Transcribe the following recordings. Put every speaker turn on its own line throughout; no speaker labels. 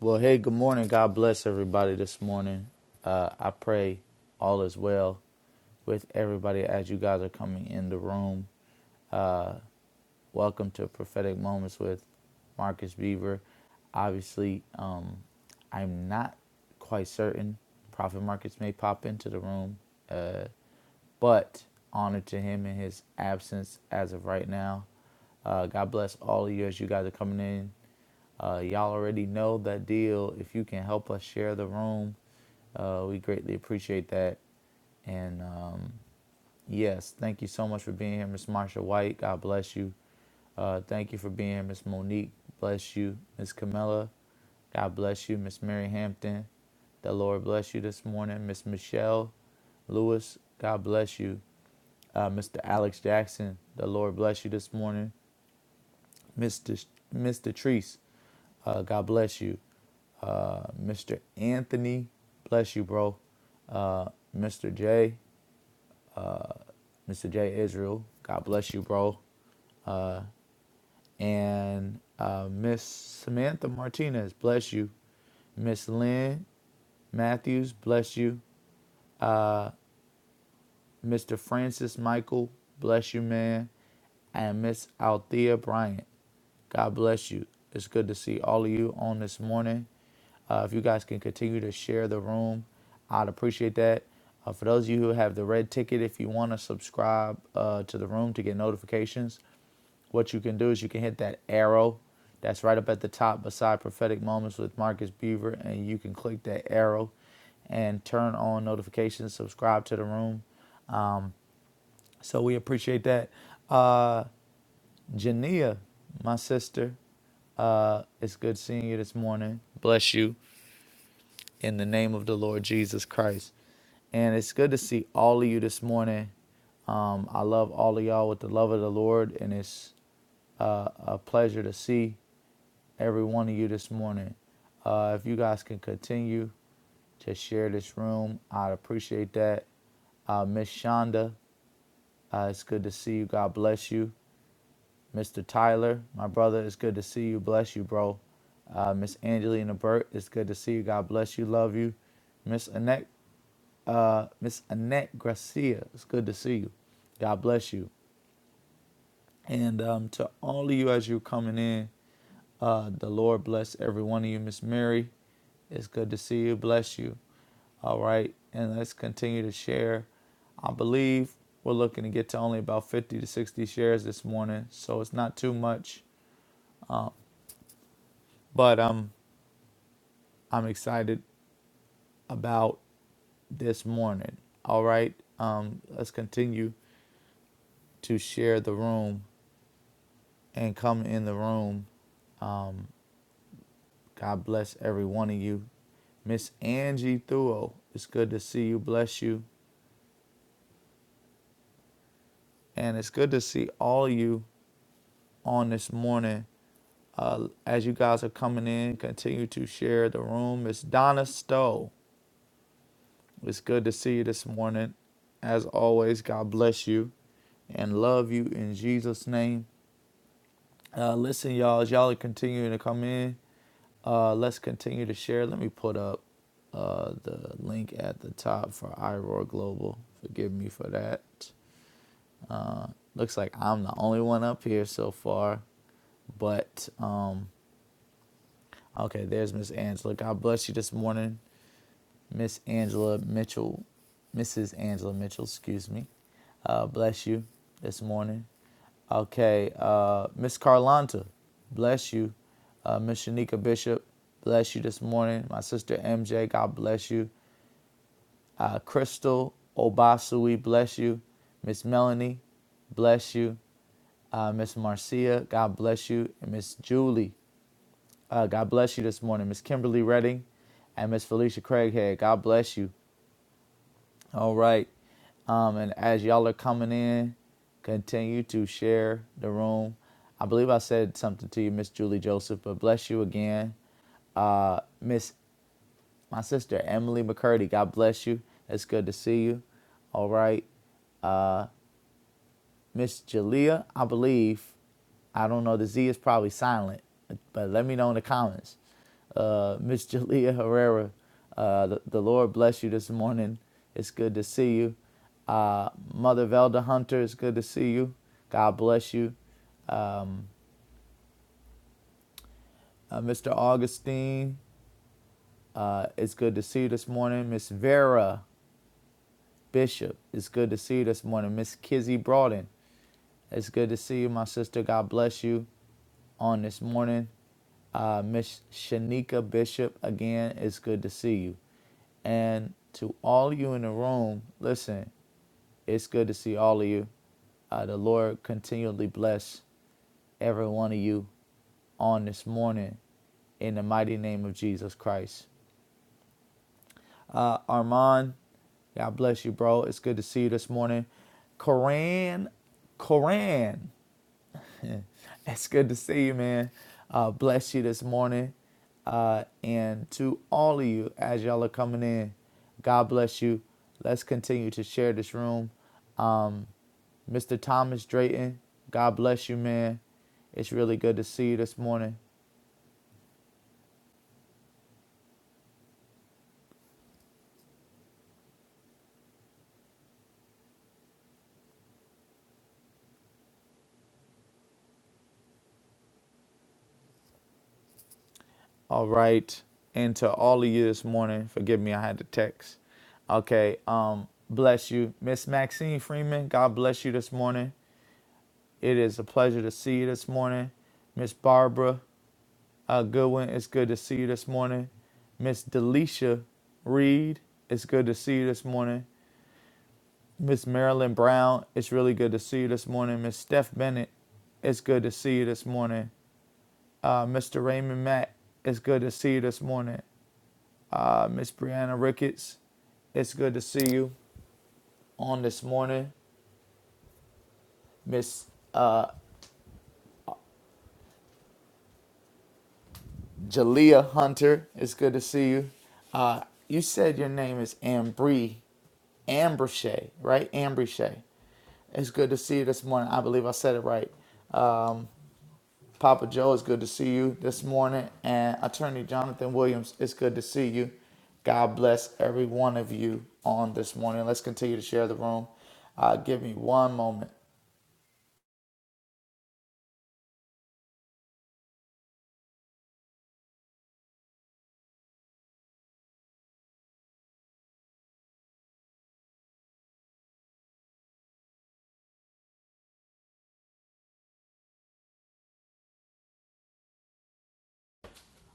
Well, hey, good morning. God bless everybody this morning. Uh, I pray all is well with everybody as you guys are coming in the room. Welcome to Prophetic Moments with Marcus Beaver. Obviously, um, I'm not quite certain Prophet Marcus may pop into the room, but honor to him in his absence as of right now. Uh, God bless all of you as you guys are coming in. Uh, y'all already know that deal. If you can help us share the room, Uh, we greatly appreciate that. And um, yes, thank you so much for being here, Miss Marsha White. God bless you. Uh, thank you for being here, Miss Monique. Bless you, Miss Camilla. God bless you, Miss Mary Hampton. The Lord bless you this morning, Miss Michelle Lewis. God bless you, uh, Mr. Alex Jackson. The Lord bless you this morning, Mr. Sh- Mr. Treese. Uh, God bless you, uh, Mr. Anthony. Bless you, bro. Uh, Mr. J. Mr. J. Israel. God bless you, bro. And uh, Miss Samantha Martinez, bless you. Miss Lynn Matthews, bless you. Mr. Francis Michael, bless you, man. And Miss Althea Bryant, God bless you. It's good to see all of you on this morning. Uh, if you guys can continue to share the room, I'd appreciate that. Uh, for those of you who have the red ticket, if you want to subscribe uh, to the room to get notifications, what you can do is you can hit that arrow that's right up at the top beside prophetic moments with marcus beaver and you can click that arrow and turn on notifications subscribe to the room so we appreciate that uh jania my sister uh it's good seeing you this morning bless you in the name of the lord jesus christ and it's good to see all of you this morning um, I love all of y'all with the love of the Lord, and it's uh, a pleasure to see. every one of you this morning. Uh, if you guys can continue to share this room, I'd appreciate that. Uh, Miss Shonda, uh, it's good to see you. God bless you. Mr. Tyler, my brother, it's good to see you. Bless you, bro. Uh, Miss Angelina Burt, it's good to see you. God bless you. Love you. Miss Annette, uh, Miss Annette Gracia, it's good to see you. God bless you. And um, to all of you as you're coming in, Uh, the Lord bless every one of you, Miss Mary. It's good to see you. Bless you. All right. And let's continue to share. I believe we're looking to get to only about 50 to 60 shares this morning. So it's not too much, but um, I'm excited about this morning. All right. Um, let's continue to share the room and come in the room. Um, God bless every one of you. Miss Angie Thuo, it's good to see you. Bless you. And it's good to see all of you on this morning. Uh, as you guys are coming in, continue to share the room. It's Donna Stowe. It's good to see you this morning. As always, God bless you and love you in Jesus' name. Uh, listen, y'all, as y'all are continuing to come in, uh, let's continue to share. Let me put up uh, the link at the top for iRoar Global. Forgive me for that. Uh, looks like I'm the only one up here so far, but. Um, Okay, there's Miss Angela. God bless you this morning, Miss Angela Mitchell, Mrs. Angela Mitchell. Excuse me. Uh, bless you this morning. Okay, uh, Miss Carlanta, bless you. Uh, Miss Shanika Bishop, bless you this morning. My sister MJ, God bless you. Uh, Crystal Obasui, bless you. Miss Melanie, bless you. Uh, Miss Marcia, God bless you. And Miss Julie, uh, God bless you this morning, Miss Kimberly Redding and Miss Felicia Craighead. God bless you. All right. Um, and as y'all are coming in, continue to share the room. I believe I said something to you, Miss Julie Joseph, but bless you again. Uh, Miss, my sister, Emily McCurdy, God bless you. It's good to see you. All right. Miss Jalea, I believe. I don't know. The Z is probably silent, but let me know in the comments. Uh, Miss Jalea Herrera, uh, the, the Lord bless you this morning. It's good to see you. Uh, Mother Velda Hunter, it's good to see you. God bless you. Um, uh, Mr. Augustine, uh, it's good to see you this morning. Miss Vera Bishop, it's good to see you this morning. Miss Kizzy Broughton, it's good to see you, my sister. God bless you. on this morning. Uh, Miss Shanika Bishop, again, it's good to see you. And to all you in the room, listen, it's good to see all of you. Uh, the Lord continually bless every one of you on this morning in the mighty name of Jesus Christ. Uh, Armand, God bless you, bro. It's good to see you this morning. Koran, Koran. It's good to see you, man. Uh, bless you this morning. Uh, and to all of you, as y'all are coming in, God bless you. Let's continue to share this room. Um, Mr. Thomas Drayton, God bless you, man. It's really good to see you this morning. All right. And to all of you this morning, forgive me, I had to text. Okay. Um, bless you. Miss Maxine Freeman, God bless you this morning. It is a pleasure to see you this morning. Miss Barbara uh, Goodwin, it's good to see you this morning. Miss Delisha Reed, it's good to see you this morning. Miss Marilyn Brown, it's really good to see you this morning. Miss Steph Bennett, it's good to see you this morning. Uh, Mr. Raymond Mack, it's good to see you this morning. Uh, Miss Brianna Ricketts, it's good to see you on this morning. Miss uh, Jalea Hunter, it's good to see you. Uh, you said your name is Ambri, Ambrishay, right? Ambrishay. It's good to see you this morning. I believe I said it right. Um, Papa Joe, it's good to see you this morning. And Attorney Jonathan Williams, it's good to see you. God bless every one of you on this morning. Let's continue to share the room. Uh, give me one moment.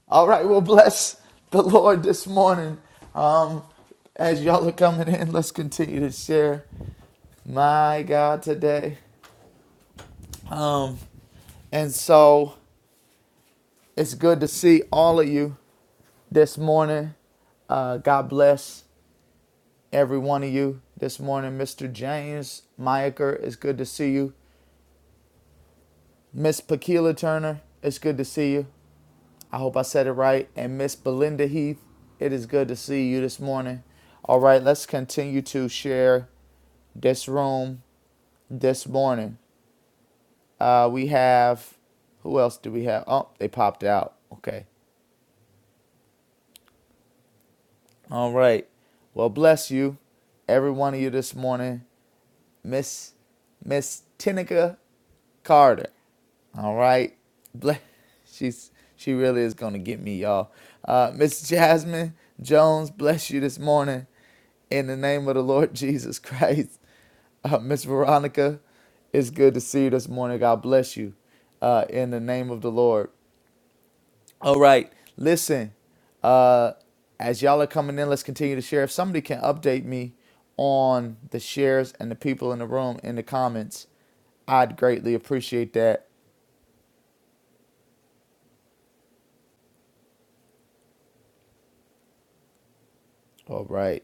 All right, well, bless the Lord this morning. Um, as y'all are coming in, let's continue to share my God today. Um, and so it's good to see all of you this morning. Uh, God bless every one of you this morning. Mr. James Meyer, it's good to see you. Miss Pakila Turner, it's good to see you. I hope I said it right. And Miss Belinda Heath, it is good to see you this morning. All right, let's continue to share this room this morning. Uh, we have who else do we have? Oh, they popped out. Okay. All right. Well, bless you, every one of you this morning. Miss Miss Tinica Carter. All right, Ble- she's she really is gonna get me, y'all. Uh, Miss Jasmine Jones, bless you this morning, in the name of the Lord Jesus Christ. Uh, Miss Veronica, it's good to see you this morning. God bless you, uh, in the name of the Lord. All right. Listen, uh, as y'all are coming in, let's continue to share. If somebody can update me on the shares and the people in the room in the comments, I'd greatly appreciate that. All right.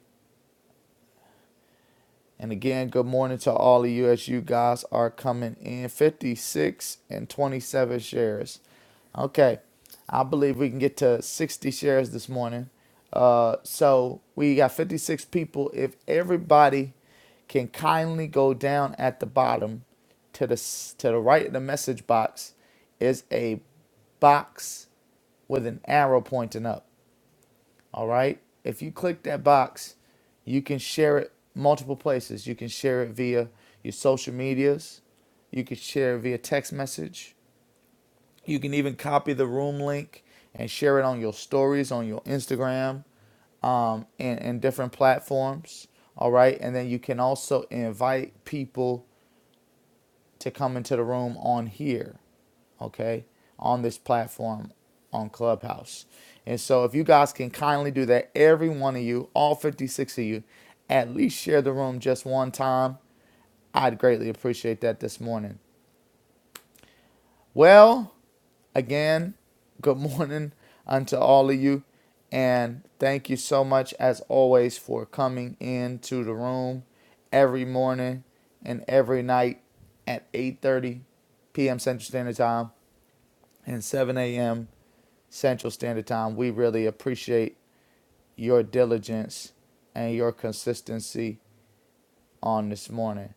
And again, good morning to all of you as you guys are coming in. 56 and 27 shares. Okay, I believe we can get to 60 shares this morning. Uh, so we got 56 people. If everybody can kindly go down at the bottom to the s- to the right of the message box is a box with an arrow pointing up. All right. If you click that box, you can share it multiple places. You can share it via your social medias. You can share it via text message. You can even copy the room link and share it on your stories, on your Instagram, um, and, and different platforms. All right. And then you can also invite people to come into the room on here, okay, on this platform on Clubhouse. And so, if you guys can kindly do that, every one of you, all 56 of you, at least share the room just one time, I'd greatly appreciate that this morning. Well, again, good morning unto all of you. And thank you so much, as always, for coming into the room every morning and every night at 8.30 p.m. Central Standard Time and 7 a.m. Central Standard Time. We really appreciate your diligence and your consistency on this morning.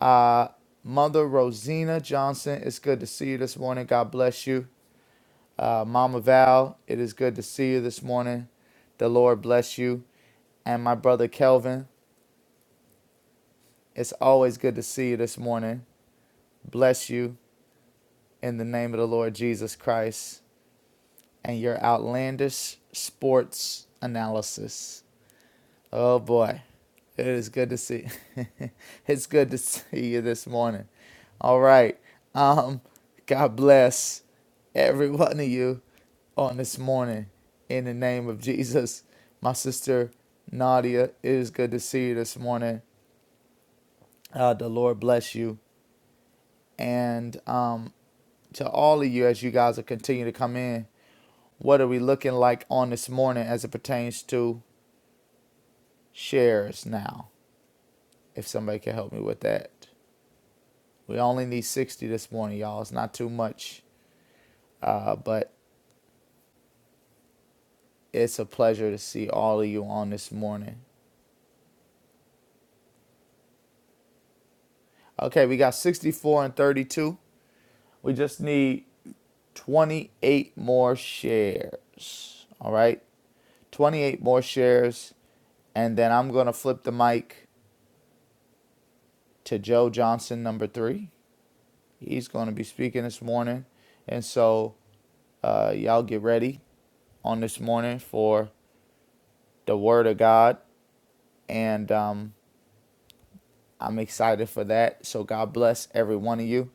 Uh, Mother Rosina Johnson, it's good to see you this morning. God bless you. Uh, Mama Val, it is good to see you this morning. The Lord bless you. And my brother Kelvin, it's always good to see you this morning. Bless you in the name of the Lord Jesus Christ and your outlandish sports analysis. Oh boy, it is good to see. it's good to see you this morning. All right. Um, God bless every one of you on this morning in the name of Jesus. My sister Nadia, it is good to see you this morning. Uh, the Lord bless you. And um, to all of you, as you guys are continuing to come in, what are we looking like on this morning as it pertains to shares now? If somebody can help me with that. We only need 60 this morning, y'all. It's not too much. Uh, but it's a pleasure to see all of you on this morning. Okay, we got 64 and 32. We just need 28 more shares. All right, 28 more shares. And then I'm going to flip the mic to Joe Johnson, number three. He's going to be speaking this morning. And so, uh, y'all get ready on this morning for the Word of God. And um, I'm excited for that. So God bless every one of you.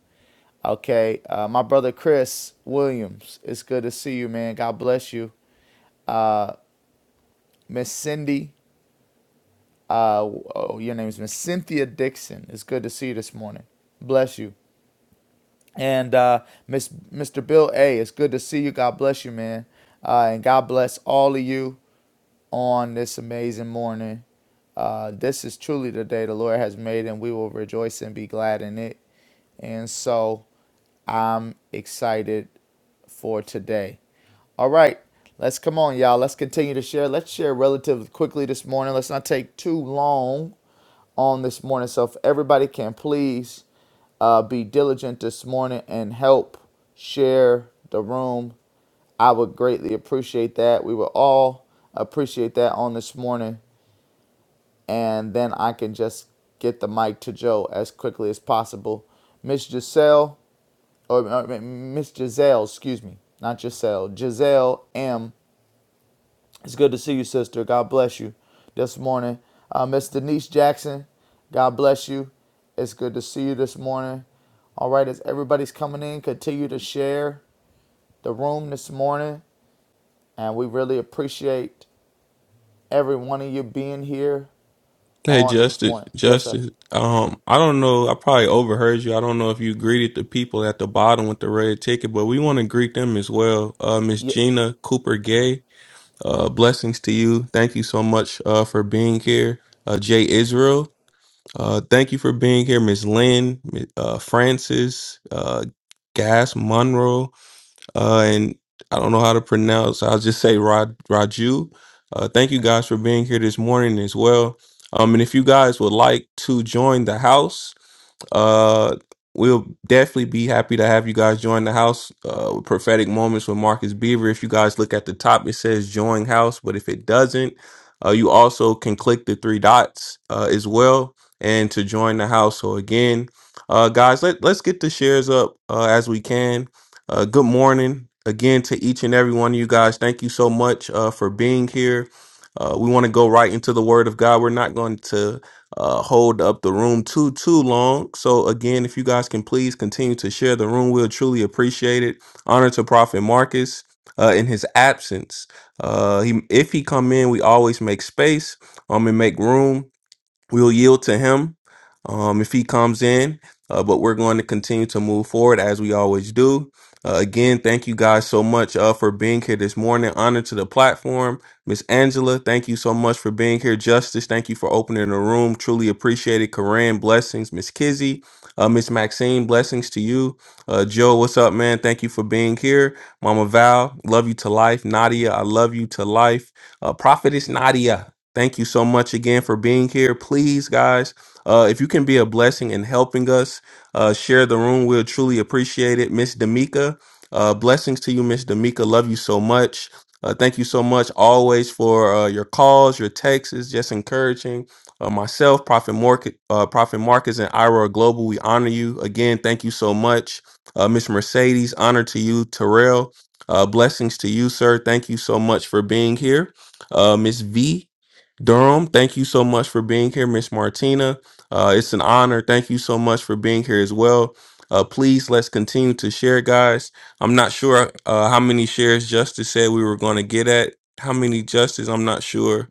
Okay, uh, my brother Chris Williams, it's good to see you, man. God bless you. Miss Cindy, uh, oh, your name is Miss Cynthia Dixon. It's good to see you this morning. Bless you. And uh, Miss Mr. Bill A, it's good to see you. God bless you, man. Uh, and God bless all of you. on this amazing morning. Uh, this is truly the day the Lord has made, and we will rejoice and be glad in it. And so I'm excited for today. All right, let's come on, y'all. Let's continue to share. Let's share relatively quickly this morning. Let's not take too long on this morning. So if everybody can please uh, be diligent this morning and help share the room. I would greatly appreciate that. We would all appreciate that on this morning. And then I can just get the mic to Joe as quickly as possible. Miss Giselle, or uh, Miss Giselle, excuse me, not Giselle, Giselle M. It's good to see you, sister. God bless you this morning. Uh, Miss Denise Jackson, God bless you. It's good to see you this morning. All right, as everybody's coming in, continue to share the room this morning. And we really appreciate every one of you being here
Hey
on this
Justice,
morning. Yes, sir.
Justice. Um, I don't know. I probably overheard you. I don't know if you greeted the people at the bottom with the red ticket, but we want to greet them as well. Uh, Miss
Yeah,
Gina Cooper Gay. Uh, blessings to you. Thank you so much. Uh, for being here. Uh, Jay Israel. Uh, thank you for being here, Miss Lynn, uh, Francis, uh, Gas Monroe uh, and I don't know how to pronounce. I'll just say Rod Raju. Uh, thank you guys for being here this morning as well. Um, and if you guys would like to join the house, uh, we'll definitely be happy to have you guys join the house. Uh, with prophetic moments with Marcus Beaver. If you guys look at the top, it says join house, but if it doesn't, uh, you also can click the three dots uh, as well and to join the house. So again, uh, guys, let let's get the shares up uh, as we can. Uh, good morning again to each and every one of you guys. Thank you so much uh, for being here. Uh, we want to go right into the Word of God. We're not going to uh, hold up the room too too long. So again, if you guys can please continue to share the room, we'll truly appreciate it. Honor to Prophet Marcus uh, in his absence. Uh, he, if he come in, we always make space um and make room we'll yield to him um, if he comes in. Uh, but we're going to continue to move forward as we always do. Uh, again, thank you guys so much uh, for being here this morning. Honor to the platform. Miss Angela, thank you so much for being here. Justice, thank you for opening the room. Truly appreciated. Corinne, blessings. Miss Kizzy, uh, Miss Maxine, blessings to you. Uh, Joe, what's up, man? Thank you for being here. Mama Val, love you to life. Nadia, I love you to life. Uh, Prophetess Nadia, Thank you so much again for being here. Please, guys, uh, if you can be a blessing in helping us uh, share the room, we'll truly appreciate it. Miss D'Amica, uh, blessings to you, Miss D'Amica. Love you so much. Uh, thank you so much always for uh, your calls, your texts, just encouraging uh, myself, Prophet, Morc- uh, Prophet Marcus, and Ira Global. We honor you again. Thank you so much, uh, Miss Mercedes. Honor to you, Terrell. Uh, blessings to you, sir. Thank you so much for being here. Uh, Miss V, Durham, thank you so much for being here, Miss Martina. Uh, it's an honor. Thank you so much for being here as well. Uh, please let's continue to share, guys. I'm not sure uh, how many shares Justice said we were going to get at. How many Justice? I'm not sure,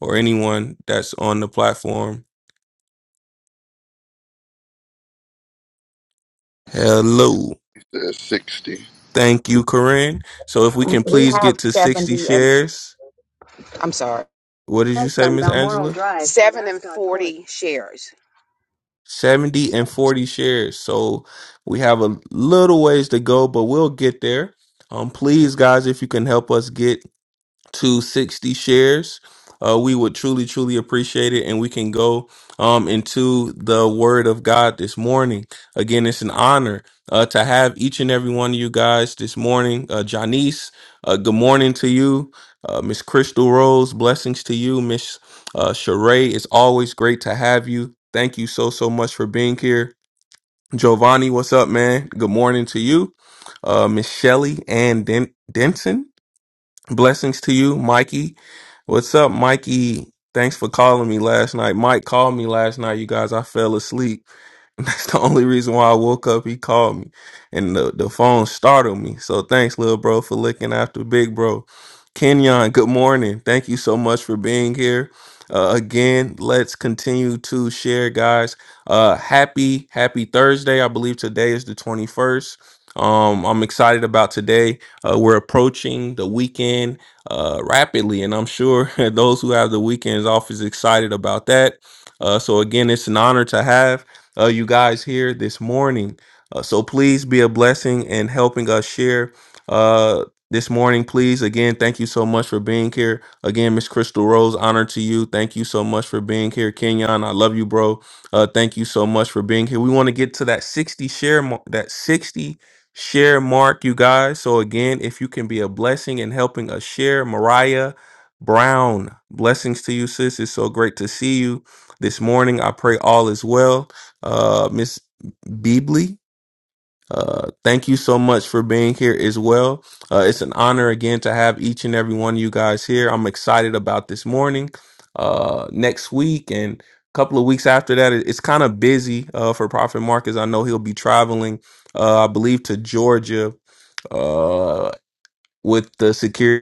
or anyone that's on the platform. Hello,
There's 60.
thank you, Corinne. So if we can
We
please
have
get to
70
60
and
shares, what did
That's
you say,
on
Miss
Balmoral
Angela?
Drive.
70 and 40 shares. So we have a little ways to go, but we'll get there. Um, please, guys, if you can help us get to 60 shares. Uh, we would truly, truly appreciate it. And we can go um, into the word of God this morning. Again, it's an honor uh, to have each and every one of you guys this morning. Uh, Janice, uh, good morning to you. Uh, Miss Crystal Rose, blessings to you. Miss uh, Sheree, it's always great to have you. Thank you so, so much for being here. Giovanni, what's up, man? Good morning to you. Uh, Miss Shelley and Den- Denson. Blessings to you, Mikey. What's up, Mikey? Thanks for calling me last night. Mike called me last night, you guys. I fell asleep. That's the only reason why I woke up. He called me, and the, the phone startled me. So thanks, little bro, for looking after big bro. Kenyon, good morning. Thank you so much for being here. Uh, again, let's continue to share, guys. Uh, happy, happy Thursday. I believe today is the 21st. Um, I'm excited about today. Uh, we're approaching the weekend uh, rapidly, and I'm sure those who have the weekends off is excited about that. Uh, so again, it's an honor to have uh, you guys here this morning. Uh, so please be a blessing and helping us share uh, this morning. Please, again, thank you so much for being here. Again, Miss Crystal Rose, honor to you. Thank you so much for being here. Kenyon, I love you, bro. Uh, thank you so much for being here. We want to get to that 60 share, mar- that 60 share mark, you guys. So again, if you can be a blessing and helping us share, Mariah Brown, blessings to you, sis. It's so great to see you this morning. I pray all is well uh, Miss Beebley. Uh, thank you so much for being here as well. Uh, it's an honor again to have each and every one of you guys here. I'm excited about this morning, uh, next week, and a couple of weeks after that. It- It's kind of busy uh, for Prophet Marcus. I know he'll be traveling, uh, I believe, to Georgia uh, with the security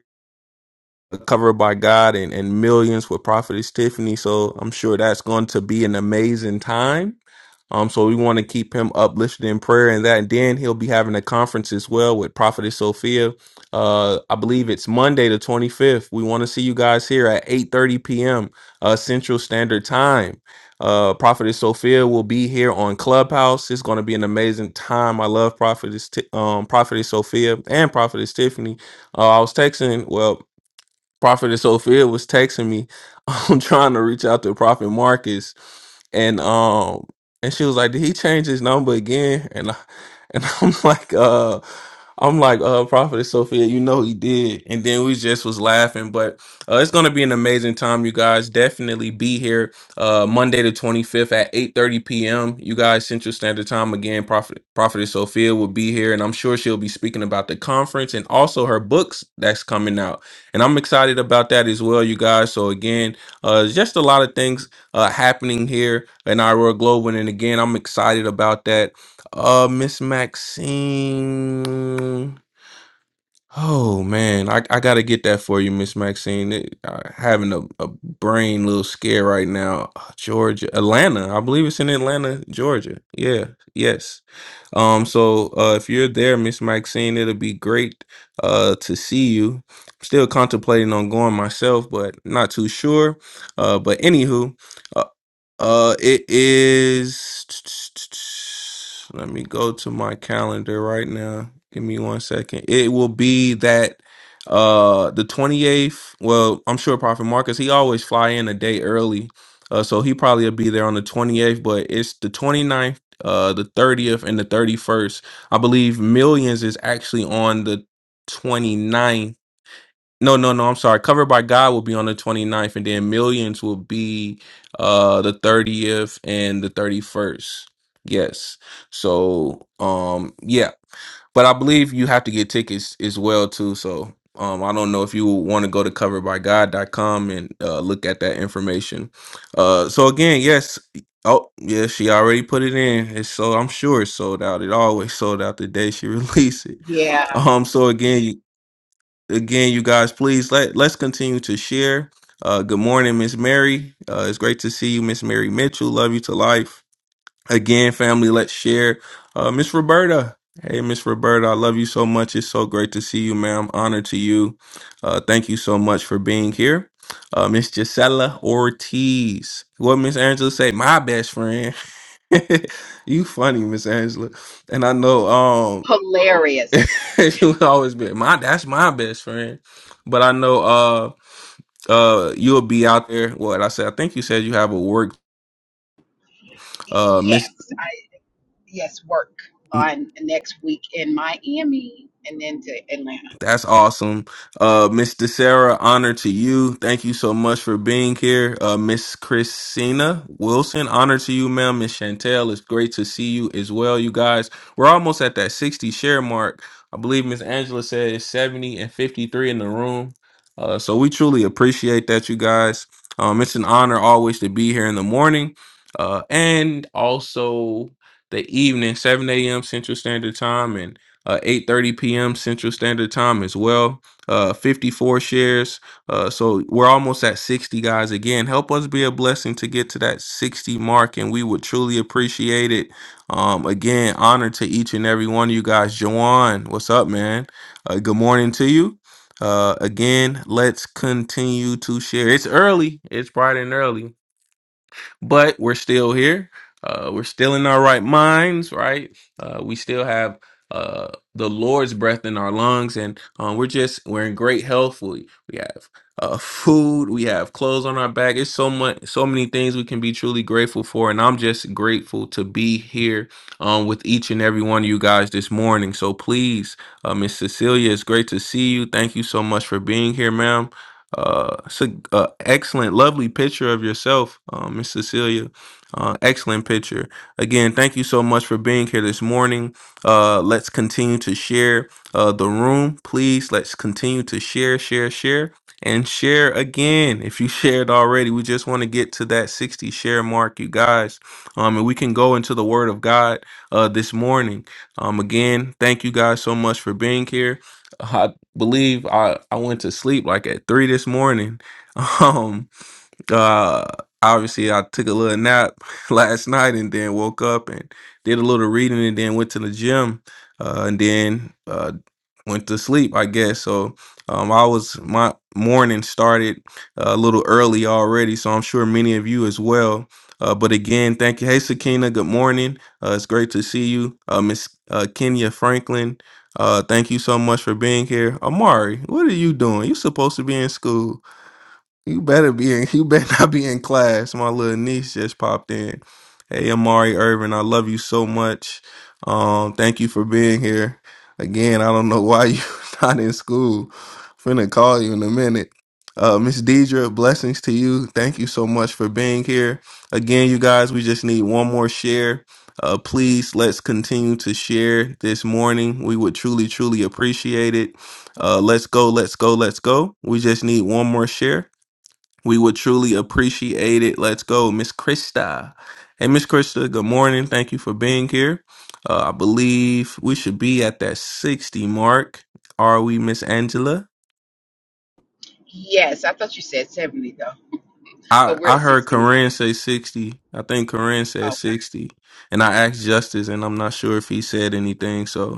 covered by God and, and millions with Prophetess Tiffany. So I'm sure that's going to be an amazing time. Um, so we want to keep him uplifted in prayer and that. And then he'll be having a conference as well with Prophetess Sophia. Uh, I believe it's Monday the 25th. We want to see you guys here at 8:30 p.m. Uh, Central Standard Time. Uh, Prophetess Sophia will be here on Clubhouse. It's going to be an amazing time. I love Prophetess, Ti- um, Prophetess Sophia and Prophetess Tiffany. Uh, I was texting. Well, Prophet Sophia was texting me. I'm trying to reach out to Prophet Marcus and um and she was like, "Did he change his number again?" And I, and I'm like, uh, I'm like, uh, Prophetess Sophia, you know he did. And then we just was laughing, but uh, it's gonna be an amazing time, you guys. Definitely be here uh Monday the 25th at 8:30 p.m. You guys Central Standard Time again. Prophet Prophetess Sophia will be here, and I'm sure she'll be speaking about the conference and also her books that's coming out. And I'm excited about that as well, you guys. So again, uh, just a lot of things uh, happening here in Iowa Global. And again, I'm excited about that. Uh, Miss Maxine. Oh man, I, I gotta get that for you, Miss Maxine. It, I, having a, a brain little scare right now. Uh, Georgia, Atlanta. I believe it's in Atlanta, Georgia. Yeah, yes. Um, so uh, if you're there, Miss Maxine, it'll be great uh to see you. Still contemplating on going myself, but not too sure. Uh, but anywho, uh, uh, it is. Let me go to my calendar right now. Give me one second. It will be that uh the 28th. Well, I'm sure Prophet Marcus, he always fly in a day early. Uh, so he probably will be there on the 28th, but it's the 29th, uh, the 30th, and the 31st. I believe Millions is actually on the 29th no, no, no. I'm sorry. Covered by God will be on the 29th, and then Millions will be uh the 30th and the 31st. Yes. So, um, yeah. But I believe you have to get tickets as well too. So, um, I don't know if you want to go to coveredbygod.com and uh, look at that information. Uh, so again, yes. Oh, yeah. She already put it in. It's so I'm sure it's sold out. It always sold out the day she released it.
Yeah,
Um, so again, again, you guys, please let let's continue to share. Uh, good morning, Miss Mary. Uh, it's great to see you, Miss Mary Mitchell. Love you to life. Again, family, let's share. Uh, Miss Roberta. Hey, Miss Roberta, I love you so much. It's so great to see you, ma'am. Honor to you. Uh, thank you so much for being here. Uh, Miss Gisela Ortiz. What Miss Angela say? My best friend. you funny, Miss Angela. And I know. Um, she would always be my that's my best friend. But I know uh uh you'll be out there. What I said, I think you said you have a work uh miss. That's awesome. Uh, Miss DeSera, honor to you. Thank you so much for being here. Uh, Miss Christina Wilson, honor to you, ma'am. Miss Chantel, it's great to see you as well, you guys. We're almost at that 60 share mark. I believe Miss Angela said it's 70 and 53 in the room. Uh, so we truly appreciate that, you guys. Um, it's an honor always to be here in the morning uh, and also the evening, 7 a.m. Central Standard Time. And uh, 8.30 p.m central standard time as well uh, 54 shares uh, so we're almost at 60 guys again help us be a blessing to get to that 60 mark and we would truly appreciate it um, again honor to each and every one of you guys Jawan, what's up man uh, good morning to you uh, again let's continue to share it's early it's bright and early but we're still here. Uh, we're still in our right minds, right? Uh, we still have uh, the Lord's breath in our lungs, and um, we're just we're in great health. We we have uh, food, we have clothes on our back. It's so much, so many things we can be truly grateful for, and I'm just grateful to be here um, with each and every one of you guys this morning. So please, uh, Miss Cecilia, it's great to see you. Thank you so much for being here, ma'am. Uh, it's a, a excellent, lovely picture of yourself, uh, Miss Cecilia. Uh, excellent picture. Again, thank you so much for being here this morning. Uh, let's continue to share uh, the room, please. Let's continue to share, share, share, and share again. If you shared already, we just want to get to that 60 share mark, you guys. Um, and we can go into the Word of God uh, this morning. Um, again, thank you guys so much for being here. I believe I I went to sleep like at three this morning. Um, uh, obviously, I took a little nap last night and then woke up and did a little reading and then went to the gym uh, and then uh, went to sleep, I guess. So um, I was, my morning started uh, a little early already. So I'm sure many of you as well. Uh, but again, thank you. Hey, Sakina, good morning. Uh, it's great to see you. Uh, Miss uh, Kenya Franklin, uh, thank you so much for being here. Amari, what are you doing? you supposed to be in school. You better be in. You better not be in class. My little niece just popped in. Hey, Amari Irvin, I love you so much. Um, thank you for being here. Again, I don't know why you not in school. Finna call you in a minute. Uh, Miss Deidre, blessings to you. Thank you so much for being here. Again, you guys, we just need one more share. Uh, please let's continue to share this morning. We would truly, truly appreciate it. Uh, let's go, let's go, let's go. We just need one more share. We would truly appreciate it. Let's go, Miss Krista. Hey, Miss Krista, good morning. Thank you for being here. Uh, I believe we should be at that 60 mark. Are we, Miss Angela? I, I heard Corinne say 60. I think Corinne said 60. And I asked Justice, and I'm not sure if he said anything. So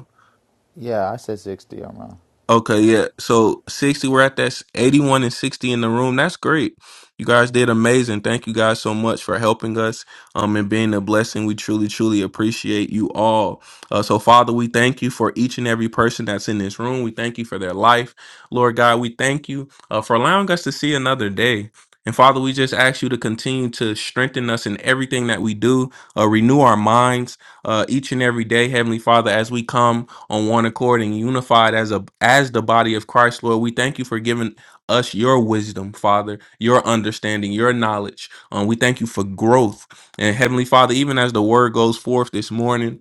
yeah I said 60. I'm wrong.
Okay, yeah. So 60, we're at that s- 81 and 60 in the room. That's great. You guys did amazing. Thank you guys so much for helping us um, and being a blessing. We truly, truly appreciate you all. Uh, so, Father, we thank you for each and every person that's in this room. We thank you for their life. Lord God, we thank you uh, for allowing us to see another day. And Father, we just ask you to continue to strengthen us in everything that we do, uh, renew our minds uh, each and every day, Heavenly Father, as we come on one accord and unified as a as the body of Christ, Lord. We thank you for giving us your wisdom, Father, your understanding, your knowledge. Um, we thank you for growth. And Heavenly Father, even as the word goes forth this morning.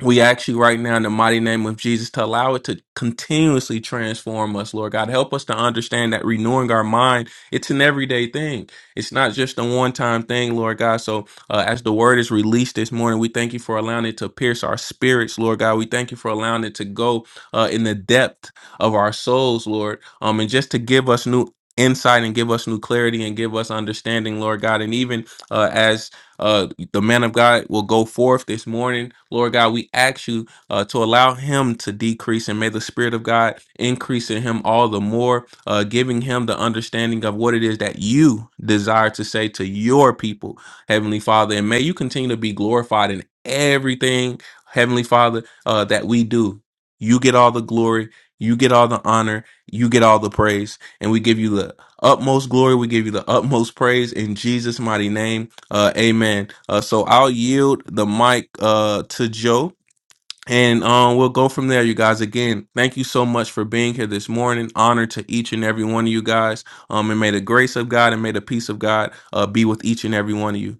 We ask you right now in the mighty name of Jesus to allow it to continuously transform us, Lord God. Help us to understand that renewing our mind, it's an everyday thing. It's not just a one time thing, Lord God. So, uh, as the word is released this morning, we thank you for allowing it to pierce our spirits, Lord God. We thank you for allowing it to go uh, in the depth of our souls, Lord. Um, and just to give us new insight and give us new clarity and give us understanding, Lord God. And even uh, as uh, the man of God will go forth this morning. Lord God, we ask you uh, to allow him to decrease and may the Spirit of God increase in him all the more, uh, giving him the understanding of what it is that you desire to say to your people, Heavenly Father. And may you continue to be glorified in everything, Heavenly Father, uh, that we do. You get all the glory, you get all the honor, you get all the praise, and we give you the utmost glory, we give you the utmost praise in Jesus' mighty name. Uh, amen. Uh, so I'll yield the mic uh, to Joe, and um, we'll go from there. You guys, again, thank you so much for being here this morning. Honor to each and every one of you guys. Um, and may the grace of God and may the peace of God uh, be with each and every one of you.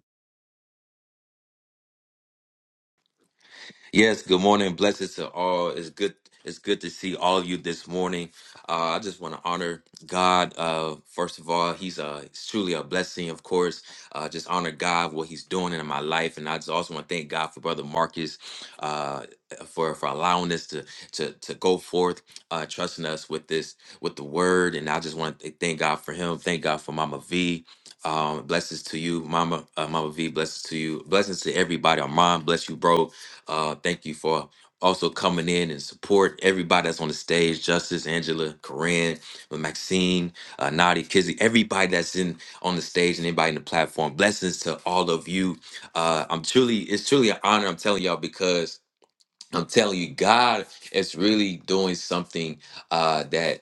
Yes, good morning. Blessings to all. It's good. It's good to see all of you this morning. Uh, I just want to honor God. Uh, first of all, He's uh, he's truly a blessing. Of course, uh, just honor God what He's doing in my life, and I just also want to thank God for Brother Marcus uh, for for allowing us to to to go forth, uh, trusting us with this with the Word, and I just want to thank God for him. Thank God for Mama V. Um, blessings to you, Mama. Uh, Mama V. Blessings to you. Blessings to everybody. Our mom. Bless you, bro uh, thank you for also coming in and support everybody that's on the stage. Justice, Angela, Corinne, Maxine, uh, Nadi, Kizzy, everybody that's in on the stage and anybody in the platform. Blessings to all of you. Uh, I'm truly, it's truly an honor. I'm telling y'all because I'm telling you, God is really doing something uh, that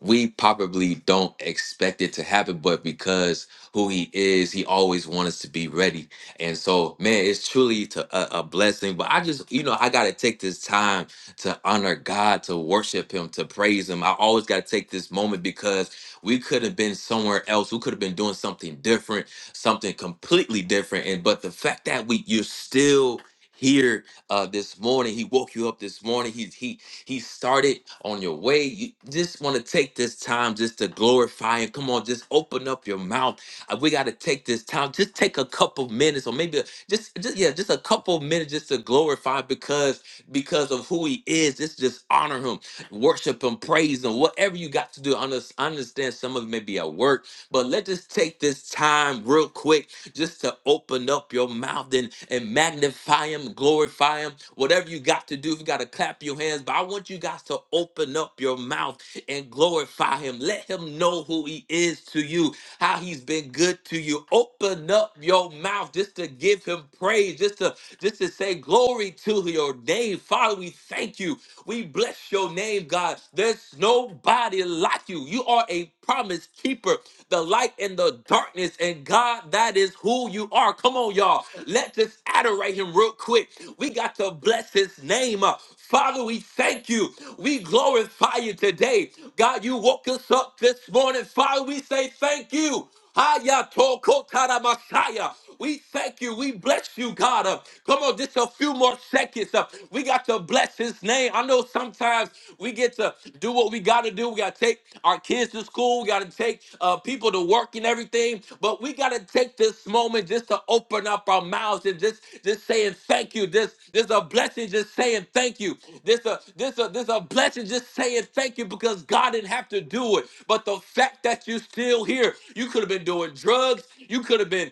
we probably don't expect it to happen, but because who he is, he always wants us to be ready. And so, man, it's truly to a, a blessing. But I just, you know, I got to take this time to honor God, to worship him, to praise him. I always got to take this moment because we could have been somewhere else. We could have been doing something different, something completely different. And but the fact that we you're still here uh this morning he woke you up this morning he he he started on your way. You just want to take this time just to glorify Him. Come on, just open up your mouth. Uh, We got to take this time. Just take a couple minutes, or maybe a- just, just yeah, just a couple minutes just to glorify because because of who He is. Just just honor Him, worship Him, praise Him. Whatever you got to do. I under- I understand some of it may be at work, but let's just take this time real quick just to open up your mouth and, and magnify him, glorify him, whatever you got to do. If you got to clap your hands, but I want you guys to open up your mouth and glorify him. Let him know who he is to you, how he's been good to you. Open up your mouth just to give him praise, just to just to say glory to your name. Father, we thank you. We bless your name, God. There's nobody like you. You are a promise keeper the light and the darkness, and God, that is who you are. Come on, y'all. Let's just adorate him real quick. We got to bless his name. Uh, Father, we thank you. We glorify you today. God, you woke us up this morning. Father, we say thank you. Hayato Kotara Messiah. We thank you. We bless you, God. Uh, come on, just a few more seconds. Uh, we got to bless his name. I know sometimes we get to do what we got to do do. We got to take our kids to school. We got to take uh, people to work and everything. But we got to take this moment just to open up our mouths and just just saying thank you. This this a blessing. Just saying thank you. This a this a this a blessing. Just saying thank you because God didn't have to do it. But the fact that you're still here, you could have been doing drugs. You could have been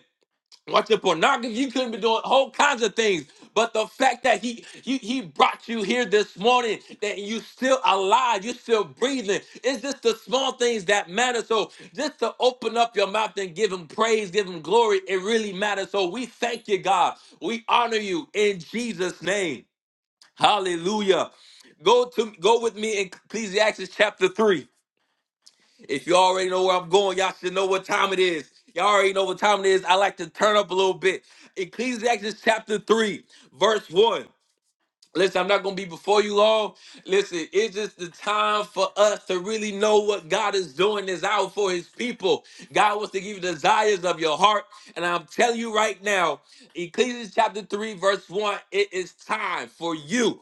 Watching pornography, you couldn't be doing whole kinds of things. But the fact that he he, he brought you here this morning, that you still alive, you still breathing. It's just the small things that matter. So just to open up your mouth and give him praise, give him glory, it really matters. So we thank you, God. We honor you in Jesus' name. Hallelujah. Go to go with me in Ecclesiastes chapter three. If you already know where I'm going, y'all should know what time it is. Y'all already know what time it is. I like to turn up a little bit. Ecclesiastes chapter 3, verse 1. Listen, I'm not going to be before you all. Listen, it's just the time for us to really know what God is doing this hour for his people. God wants to give you desires of your heart. And I'm telling you right now, Ecclesiastes chapter 3, verse 1, it is time for you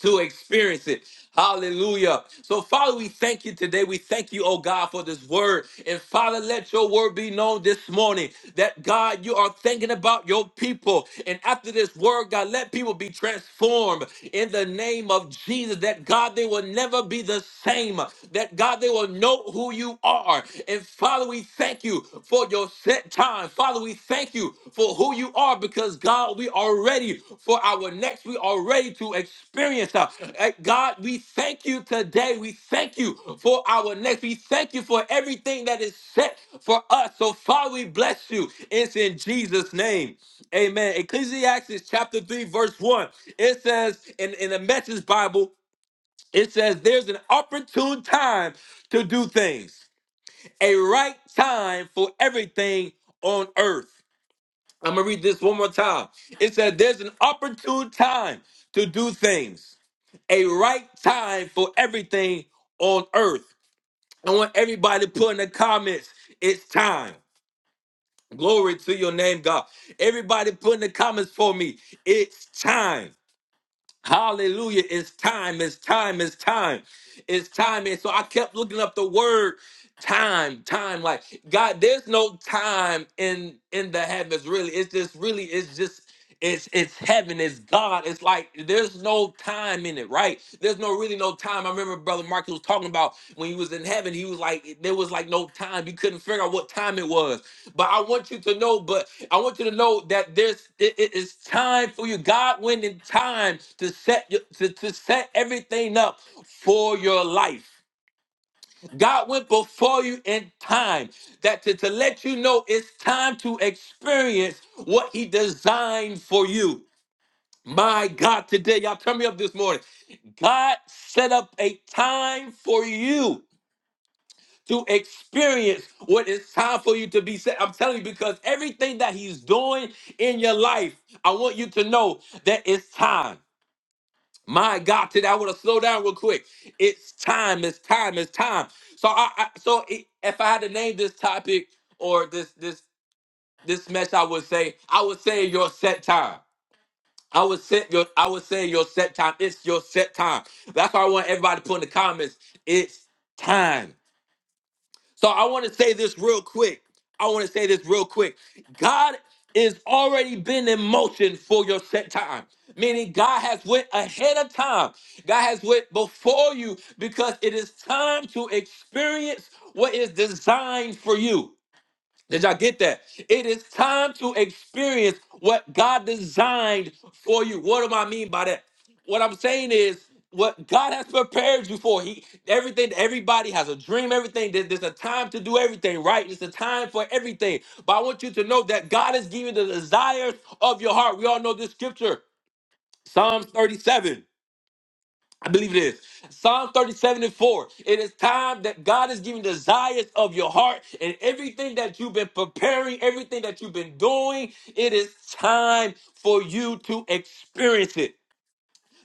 to experience it. Hallelujah. So, Father, we thank you today. We thank you, oh God, for this word. And Father, let your word be known this morning that God, you are thinking about your people. And after this word, God, let people be transformed in the name of Jesus. That God, they will never be the same. That God, they will know who you are. And and Father, we thank you for your set time. Father, we thank you for who you are because God, we are ready for our next. We are ready to experience. uh, uh, God, we thank you today. We thank you for our next. We thank you for everything that is set for us. So, Father, we bless you. It's in Jesus' name. Amen. Ecclesiastes chapter 3, verse 1. It says in, in the message Bible, it says there's an opportune time to do things a right time for everything on earth. I'm gonna read this one more time. It said, There's an opportune time to do things, a right time for everything on earth. I want everybody to put in the comments, It's time. Glory to your name, God. Everybody put in the comments for me, It's time. Hallelujah. It's time. It's time. It's time. It's time. And so I kept looking up the word time, time. Like, God, there's no time in in the heavens, really. It's just really, it's just it's it's heaven, it's God. It's like there's no time in it, right? There's no really no time. I remember Brother Mark was talking about when he was in heaven, he was like, there was like no time. You couldn't figure out what time it was. But I want you to know, but I want you to know that there's it, it is time for you. God went in time to set your- to, to set everything up for your life. God went before you in time that to, to let you know it's time to experience what he designed for you. My God, today, y'all turn me up this morning. God set up a time for you to experience what it's time for you to be set. I'm telling you, because everything that he's doing in your life, I want you to know that it's time. My God, today I want to slow down real quick. It's time. It's time. It's time. So I, I so i- if I had to name this topic or this this this mess, I would say I would say your set time. I would set your I would say your set time. It's your set time. That's why I want everybody to put in the comments. It's time. So I want to say this real quick. I want to say this real quick. God is already been in motion for your set time. Meaning God has went ahead of time. God has went before you because it is time to experience what is designed for you. Did y'all get that? It is time to experience what God designed for you. What do I mean by that? What I'm saying is what God has prepared you for. He everything, everybody has a dream, everything. There- There's a time to do everything, right? It's a time for everything. But I want you to know that God is giving the desires of your heart. We all know this scripture, Psalms 37. I believe it is. Psalm 37 and 4. It is time that God is giving desires of your heart and everything that you've been preparing, everything that you've been doing. It is time for you to experience it.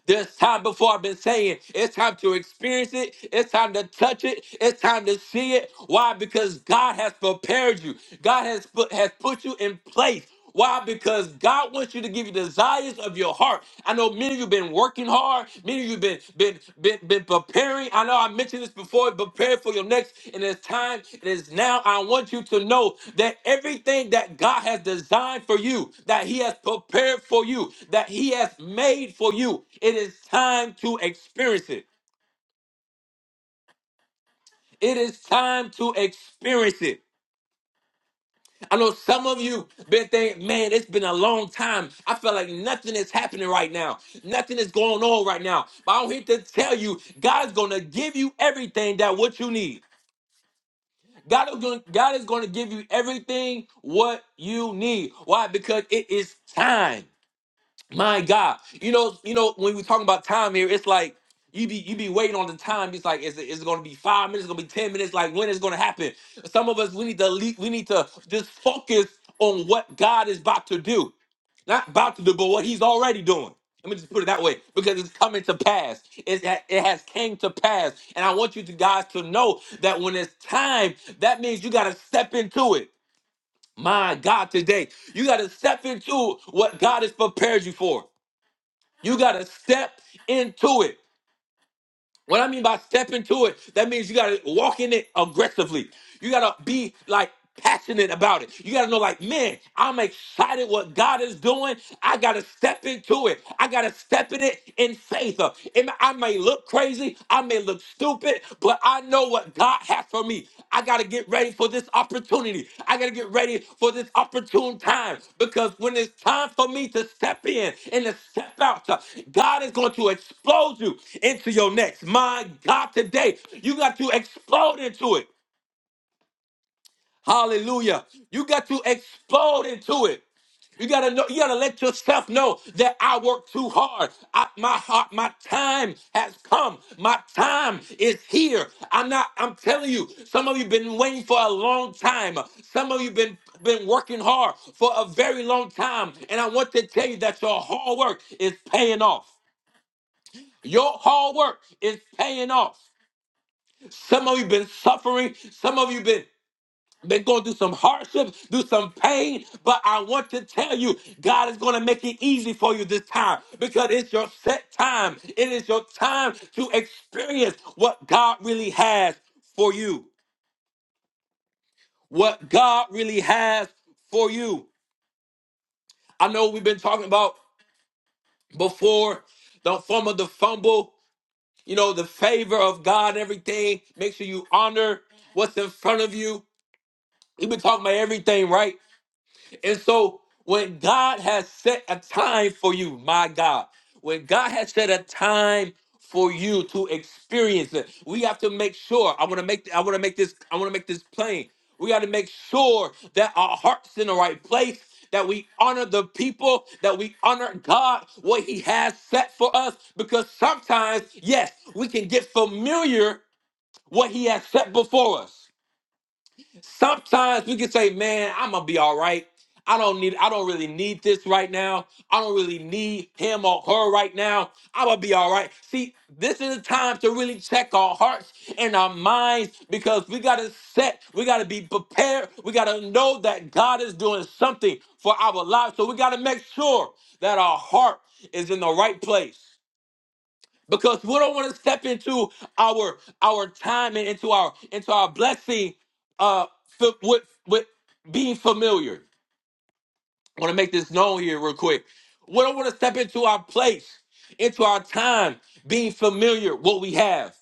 There's time before I've been saying it's time to experience it. It's time to touch it. It's time to see it. Why? Because God has prepared you. God has put, has put you in place. Why? Because God wants you to give you desires of your heart. I know many of you have been working hard. Many of you been been been been preparing. I know I mentioned this before. Prepare for your next, and it's time. It is now. I want you to know that everything that God has designed for you, that He has prepared for you, that He has made for you, it is time to experience it. It is time to experience it. I know some of you been thinking, man, it's been a long time. I feel like nothing is happening right now. Nothing is going on right now. But I'm here to tell you, God's gonna give you everything that what you need. God is going, God is going to give you everything what you need. Why? Because it is time. My God, you know, you know, when we talking about time here, it's like you be you be waiting on the time. It's like, is it is it gonna be five minutes? It's Gonna be ten minutes? Like when is it gonna happen? Some of us we need to le- we need to just focus on what God is about to do, not about to do, but what He's already doing. Let me just put it that way because it's coming to pass. It, it has came to pass, and I want you to guys to know that when it's time, that means you gotta step into it. My God, today you gotta step into what God has prepared you for. You gotta step into it. What I mean by step into it, that means you gotta walk in it aggressively. You gotta be like passionate about it. You gotta know, like, man, I'm excited what God is doing. I gotta step into it. I gotta step in it in faith. Uh, And I may look crazy, I may look stupid, but but I know what God has for me. I got to get ready for this opportunity. I got to get ready for this opportune time because when it's time for me to step in and to step out, uh, God is going to explode you into your next. My God, today, you got to explode into it. Hallelujah. You got to explode into it. You gotta know, you gotta let yourself know that I work too hard. I, my heart, my time has come. My time is here. I'm not, I'm telling you, some of you been waiting for a long time. Some of you been been working hard for a very long time. And I want to tell you that your hard work is paying off. Your hard work is paying off. Some of you been suffering. Some of you been they're going through some hardships, through some pain, but I want to tell you, God is going to make it easy for you this time because it's your set time. It is your time to experience what God really has for you. What God really has for you. I know we've been talking about before the form of the fumble, you know, the favor of God, everything. Make sure you honor what's in front of you. We've been talking about everything, right? And so when God has set a time for you, my God, when God has set a time for you to experience it, we have to make sure. I want to make I want to make this I want to make this plain. We got to make sure that our hearts in the right place, that we honor the people, that we honor God, what he has set for us because sometimes, yes, we can get familiar what he has set before us. Sometimes we can say, man, I'm gonna be all right. I don't need I don't really need this right now. I don't really need him or her right now. I'm gonna be all right. See, this is the time to really check our hearts and our minds because we gotta set, we gotta be prepared, we gotta know that God is doing something for our lives. So we gotta make sure that our heart is in the right place because we don't want to step into our our time and into our into our blessing uh f- with with being familiar i want to make this known here real quick we don't want to step into our place into our time being familiar what we have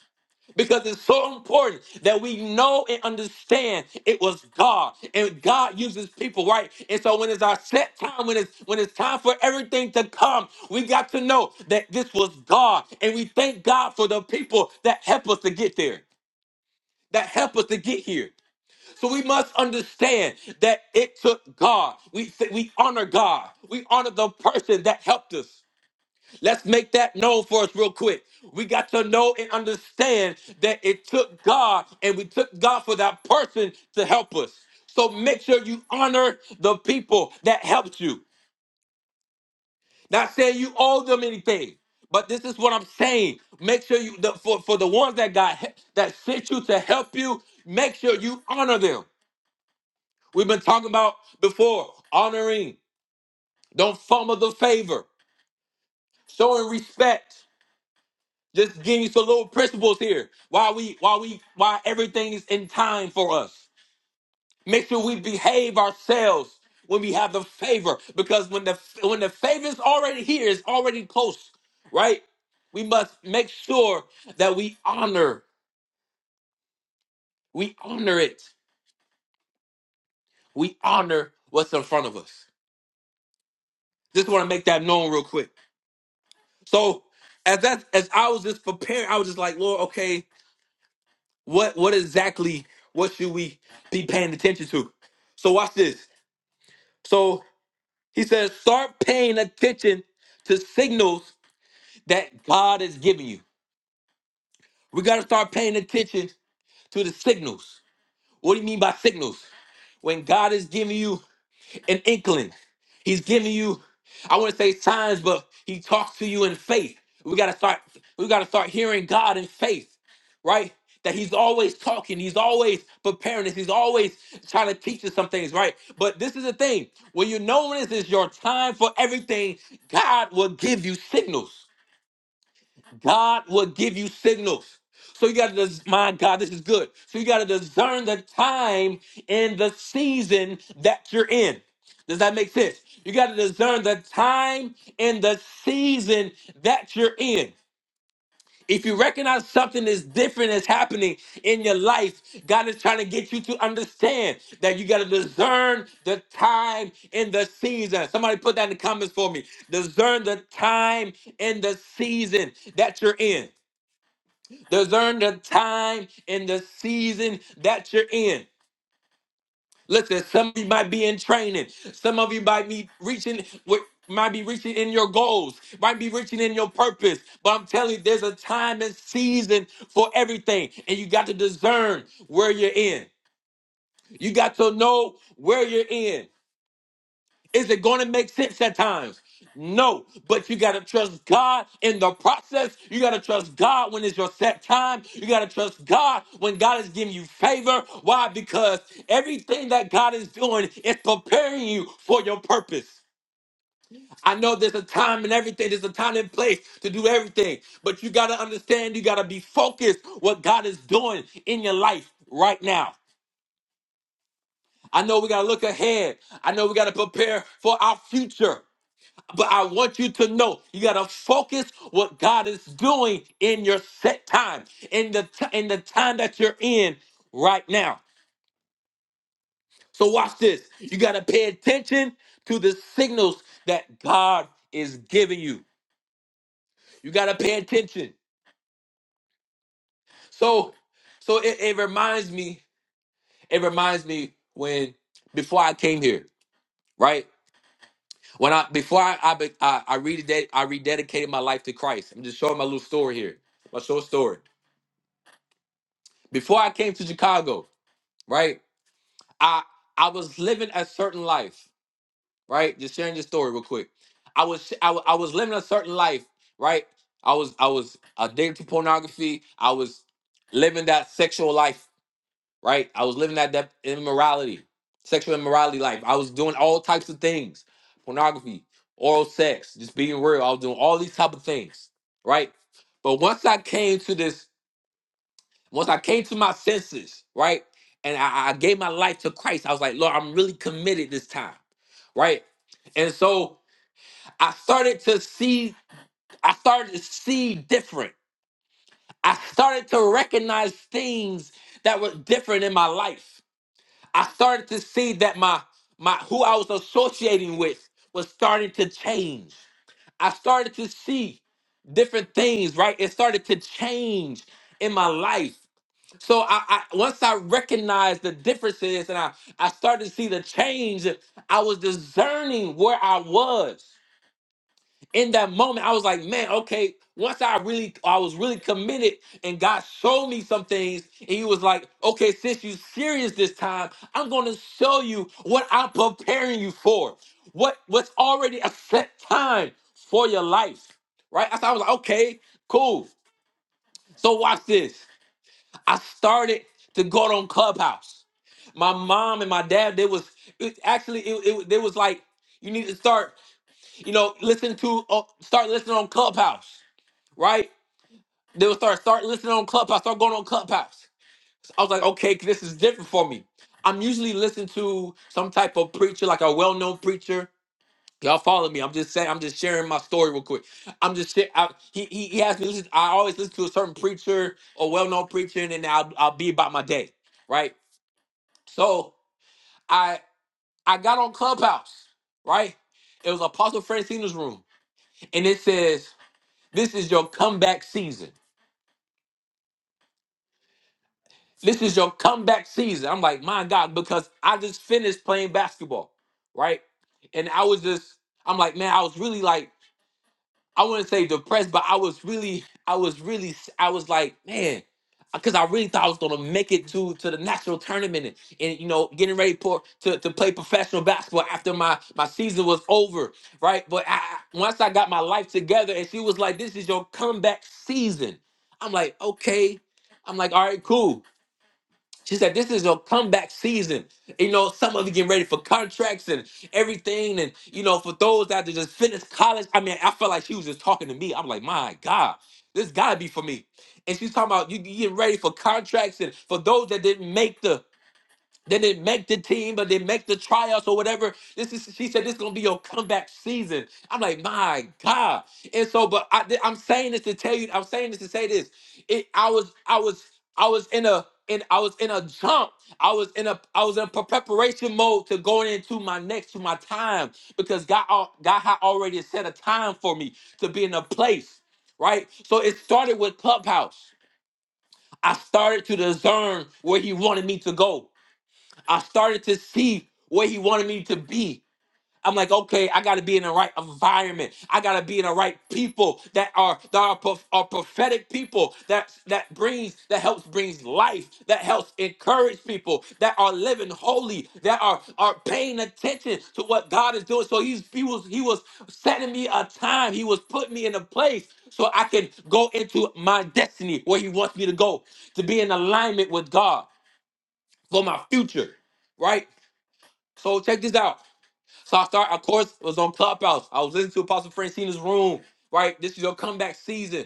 because it's so important that we know and understand it was God and God uses people, right? And so when it's our set time, when it's when it's time for everything to come, we got to know that this was God, and we thank God for the people that help us to get there, that help us to get here. So we must understand that it took God. We we honor God. We honor the person that helped us. Let's make that known for us real quick. We got to know and understand that it took God and we took God for that person to help us. So make sure you honor the people that helped you. Not saying you owe them anything, but this is what I'm saying. Make sure you the, for for the ones that got he- that sent you to help you, make sure you honor them. We've been talking about before honoring. Don't fumble the favor. Showing respect. Just giving you some little principles here. Why we why we why everything is in time for us. Make sure we behave ourselves when we have the favor. Because when the when the favor is already here, it's already close, right? We must make sure that we honor, we honor it. We honor what's in front of us. Just want to make that known real quick. So as that as I was just preparing, I was just like, Lord, okay, What what exactly what should we be paying attention to? So watch this. So he says, start paying attention to signals that God is giving you. We gotta start paying attention to the signals. What do you mean by signals? When God is giving you an inkling. He's giving you, I wouldn't say signs, but he talks to you in faith. We gotta start, we gotta start hearing God in faith, right? That he's always talking, he's always preparing us, he's always trying to teach us some things, right? But this is the thing. When you know when this is your time for everything, God will give you signals. God will give you signals. So you got to, My God, this is good. So you got to discern the time and the season that you're in. Does that make sense? You got to discern the time and the season that you're in. If you recognize something is different is happening in your life, God is trying to get you to understand that you got to discern the time and the season. Somebody put that in the comments for me. Discern the time and the season that you're in. Discern the time and the season that you're in. Listen, some of you might be in training. Some of you might be reaching with might be reaching in your goals, might be reaching in your purpose. But I'm telling you, there's a time and season for everything. And you got to discern where you're in. You got to know where you're in. Is it going to make sense at times? No, but you got to trust God in the process. You got to trust God when it's your set time. You got to trust God when God is giving you favor. Why? Because everything that God is doing is preparing you for your purpose. I know there's a time and everything, there's a time and place to do everything, but you got to understand, you got to be focused what God is doing in your life right now. I know we got to look ahead. I know we got to prepare for our future. But I want you to know you gotta focus what God is doing in your set time, in the t- in the time that you're in right now. So watch this. You gotta pay attention to the signals that God is giving you. You gotta pay attention. So so it, it reminds me, it reminds me when before I came here, right? When I before I I be- I, I rededicated I rededicated my life to Christ. I'm just showing my little story here. My short story. before I came to Chicago, right? I I was living a certain life, right? Just sharing this story real quick. I was I, wa- I was living a certain life, right? I was I was addicted to pornography. I was living that sexual life, right? I was living that, that immorality, sexual immorality life. I was doing all types of things, pornography, oral sex, just being real. I was doing all these type of things, right? But once I came to this once I came to my senses, right, and I, I gave my life to Christ, I was like, Lord, I'm really committed this time, right? And so I started to see, I started to see different. I started to recognize things that were different in my life. I started to see that my my who I was associating with was starting to change. I started to see different things, right? It started to change in my life. So I, I once I recognized the differences and I, I started to see the change, I was discerning where I was in that moment. I was like, man, okay. Once I really I was really committed and God showed me some things, and he was like, okay, since you serious this time, I'm gonna show you what I'm preparing you for. What what's already a set time for your life. Right? I thought I was like, okay, cool. So watch this. I started to go on Clubhouse. My mom and my dad, they was it, actually it, it they was like, you need to start, you know, listen to uh, start listening on Clubhouse, right? They would start start listening on Clubhouse, start going on Clubhouse. I was like, okay, this is different for me. I'm usually listening to some type of preacher, like a well-known preacher. Y'all follow me. I'm just saying. I'm just sharing my story real quick. I'm just shit. I, he he he asked me. Listen, I always listen to a certain preacher or well-known preacher, and then I'll I'll be about my day right? So I I got on Clubhouse, right? It was Apostle Francina's room, and it says, "This is your comeback season. This is your comeback season." I'm like, my God, because I just finished playing basketball, right? And I was just, I'm like, man, I was really like I wouldn't say depressed, but I was really, I was really, I was like, man, because I really thought I was gonna make it to to the national tournament and, and, you know getting ready for to, to play professional basketball after my my season was over, right? But I, I- once I got my life together, and she was like, "This is your comeback season." I'm like, okay. I'm like, all right, cool. She said, "This is your comeback season. You know, some of you getting ready for contracts and everything, and you know, for those that just finished college. I mean, I felt like she was just talking to me. I'm like, my God, this gotta be for me. And she's talking about you you getting ready for contracts, and for those that didn't make the they didn't make the team, but they make the tryouts or whatever. This is she said this is gonna be your comeback season. I'm like, my God. And so, but I, am saying this to tell you, I'm saying this to say this. It, I was, I was, I was in a, in, I was in a jump. I was in a, I was in pre- preparation mode to going into my next, to my time, because God, al- God had already set a time for me to be in a place, right? So it started with Clubhouse. I started to discern where He wanted me to go. I started to see where he wanted me to be. I'm like, okay, I gotta be in the right environment. I gotta be in the right people that are that are, prof- are prophetic people that that brings that helps brings life, that helps encourage people that are living holy, that are are paying attention to what God is doing. So he's he was he was setting me a time. He was putting me in a place so I can go into my destiny where he wants me to go, to be in alignment with God for my future right? So check this out. So I start, of course, was on Clubhouse. I was listening to Apostle Francina's room, right? This is your comeback season,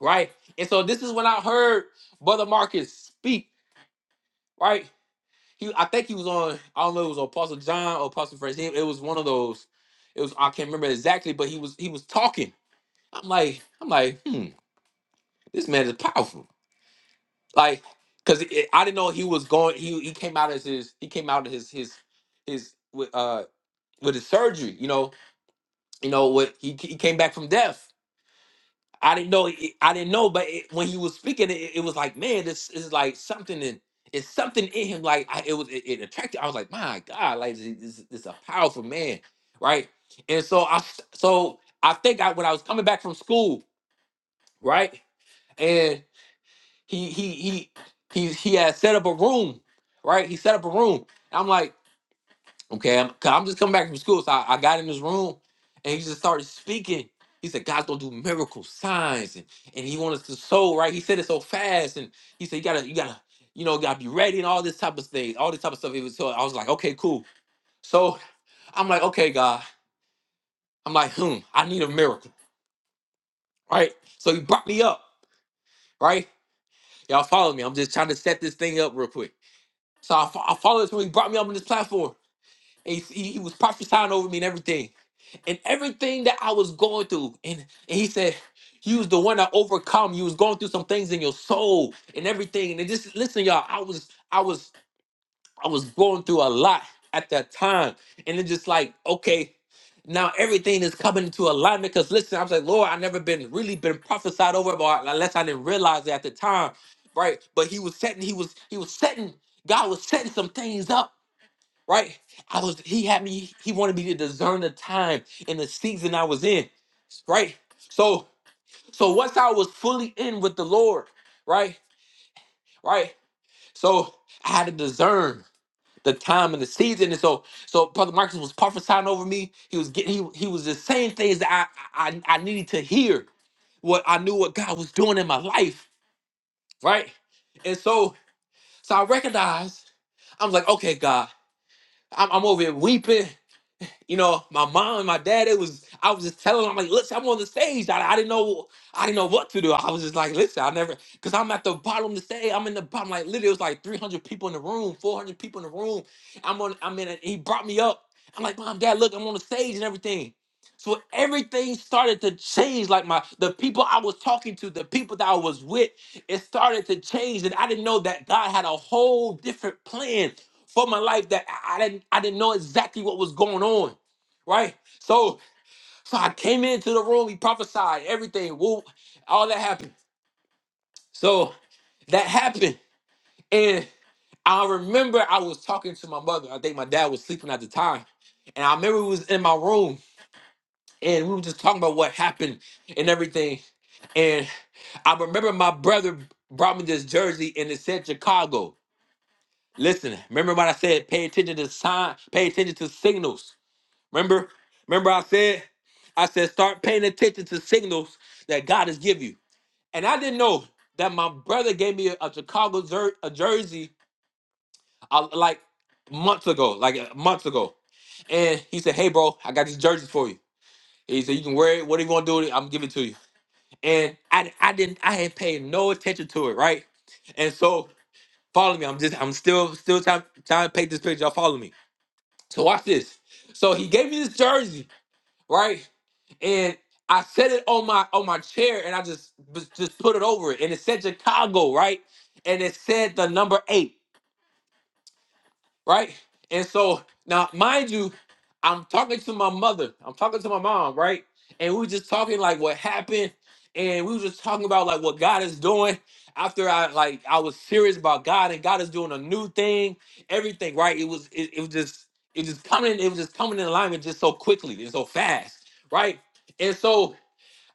right? And so this is when I heard Brother Marcus speak, right? He, I think he was on, I don't know, if it was on Apostle John or Apostle Francina. It was one of those. It was I can't remember exactly, but he was he was talking. I'm like, I'm like, hmm, this man is powerful. Like, cause it, I didn't know he was going. He he came out as his he came out of his his his with uh with his surgery, you know. you know what he, he came back from death i didn't know i didn't know but it, when he was speaking it, it was like man this is like something in it's something in him like I, it was it, it attracted i was like my god like this, this, this a powerful man right and so i s- so i think i when i was coming back from school right and he he he he, he had set up a room right he set up a room i'm like Okay, I'm, i I'm just coming back from school, so I, I got in this room, and he just started speaking. He said, "God's gonna do miracle signs, and and He wants us to sow." Right? He said it so fast, and he said, "You gotta, you gotta, you know, gotta be ready, and all this type of thing, all this type of stuff." It was so I was like, "Okay, cool." So I'm like, "Okay, God," I'm like, "Hmm, I need a miracle, right?" So He brought me up, right? Y'all follow me? I'm just trying to set this thing up real quick. So I, fo- I followed this when He brought me up on this platform, and he, he he was prophesying over me and everything. and everything that I was going through. And, and he said, You was the one that overcome. You was going through some things in your soul and everything. And it just listen, y'all, I was I was I was going through a lot at that time. And it's just like, okay, now everything is coming into alignment. Cause listen, I was like, Lord, I never been really been prophesied over but unless I didn't realize it at the time. Right. But he was setting, he was, he was setting, God was setting some things up right? I was he had me he wanted me to discern the time and the season I was in, right? So so once I was fully in with the Lord, right? Right? So I had to discern the time and the season. And so so Brother Marcus was prophesying over me. He was getting he, he was just saying things that I, I I needed to hear what I knew what God was doing in my life, right? And so so I recognized, I'm like, okay, God, I'm, I'm over here weeping. you know, my mom and my dad, it was, I was just telling them, I'm like, listen, I'm on the stage. I, I didn't know, I didn't know what to do. I was just like, listen, I never, cause I'm at the bottom of the stage. I'm in the bottom, like literally it was like 300 people in the room, 400 people in the room. I'm on, I'm in it. He brought me up. I'm like, mom, dad, look, I'm on the stage and everything. So everything started to change. Like my, the people I was talking to, the people that I was with, it started to change. And I didn't know that God had a whole different plan for my life that I I didn't I didn't know exactly what was going on, right? So so I came into the room. He prophesied everything. Whoop, all that happened. So that happened, and I remember I was talking to my mother. I think my dad was sleeping at the time, and I remember we was in my room and we were just talking about what happened and everything. And I remember my brother brought me this jersey and it said Chicago. Listen, remember what I said? Pay attention to sign. Pay attention to signals Remember, remember I said, I said, start paying attention to signals that God has given you. And I didn't know that my brother gave me a, a Chicago jer- a jersey uh, like months ago, like uh, months ago. And he said, hey, bro, I got these jerseys for you. He said, you can wear it. What are you going to do with it? I'm giving it to you. And I, I didn't, I had paid no attention to it, right? And so follow me. I'm just, I'm still, still trying, trying to paint this picture. Y'all follow me. So watch this. So he gave me this jersey right? And I set it on my on my chair and I just just put it over it. And it said Chicago, right? And it said the number eight right? And so now, mind you, I'm talking to my mother. I'm talking to my mom, right? And we were just talking like what happened, and we were just talking about like what God is doing. After I like I was serious about God, and God is doing a new thing, everything, right? It was it, it was just it just coming, it was just coming in alignment just so quickly and so fast, right? And so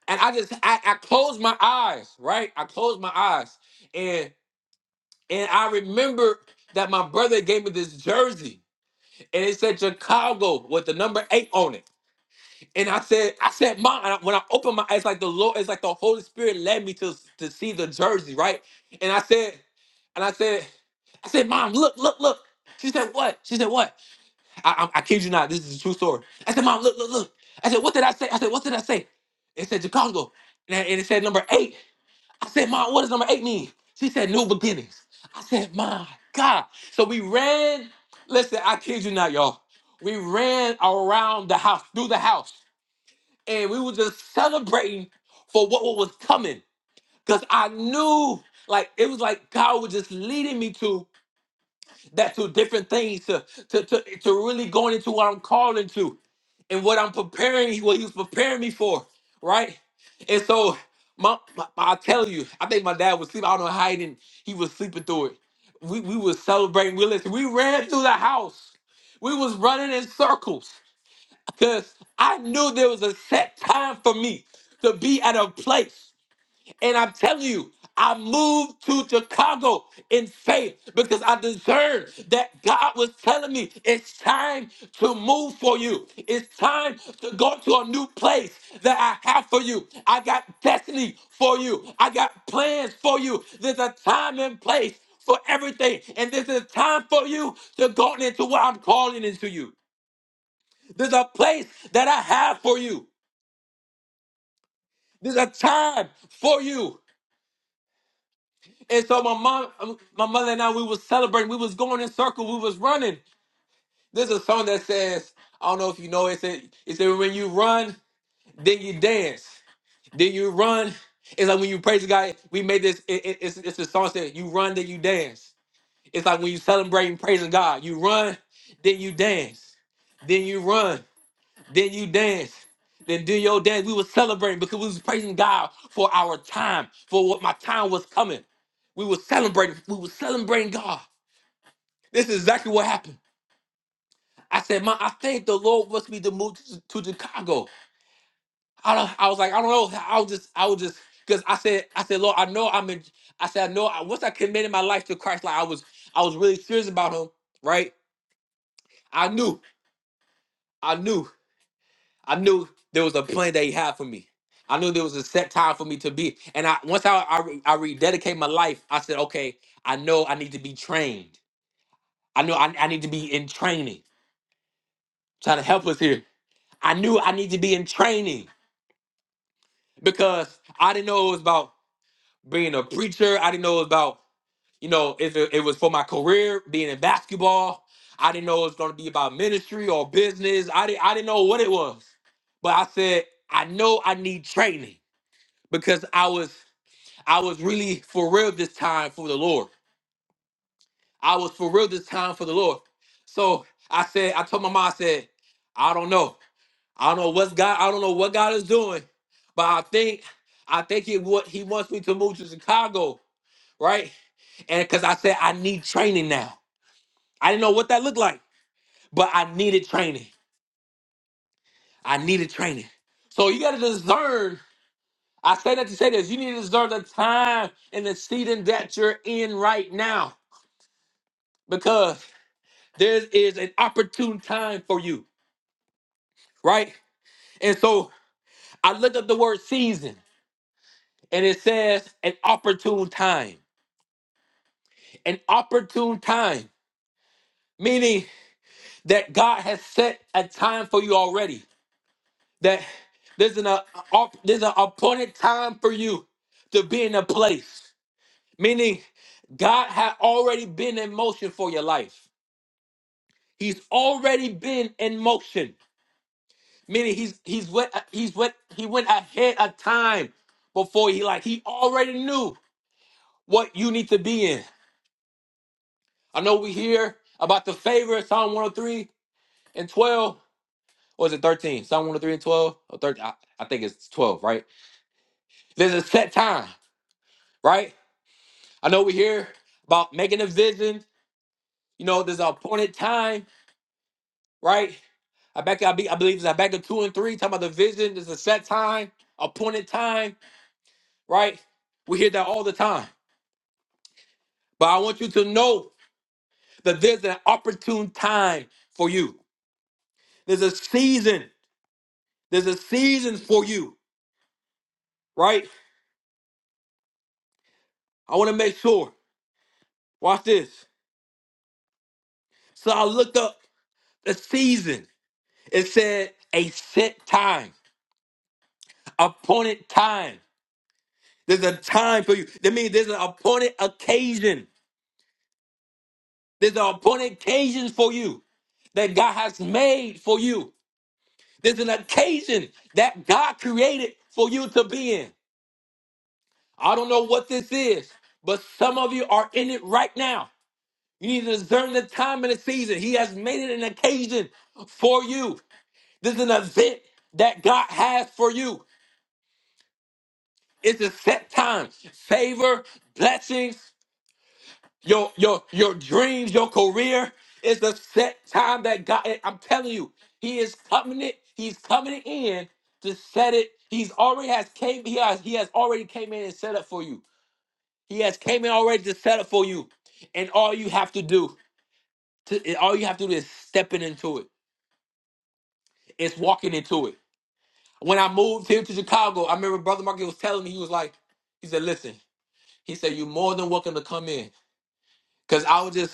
and I just I, I closed my eyes, right? I closed my eyes, and and I remembered that my brother gave me this jersey and it said Chicago with the number eight on it. And I said, I said, Mom, and I- when I opened my eyes, it's like the Lord, it's like the Holy Spirit led me to, to see the jersey, right? And I said, and I said, I said, Mom, look, look, look. She said, What? She said, What? I, I, I kid you not, this is a true story. I said, Mom, look, look, look. I said, What did I say? I said, What did I say? It said Chicago. And, I- and it said number eight. I said, Mom, what does number eight mean? She said, New beginnings. I said, My God. So we ran. Listen, I kid you not, y'all. We ran around the house, through the house, and we were just celebrating for what was coming. Because I knew, like, it was like God was just leading me to. That's two different things to, to, to, to really going into what I'm calling to, and what I'm preparing, what he was preparing me for, right? And so my, my I tell you, I think my dad was sleeping. I don't know how he didn't, he was sleeping through it. We we was celebrating. We listen, we ran through the house. We was running in circles because I knew there was a set time for me to be at a place. And I'm telling you, I moved to Chicago in faith because I discerned that God was telling me it's time to move for you. It's time to go to a new place that I have for you. I got destiny for you. I got plans for you. There's a time and place for everything. And this is time for you to go into what I'm calling into you. There's a place that I have for you. There's a time for you. And so my mom, um, my mother and I, we was celebrating. We was going in circle. We was running. There's a song that says, I don't know if you know it. It said, it said when you run, then you dance, then you run. It's like when you praise God. We made this. It, it, it's it's a song that you run, then you dance. It's like when you celebrating praising God. You run, then you dance, then you run. Then you dance. Then do your dance. We were celebrating because we was praising God for our time, for what my time was coming. We were celebrating. We were celebrating God. This is exactly what happened. I said, "Man, I think the Lord wants me to move to, to Chicago." I don't, I was like, I don't know. I was just, I was just, because I said, I said, Lord, I know I'm in. I said, I know. I, once I committed my life to Christ, like I was, I was really serious about Him, right? I knew, I knew. I knew there was a plan that he had for me. I knew there was a set time for me to be. And I once I I, re- I rededicate my life, I said, okay, I know I need to be trained. I know I, I need to be in training. trying to help us here. I knew I need to be in training because I didn't know it was about being a preacher. I didn't know it was about, you know, if it, it was for my career, being in basketball. I didn't know it was gonna be about ministry or business. I didn't I didn't know what it was. But I said, I know I need training. because I was I was really for real this time for the Lord. I was for real this time for the Lord. So I said, I told my mom, I said, I don't know. I don't know what's God, I don't know what God is doing, but I think I think it what he wants me to move to Chicago, right? And because I said I need training now. I didn't know what that looked like, but I needed training. I needed training. So you gotta discern. I say that to say this, you need to discern the time and the season that you're in right now. because there is an opportune time for you, right? And so I looked up the word season and it says an opportune time. An opportune time, meaning that God has set a time for you already. That there's an, uh, op- there's an appointed time for you to be in a place, meaning God had already been in motion for your life. He's already been in motion. Meaning he's he's what he's what he went ahead of time before he like he already knew what you need to be in. I know we hear about the favor Psalm 103 and 12. Or is it 13? Psalm 103 and 12? Or 13? I, I think it's 12, right? There's a set time, right? I know we hear about making a vision. You know, there's an appointed time, right? I back I, be, I believe it's Habakkuk 2 and 3, talking about the vision. There's a set time, appointed time, right? We hear that all the time. But I want you to know that there's an opportune time for you. There's a season. There's a season for you, right? I want to make sure. Watch this. So I looked up the season. It said a set time, appointed time. There's a time for you. That means there's an appointed occasion. There's an appointed occasion for you that God has made for you. There's an occasion that God created for you to be in. I don't know what this is, but some of you are in it right now. You need to discern the time and the season. He has made it an occasion for you. This is an event that God has for you. It's a set time. Favor, blessings, your your your dreams, your career. It's a set time that God. I'm telling you, He is coming it. He's coming in to set it. He's already has came. He has he has already came in and set up for you. He has came in already to settle for you. And all you have to do, to, all you have to do is stepping into it. It's walking into it. When I moved here to Chicago, I remember Brother Market was telling me, he was like, he said, listen, he said, you're more than welcome to come in. Cause I was just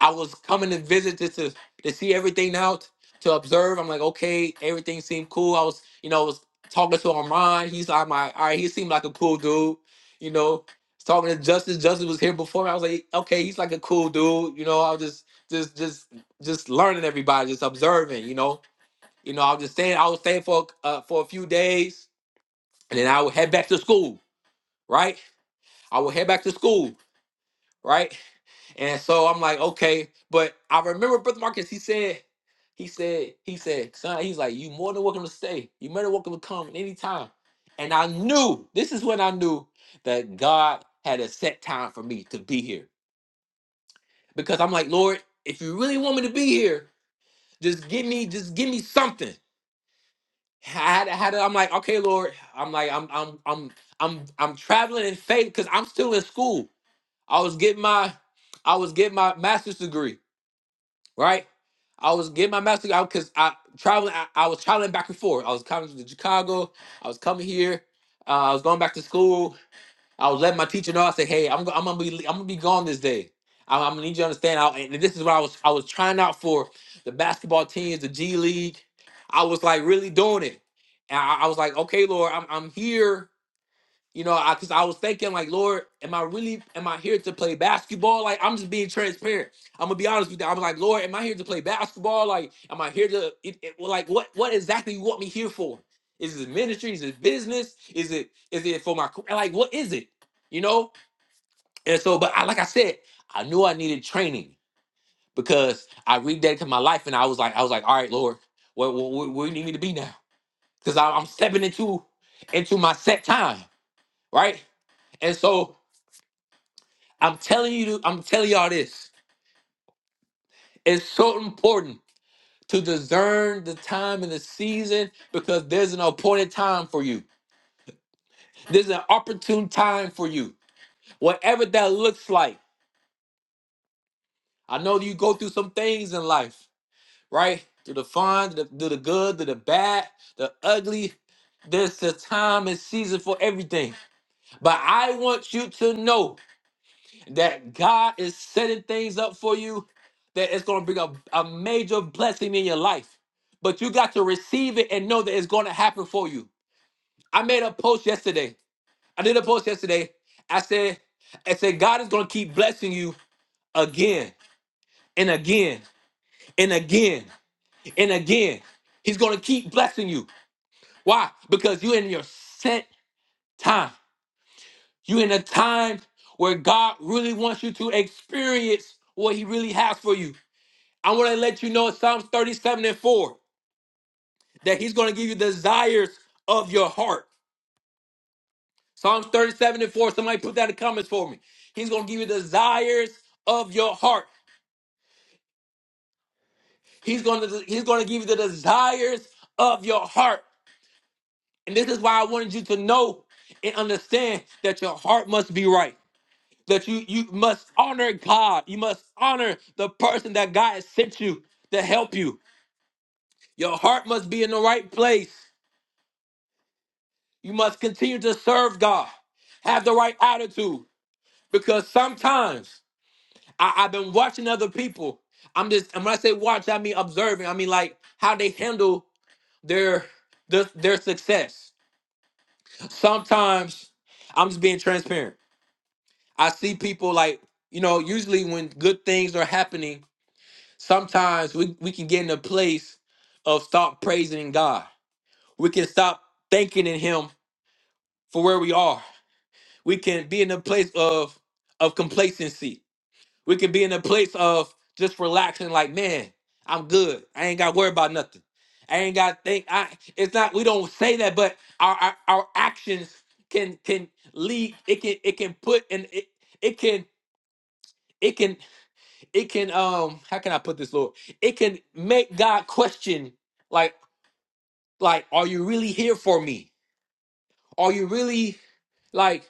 I was coming to visit just to to see everything out, to observe. I'm like, okay, everything seemed cool. I was, you know, was talking to Armand. He's like my all right, he seemed like a cool dude, you know. Was Talking to Justice. Justice was here before me. I was like, okay, he's like a cool dude, you know. I was just just just just learning everybody, just observing, you know. You know, I was just staying, I was staying for uh, for a few days, and then I would head back to school, right? I would head back to school, right? And so I'm like, okay. But I remember Brother Marcus, he said, he said, he said, son, he's like, you more than welcome to stay. You more than welcome to come anytime. And I knew, this is when I knew that God had a set time for me to be here. Because I'm like, Lord, if you really want me to be here, just give me, just give me something. I had, I had to, I'm like, okay, Lord. I'm like, I'm I'm I'm I'm I'm traveling in faith because I'm still in school. I was getting my I was getting my master's degree right? I was getting my master's out because I traveling. I, I was traveling back and forth. I was coming to Chicago. I was coming here. Uh, I was going back to school. I was letting my teacher know. I said, "Hey, I'm, go- I'm gonna be I'm gonna be gone this day. I'm, I'm gonna need you to understand." I, and this is what I was I was trying out for the basketball teams, the G League. I was like really doing it, and I, I was like, "Okay, Lord, I'm I'm here." You know, I because I was thinking like, Lord, am I really am I here to play basketball? Like, I'm just being transparent. I'm gonna be honest with you. I'm like, Lord, am I here to play basketball? Like, am I here to it, it- well, like what what exactly you want me here for? Is it ministry? Is it business? Is it is it for my c- like what is it? You know? And so, but I like I said, I knew I needed training because I rededicated my life and I was like, I was like, all right, Lord, where, where, where where you need me to be now? Because I'm stepping into into my set time, right? And so I'm telling you, I'm telling y'all this. It's so important to discern the time and the season because there's an appointed time for you. There's an opportune time for you. Whatever that looks like. I know you go through some things in life, right? Through the fun, through the, through the good, through the bad, the ugly. There's a time and season for everything. But I want you to know that God is setting things up for you that it's going to bring a, a major blessing in your life. But you got to receive it and know that it's going to happen for you. I made a post yesterday. I did a post yesterday. I said, I said, God is going to keep blessing you again and again and again and again. He's going to keep blessing you. Why? Because you're in your set time. You're in a time where God really wants you to experience what He really has for you. I want to let you know in Psalms 37 and 4 that he's going to give you desires of your heart. Psalms 37 and 4, somebody put that in the comments for me. He's going to give you desires of your heart. He's going to he's going to give you the desires of your heart. And this is why I wanted you to know and understand that your heart must be right. That you you must honor God. You must honor the person that God has sent you to help you. Your heart must be in the right place. You must continue to serve God. Have the right attitude. Because sometimes I, I've been watching other people. I'm just and when I say watch, I mean observing. I mean like how they handle their their, their success. Sometimes I'm just being transparent. I see people like, you know, usually when good things are happening, sometimes we, we can get in a place of stop praising God. We can stop thanking in Him for where we are. We can be in a place of of complacency. We can be in a place of just relaxing, like, man, I'm good. I ain't got to worry about nothing. I ain't got to think. I it's not. We don't say that, but our our, our actions can can lead. It can it can put and it it can it can it can um how can I put this, Lord? It can make God question like like are you really here for me? Are you really like?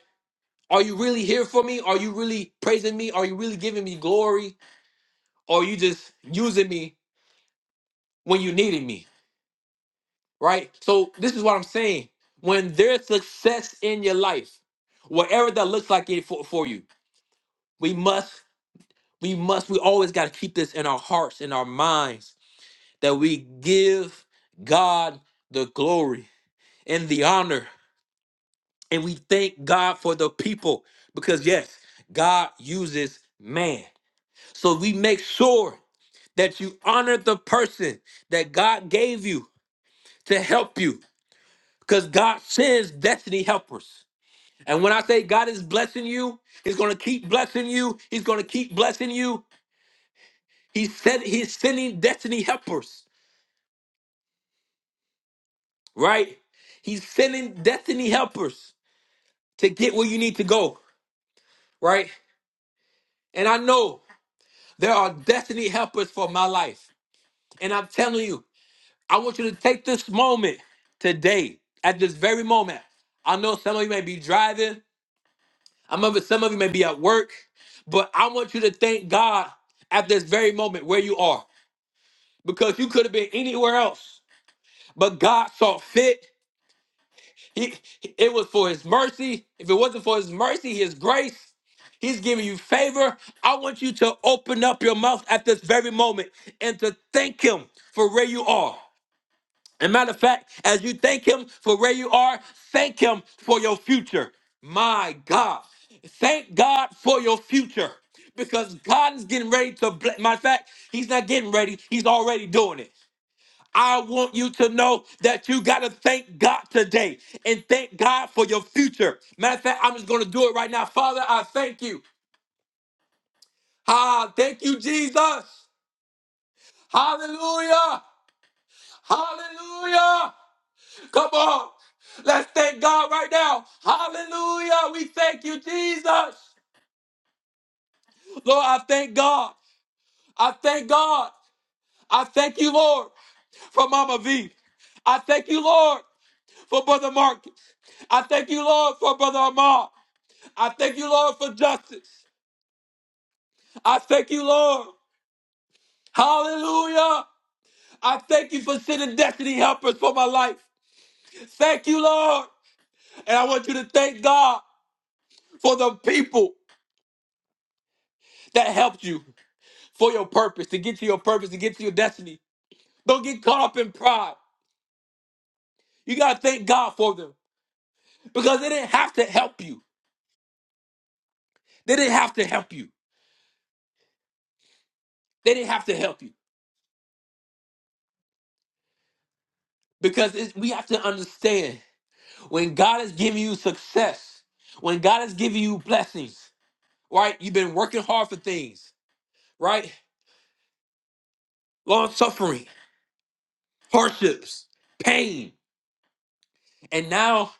Are you really here for me? Are you really praising me? Are you really giving me glory? Or are you just using me when you needed me? Right? So this is what I'm saying. When there's success in your life, whatever that looks like it for, for you, we must, we must, we always got to keep this in our hearts, in our minds, that we give God the glory and the honor. And we thank God for the people. Because yes, God uses man. So we make sure that you honor the person that God gave you to help you because God sends destiny helpers. And when I say God is blessing you, He's going to keep blessing you. He's going to keep blessing you. He said He's sending destiny helpers, right? He's sending destiny helpers to get where you need to go, right? And I know there are destiny helpers for my life. And I'm telling you, I want you to take this moment today, at this very moment. I know some of you may be driving. I remember some of you may be at work, but I want you to thank God at this very moment where you are because you could have been anywhere else, but God saw fit. He, it was for His mercy. If it wasn't for His mercy, His grace, He's giving you favor. I want you to open up your mouth at this very moment and to thank Him for where you are. And matter of fact, as you thank him for where you are, thank him for your future. My God. Thank God for your future. Because God is getting ready to bless. Matter of fact, he's not getting ready, he's already doing it. I want you to know that you got to thank God today and thank God for your future. Matter of fact, I'm just going to do it right now. Father, I thank you. Ah, thank you, Jesus. Hallelujah. Hallelujah. Come on. Let's thank God right now. Hallelujah. We thank you, Jesus. Lord, I thank God. I thank God. I thank you, Lord, for Mama V. I thank you, Lord, for Brother Marcus. I thank you, Lord, for Brother Ahmad. I thank you, Lord, for justice. I thank you, Lord. Hallelujah. I thank you for sending destiny helpers for my life. Thank you, Lord. And I want you to thank God for the people that helped you. for your purpose, to get to your purpose, to get to your destiny. Don't get caught up in pride. You got to thank God for them because they didn't have to help you. They didn't have to help you. They didn't have to help you because it's, we have to understand when God is giving you success, when God is giving you blessings, right? You've been working hard for things, right? Long suffering, hardships, pain. And now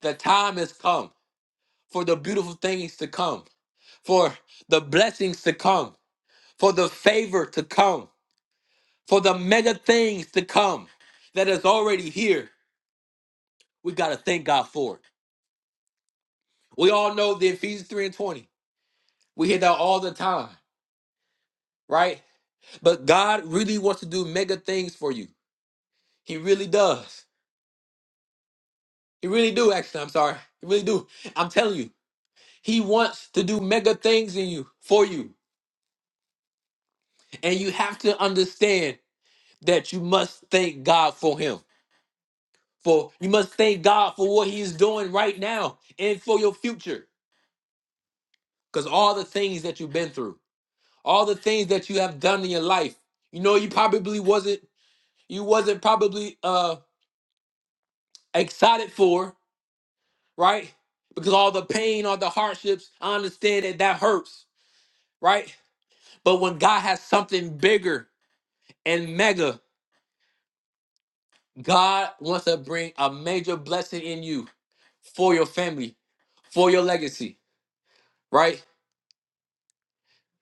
the time has come for the beautiful things to come, for the blessings to come. for the favor to come, for the mega things to come that is already here. We got to thank God for it. We all know the Ephesians 3 and 20. We hear that all the time, right? But God really wants to do mega things for you. He really does. He really do, actually. I'm sorry. He really do. I'm telling you, He wants to do mega things in you, for you. And you have to understand that you must thank God for Him. For you must thank God for what He is doing right now and for your future. Because all the things that you've been through, all the things that you have done in your life, you know, you probably wasn't, you wasn't probably uh excited for, right? Because all the pain, all the hardships, I understand that that hurts, right? But when God has something bigger and mega, God wants to bring a major blessing in you for your family, for your legacy, right?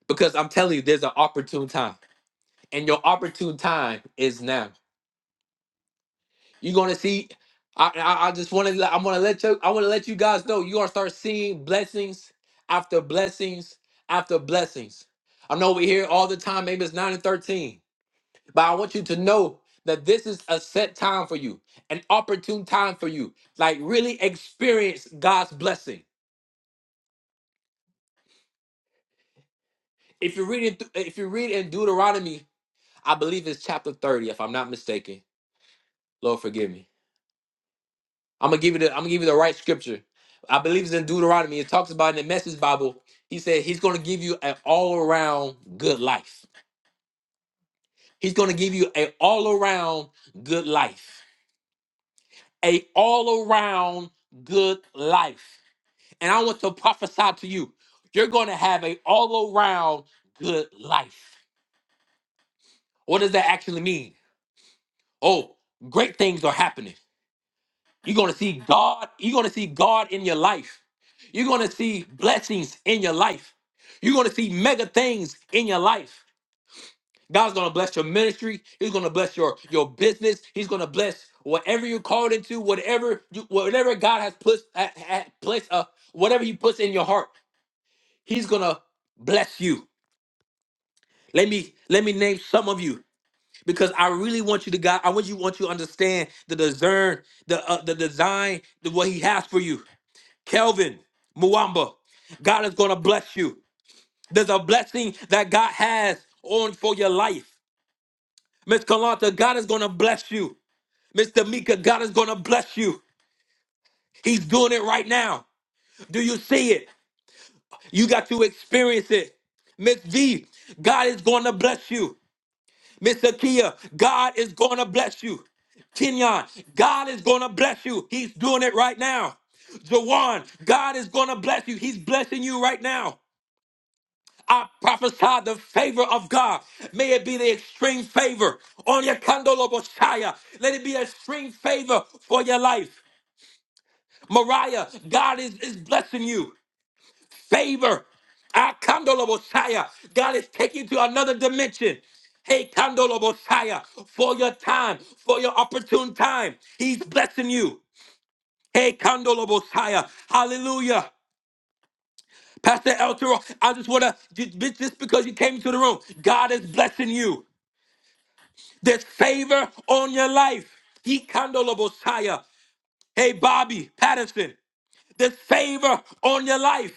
Because I'm telling you, there's an opportune time, and your opportune time is now. You're gonna see. I I, I just want to. I want to let you. I want to let you guys know. You're gonna start seeing blessings after blessings after blessings. I know we hear all the time. Maybe it's nine and thirteen, but I want you to know that this is a set time for you, an opportune time for you. Like really experience God's blessing. If you're reading, th- if you read in Deuteronomy, I believe it's chapter thirty, if I'm not mistaken. Lord forgive me I'm gonna give you the I'm gonna give you the right scripture. I believe it's in Deuteronomy. It talks about in the Message Bible. He said he's gonna give you an all around good life. He's gonna give you an all around good life. A all around good life. And I want to prophesy to you. You're gonna have a all around good life. What does that actually mean? Oh, great things are happening You're gonna see God. You're gonna see God in your life. You're gonna see blessings in your life. You're gonna see mega things in your life. God's gonna bless your ministry. He's gonna bless your your business. He's gonna bless whatever you're called into, whatever you, whatever God has put at, place uh whatever He puts in your heart. He's gonna bless you. Let me let me name some of you because I really want you to God. I want you want you to understand the discern the uh, the design the what He has for you. Kelvin Muamba, God is going to bless you. There's a blessing that God has on for your life. Miss Kalanta, God is going to bless you. Mr. Mika, God is going to bless you. He's doing it right now. Do you see it? You got to experience it. Miss V. God is going to bless you. Miss Akia, God is going to bless you. Kenyon, God is going to bless you. He's doing it right now. Jawan, God is going to bless you. He's blessing you right now. I prophesy the favor of God. May it be the extreme favor on your kandoloboshaya. Let it be extreme favor for your life. Mariah, God is, is blessing you. Favor. Ah, kandoloboshaya. God is taking you to another dimension. Hey, kandoloboshaya, for your time, for your opportune time. He's blessing you. Hey, kandoloboshaya. Hallelujah. Pastor El Toro, I just want to, just because you came into the room, God is blessing you. There's favor on your life. He Bosiah. Hey, Bobby Patterson, there's favor on your life.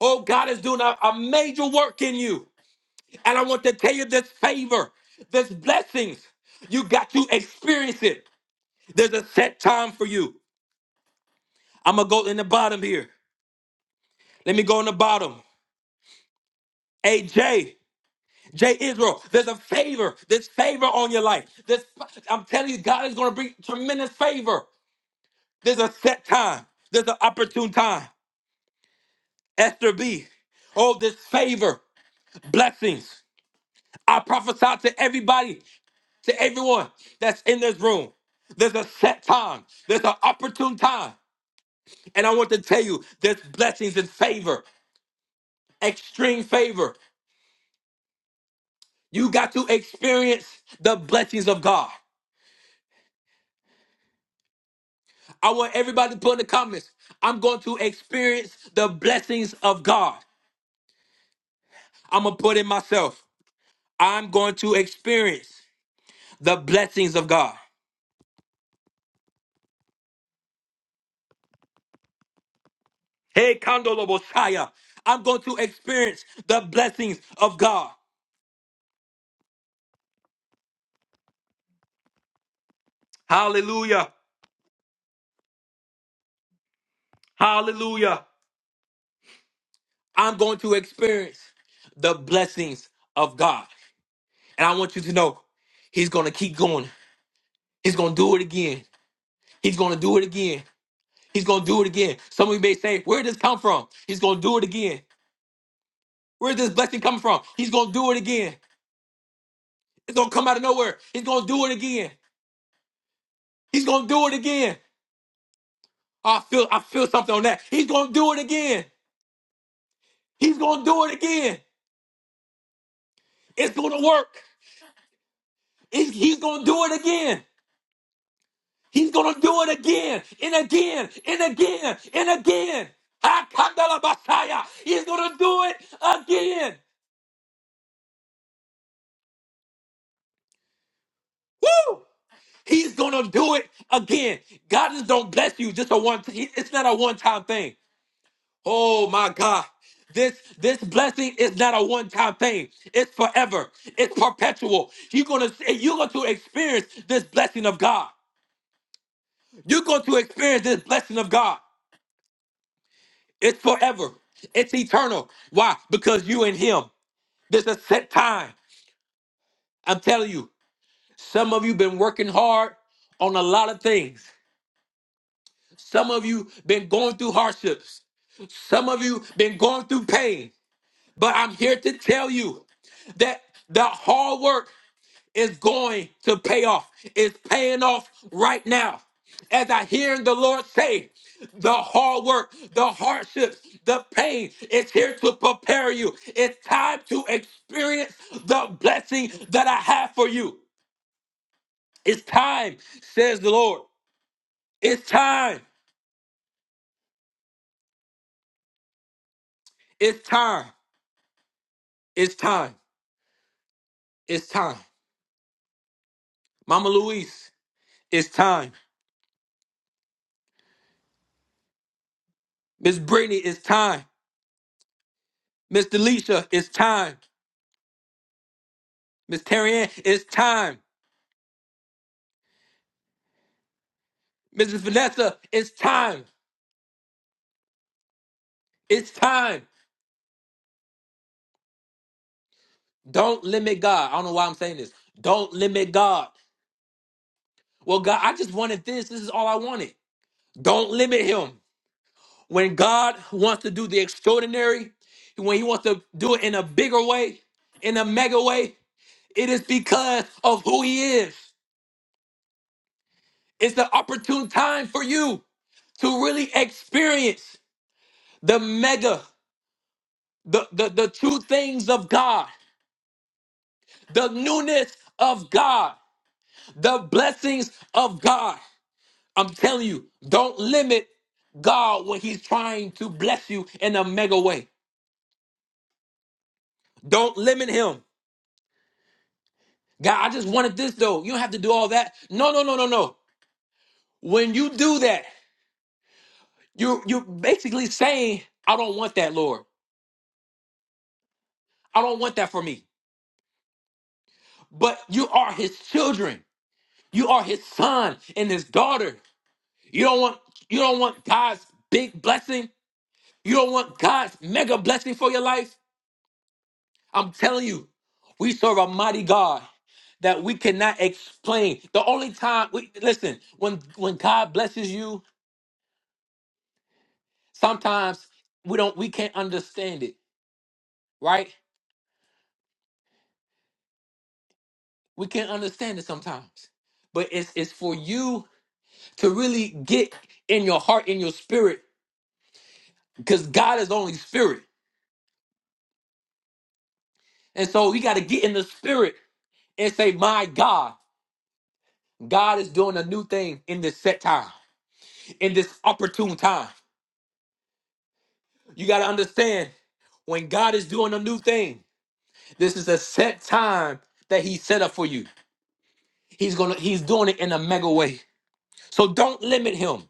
Oh, God is doing a, a major work in you. And I want to tell you this favor, this blessings. You got to experience it. There's a set time for you. I'm going to go in the bottom here. Let me go in the bottom. Hey, Jay, Jay Israel, there's a favor. There's favor on your life. There's, I'm telling you, God is going to bring tremendous favor. There's a set time. There's an opportune time. Esther B. Oh, this favor, blessings. I prophesy to everybody, to everyone that's in this room. There's a set time. There's an opportune time. And I want to tell you, there's blessings and favor, extreme favor. You got to experience the blessings of God. I want everybody to put in the comments, I'm going to experience the blessings of God. I'm going to put in myself. I'm going to experience. the blessings of God. Hey, Kandoloboshaya. I'm going to experience the blessings of God. Hallelujah. Hallelujah. I'm going to experience the blessings of God. And I want you to know He's going to keep going. He's going to do it again. He's going to do it again. He's going to do it again. Some of you may say, Where did this come from? He's going to do it again. Where did this blessing come from? He's going to do it again. It's going to come out of nowhere. He's going to do it again. He's going to do it again. I feel I feel something on that. He's gonna do it again. He's gonna do it again. It's gonna work. He's, he's gonna do it again. He's gonna do it again and again and again and again. Akandalabasaya. He's gonna do it again. Woo! He's gonna do it again. God just don't bless you just a one. It's not a one time thing. Oh my God. This this blessing is not a one-time thing. It's forever. It's perpetual. You're gonna you're going to experience this blessing of God. You're going to experience this blessing of God. It's forever. It's eternal. Why? Because you and Him. There's a set time. I'm telling you. Some of you been working hard on a lot of things. Some of you been going through hardships. Some of you been going through pain. But I'm here to tell you that the hard work is going to pay off. It's paying off right now. As I hear the Lord say, the hard work, the hardships, the pain is here to prepare you. It's time to experience the blessing that I have for you. It's time, says the Lord. It's time. It's time. It's time. It's time. Mama Louise, it's time. Miss Brittany, it's time. Miss Delisha, it's time. Miss Terry Ann, it's time. Mrs. Vanessa, it's time. It's time. Don't limit God. I don't know why I'm saying this. Don't limit God. Well, God, I just wanted this. This is all I wanted. Don't limit Him. When God wants to do the extraordinary, when He wants to do it in a bigger way, in a mega way, it is because of who He is. It's the opportune time for you to really experience the mega the, the, the true things of God, the newness of God, the blessings of God. I'm telling you, don't limit God when He's trying to bless you in a mega way. Don't limit Him. God, I just wanted this though. You don't have to do all that. No, no, no, no, no. When you do that, you you're basically saying, I don't want that, Lord. I don't want that for me. But you are His children. You are His son and His daughter. You don't want you don't want God's big blessing. You don't want God's mega blessing for your life. I'm telling you, we serve a mighty God that we cannot explain. The only time we listen, when when God blesses you, sometimes we don't we can't understand it, right? We can't understand it sometimes. But it's it's for you to really get in your heart, in your spirit, because God is only spirit. And so we got to get in the spirit and say, My God. God is doing a new thing in this set time, in this opportune time. You got to understand when God is doing a new thing, this is a set time that he set up for you. He's going to he's doing it in a mega way. So don't limit him.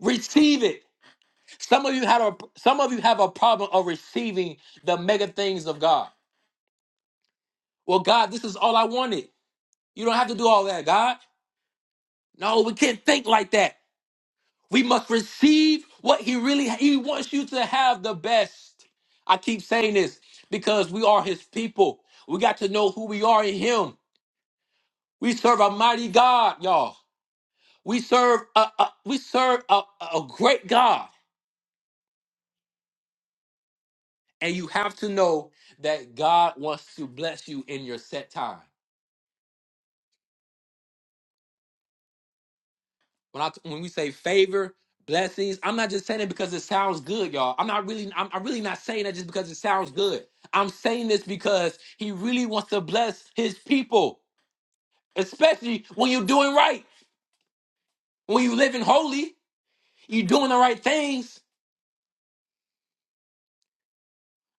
Receive it. Some of you had a some of you have a problem of receiving the mega things of God. Well, God, this is all I wanted. You don't have to do all that, God. No, we can't think like that. We must receive what he really he wants you to have the best. I keep saying this because we are his people. We got to know who we are in him. We serve a mighty God, y'all. We serve a, a we serve a, a great God. And you have to know that God wants to bless you in your set time. When I when we say favor, blessings, I'm not just saying it because it sounds good, y'all. I'm not really I'm, I'm really not saying that just because it sounds good. I'm saying this because he really wants to bless his people, especially when you're doing right, when you're living holy, you're doing the right things,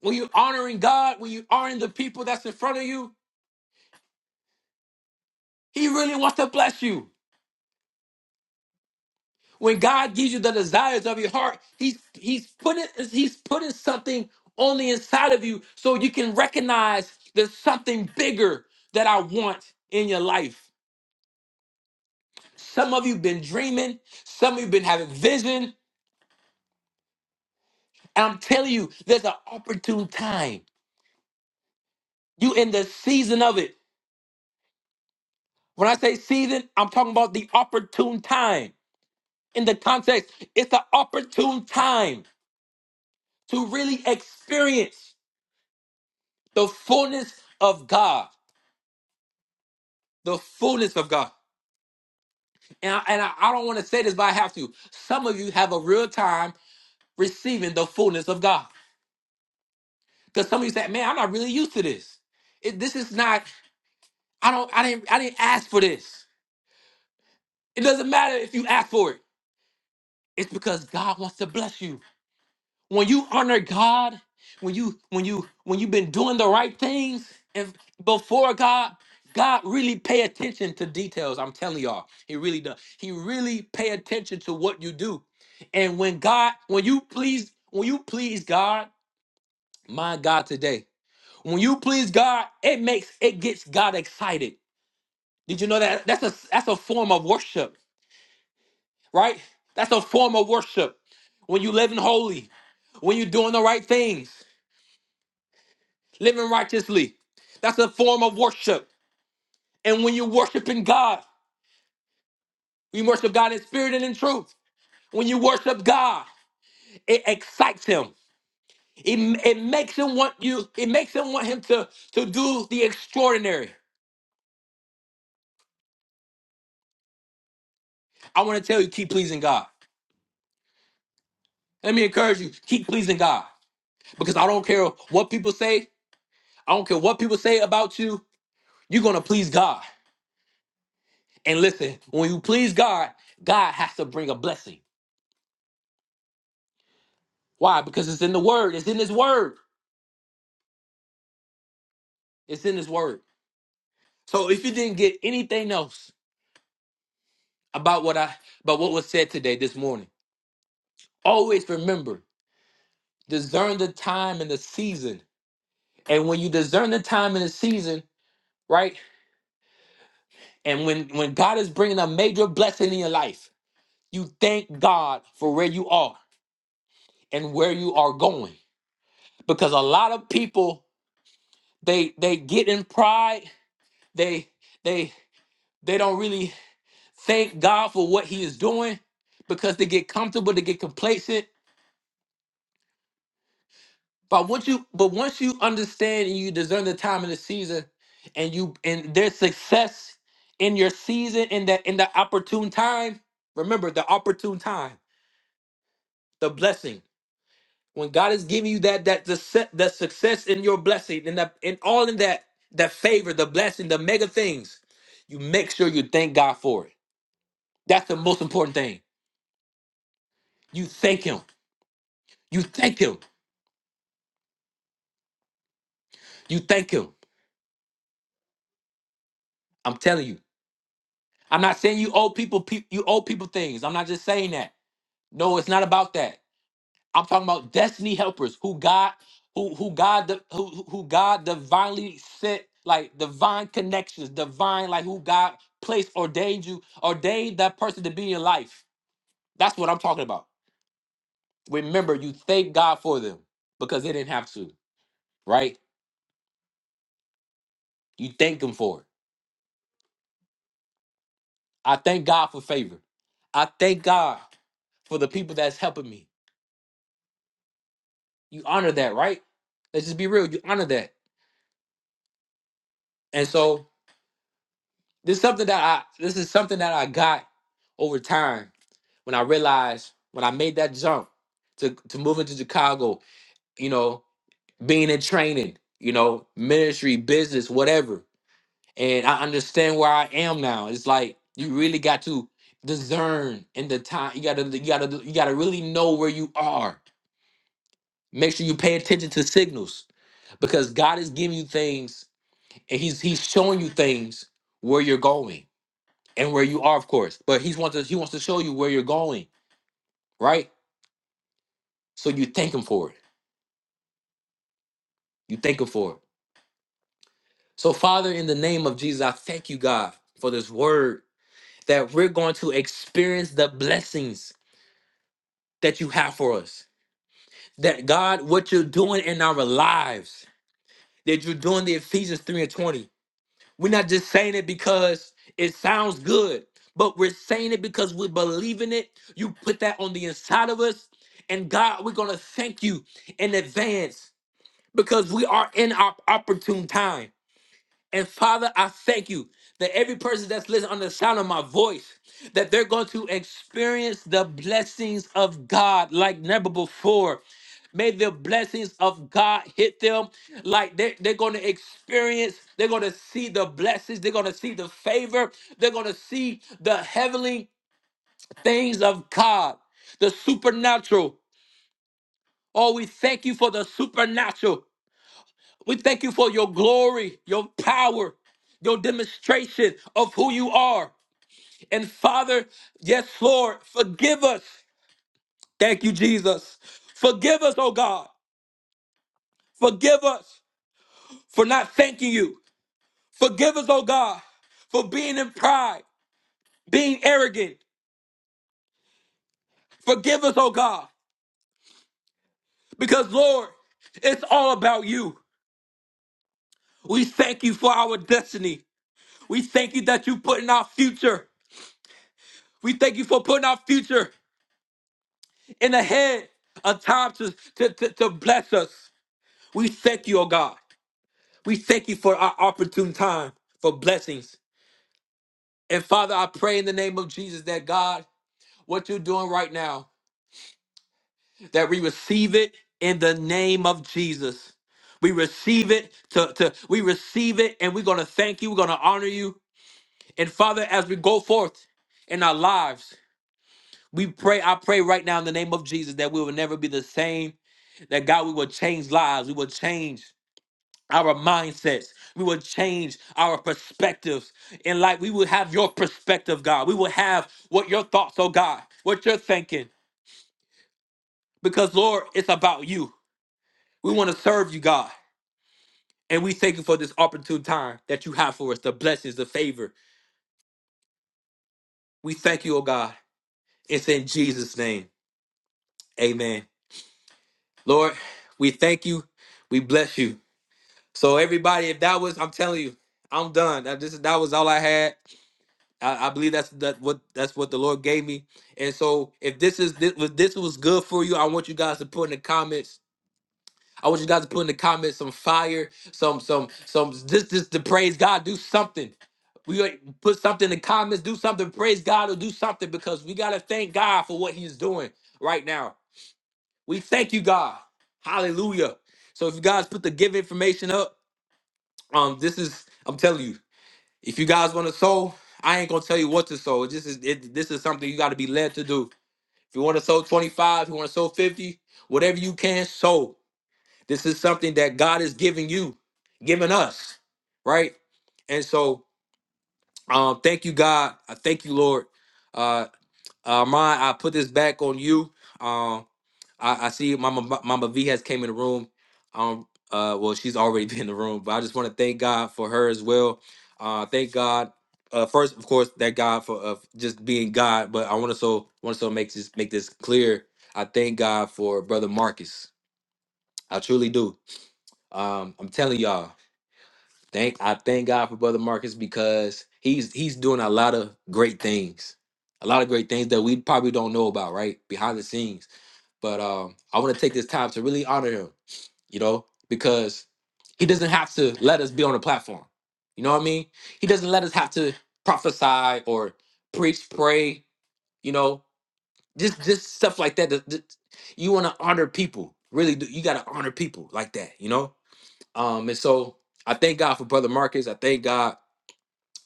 when you're honoring God, when you're honoring the people that's in front of you. He really wants to bless you. When God gives you the desires of your heart, He's He's putting He's putting something on the inside of you so you can recognize there's something bigger that I want in your life. Some of you been dreaming, some of you been having vision, and I'm telling you, there's an opportune time. You in the season of it. When I say season, I'm talking about the opportune time. In the context, it's the opportune time to really experience the fullness of God. the fullness of God. And I, and I, I don't want to say this, but I have to. Some of you have a real time receiving the fullness of God because some of you say, "Man, I'm not really used to this. It, this is not. I don't. I didn't. I didn't ask for this. It doesn't matter if you ask for it. It's because God wants to bless you. when you honor God, when you when you when you've been doing the right things and before God, God really pay attention to details. I'm telling y'all, He really does. He really pay attention to what you do. And when God, when you please, when you please God, my God today, when you please God, it makes it gets God excited. Did you know that? That's a that's a form of worship, right? That's a form of worship. When you living holy, when you're doing the right things. living righteously. That's a form of worship. And when you're worshiping God, you worship God in spirit and in truth. When you worship God, it excites him. It, it makes him want you, it makes him want him to, to do the extraordinary. I want to tell you, keep pleasing God. Let me encourage you, keep pleasing God. Because I don't care what people say, I don't care what people say about you, you're gonna please God. And listen, when you please God, God has to bring a blessing. Why? Because it's in the word, it's in his word. It's in his word. So if you didn't get anything else about what I about what was said today this morning, always remember, discern the time and the season. And when you discern the time and the season, right? And when when God is bringing a major blessing in your life, you thank God for where you are and where you are going. Because a lot of people they they get in pride, they they they don't really thank God for what he is doing because they get comfortable, they get complacent, But once you but once you understand and you discern the time and the season and you and there's success in your season in that in the opportune time, remember the opportune time, the blessing. When God is giving you that that the set the success in your blessing and that and all in that that favor, the blessing, the mega things, you make sure you thank God for it. That's the most important thing. You thank him. You thank him. You thank him. I'm telling you. I'm not saying you owe people pe- you owe people things. I'm not just saying that. No, it's not about that. I'm talking about destiny helpers who God who who God di- who who who God divinely sent like divine connections, divine like who God placed ordained you ordained that person to be in your life. That's what I'm talking about. Remember, you thank God for them because they didn't have to, right? You thank them for it. I thank God for favor. I thank God for the people that's helping me. You honor that, right? Let's just be real. You honor that. And so This is something that I this is something that I got over time when I realized when I made that jump to to move into Chicago, you know, being in training, you know, ministry, business, whatever. And I understand where I am now. It's like you really got to discern in the time. You gotta you gotta you gotta really know where you are. Make sure you pay attention to signals because God is giving you things and He's He's showing you things where you're going and where you are, of course. But he's wants to he wants to show you where you're going, right? So you thank him for it. You thank him for it. So, Father, in the name of Jesus, I thank you, God, for this word that we're going to experience the blessings that you have for us. That God, what you're doing in our lives, that you're doing the Ephesians 3 and 20 We're not just saying it because it sounds good, but we're saying it because we believe in it. You put that on the inside of us. And God, we're going to thank you in advance because we are in our opportune time. And Father, I thank you that every person that's listening on the sound of my voice, that they're going to experience the blessings of God like never before. May the blessings of God hit them like they're, they're going to experience, they're going to see the blessings, they're going to see the favor, they're going to see the heavenly things of God, the supernatural. Oh, we thank you for the supernatural. We thank you for your glory, your power, your demonstration of who you are. And Father, yes, Lord, forgive us. Thank you, Jesus. Forgive us, oh God. Forgive us for not thanking you. Forgive us, oh God, for being in pride, being arrogant. Forgive us, oh God, because Lord, it's all about you. We thank you for our destiny. We thank you that you put in our future. We thank you for putting our future in ahead a time to, to, to, to bless us. We thank you, oh God. We thank you for our opportune time for blessings. And Father, I pray in the name of Jesus that God, what you're doing right now, that we receive it in the name of Jesus. We receive it to, to we receive it and we're gonna thank you. We're gonna honor you. And Father, as we go forth in our lives, we pray, I pray right now in the name of Jesus that we will never be the same, that God, we will change lives, we will change. our mindsets. We will change our perspectives. In life, we will have your perspective, God. We will have what your thoughts, oh God, what you're thinking. Because, Lord, it's about you. We want to serve you, God. And we thank you for this opportune time that you have for us, the blessings, the favor. We thank you, oh God. It's in Jesus' name. Amen. Lord, we thank you. We bless you. So everybody, if that was, I'm telling you, I'm done. That, this, that was all I had. I, I believe that's that what that's what the Lord gave me. And so if this is this was this was good for you, I want you guys to put in the comments. I want you guys to put in the comments some fire, some some some this this to praise God, do something. We gonna put something in the comments, do something, praise God or do something because we gotta thank God for what He's doing right now. We thank you, God. Hallelujah. So if you guys put the give information up, um, this is I'm telling you. If you guys want to sow, I ain't gonna tell you what to sow. This is it, this is something you got to be led to do. If you want to sow 25, if you want to sow 50, whatever you can sow. This is something that God is giving you, giving us, right? And so, um, thank you, God. I thank you, Lord. Uh, uh, Ron, I put this back on you. um. I, I see Mama Mama V has came in the room. Um, uh, well, she's already been in the room, but I just want to thank God for her as well. Uh, thank God. Uh, first, of course, that God for uh, just being God, but I want to so want to so make this make this clear. I thank God for brother Marcus. I truly do. Um, I'm telling y'all, thank I thank God for brother Marcus because he's he's doing a lot of great things, a lot of great things that we probably don't know about, right behind the scenes. But um, I want to take this time to really honor him you know, because he doesn't have to let us be on the platform. You know what I mean? He doesn't let us have to prophesy or preach, pray, you know, just just stuff like that. that- that- You want to honor people. Really do. You got to honor people like that, you know? Um and so I thank God for brother Marcus. I thank God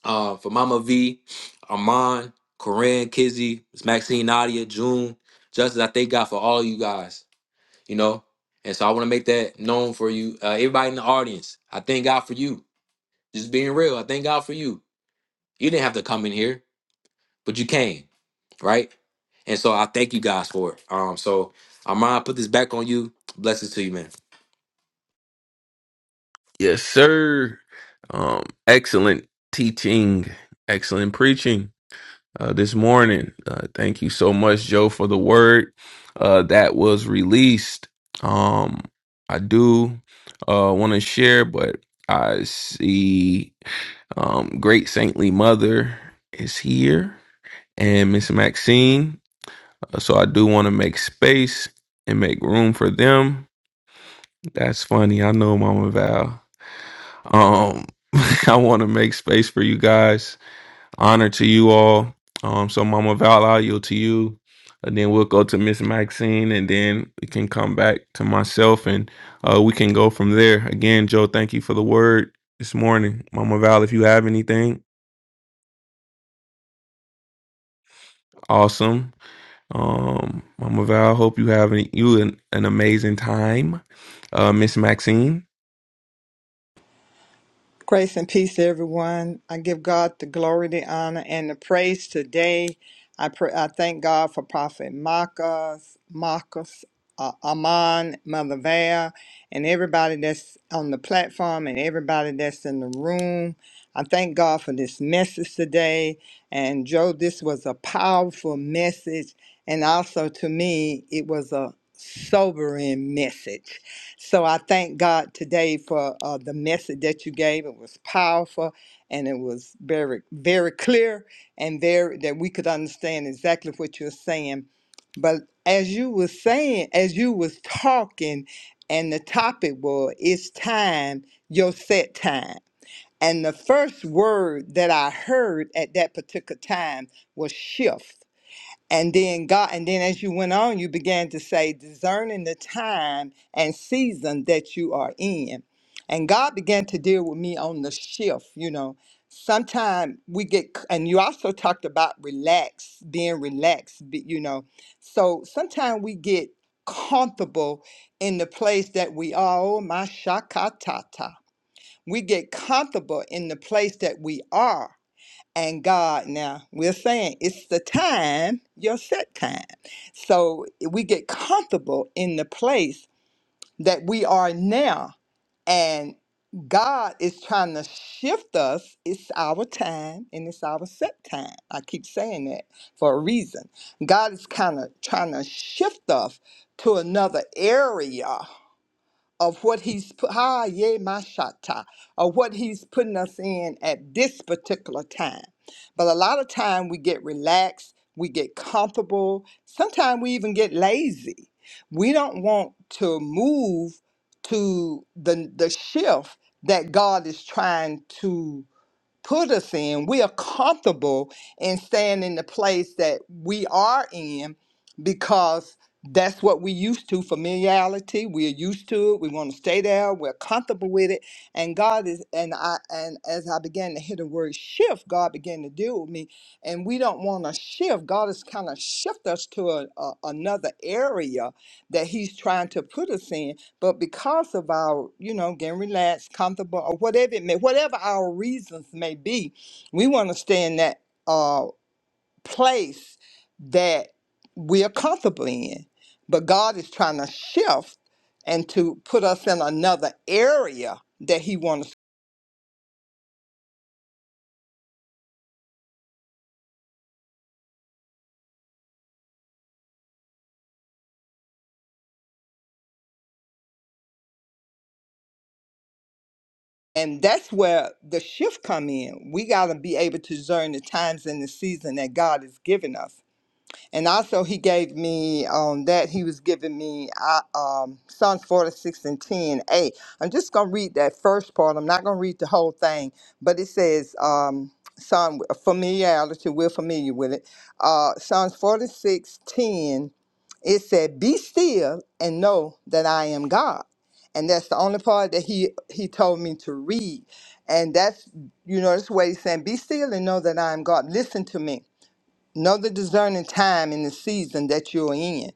uh, for Mama V, Armand, Corinne, Kizzy, Miss Maxine, Nadia, June, Justice. I thank God for all you guys you know. And so I want to make that known for you, uh, everybody in the audience. I thank God for you. Just being real, I thank God for you. You didn't have to come in here, but you came, right? And so I thank you guys for it. Um, so Amara, I put this back on you. Blessings to you, man.
Yes, sir. Um, excellent teaching, excellent preaching. uh, this morning. Uh, thank you so much, Joe, for the word uh, that was released. Um, I do uh, want to share, but I see um, Great Saintly Mother is here and Miss Maxine. Uh, So I do want to make space and make room for them. That's funny. I know, Mama Val. Um, I want to make space for you guys honor to you all. Um, so Mama Val, i yield to you. And then we'll go to Miss Maxine and then we can come back to myself and uh, we can go from there. Again, Joe, thank you for the word this morning. Mama Val, if you have anything, awesome. Um, Mama Val, hope you have an, you an, an amazing time. Uh, Miss Maxine,
Grace and peace to everyone. I give God the glory, the honor, and the praise today. I pray, I thank God for Prophet Marcus, Marcus, uh, Amon, Mother Val, and everybody that's on the platform and everybody that's in the room. I thank God for this message today. And Joe, this was a powerful message. And also to me, it was a sobering message. So I thank God today for uh, the message that you gave. It was powerful and it was very, very clear and very that we could understand exactly what you're saying. But as you were saying, as you was talking, and the topic was it's time, your set time. And the first word that I heard at that particular time was shift and then God, and then as you went on, you began to say, discerning the time and season that you are in. And God began to deal with me on the shift, you know. Sometimes we get, c- and you also talked about relax, being relaxed, be- you know. So sometimes we get comfortable in the place that we are. Oh, my shakatata. We get comfortable in the place that we are and God now. We're saying it's the time, your set time. So we get comfortable in the place that we are now. And God is trying to shift us. It's our time and it's our set time. I keep saying that for a reason. God is kind of trying to shift us to another area of what he's put ha ye mashata of what he's putting us in at this particular time but a lot of time we get relaxed we get comfortable sometimes we even get lazy we don't want to move to the the shift that god is trying to put us in, we are comfortable in staying in the place that we are in because that's what we used to familiarity we're used to it we want to stay there we're comfortable with it and god is and i and as i began to hear the word shift god began to deal with me and we don't want to shift god is kind of shift us to a, a, another area that he's trying to put us in but because of our, you know, getting relaxed, comfortable, or whatever it may, whatever our reasons may be, we want to stay in that uh, place that we are comfortable in. But God is trying to shift and to put us in another area that He wants. And that's where the shift come in. We got to be able to discern the times and the season that God has given us And also, he gave me um, that he was giving me uh, um, Psalms 46 and 10 8. I'm just going to read that first part. I'm not going to read the whole thing, but it says, um, Psalm familiarity, we're familiar with it. Uh, Psalms 46 ten, it said, Be still and know that I am God. And that's the only part that he, he told me to read. And that's, you know, that's what he's saying, Be still and know that I am God. Listen to me. Know the discerning time in the season that you're in.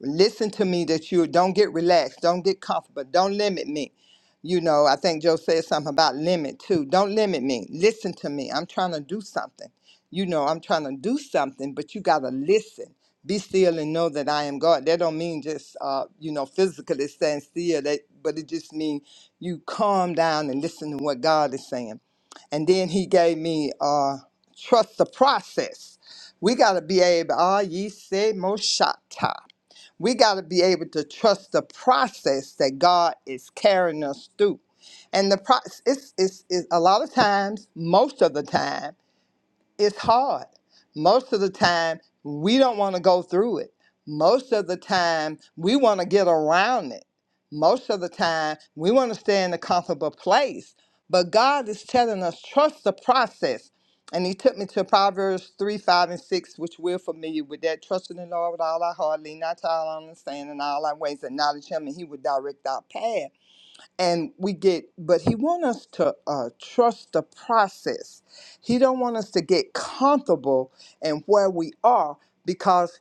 Listen to me that you don't get relaxed, don't get comfortable, don't limit me. You know, I think Joe said something about limit too. Don't limit me. Listen to me. I'm trying to do something. You know, I'm trying to do something, but you gotta listen. Be still and know that I am God. That don't mean just uh, you know, physically stand still, that, but it just means you calm down and listen to what God is saying. And then he gave me uh trust the process we got to be able, ah, ye say, Moshata. We got to be able to trust the process that God is carrying us through. And the process, it's, it's, it's a lot of times, most of the time, it's hard. Most of the time, we don't want to go through it. Most of the time, we want to get around it. Most of the time, we want to stay in a comfortable place. But God is telling us, trust the process. And He took me to Proverbs 3, 5, and 6, which we're familiar with that. Trust in the Lord with all our heart, lean not to our own understanding, in all our ways, acknowledge Him, and He would direct our path and we get but he want us to uh, trust the process he don't want us to get comfortable in where we are because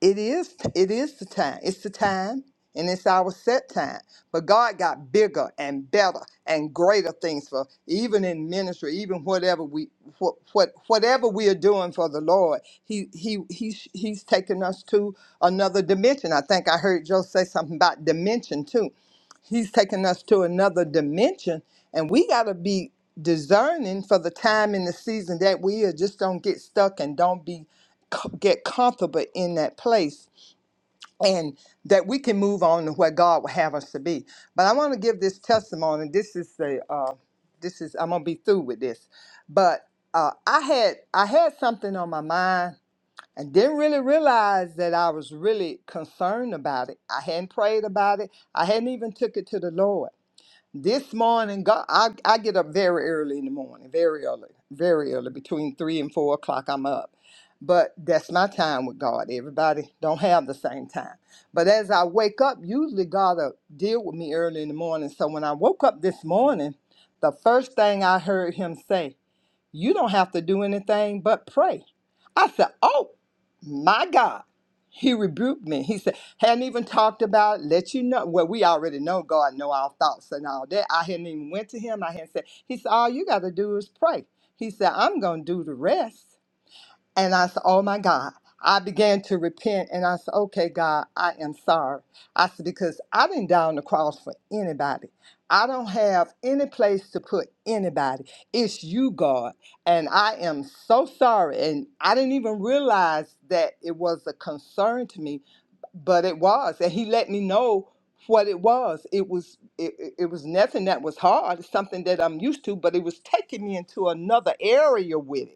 it is it is the time it's the time and it's our set time but god got bigger and better and greater things for even in ministry even whatever we what, what whatever we are doing for the lord he he he's he's taking us to another dimension i think i heard joe say something about dimension too He's taking us to another dimension, and we got to be discerning for the time and the season that we are. Just don't get stuck and don't be get comfortable in that place, and that we can move on to where God will have us to be. But I want to give this testimony. This is the uh, this is I'm gonna be through with this, but uh, I had I had something on my mind and didn't really realize that I was really concerned about it. I hadn't prayed about it. I hadn't even took it to the Lord. This morning, God, I, I get up very early in the morning, very early, very early, between three and four o'clock. I'm up, but that's my time with God. Everybody don't have the same time, but as I wake up, usually God will deal with me early in the morning. So when I woke up this morning, the first thing I heard Him say. You don't have to do anything but pray. I said, Oh my God. He rebuked me. He said, hadn't even talked about, let you know. Well, we already know God know our thoughts and all that. I hadn't even went to him. I hadn't said, he said, all you got to do is pray. He said, I'm going to do the rest. And I said, Oh my God. I began to repent and I said, Okay, God, I am sorry. I said, Because I didn't die on the cross for anybody. I don't have any place to put anybody. It's you, God. And I am so sorry. And I didn't even realize that it was a concern to me, but it was. And He let me know what it was. It was it, it it was nothing that was hard. It's something that I'm used to, but it was taking me into another area with it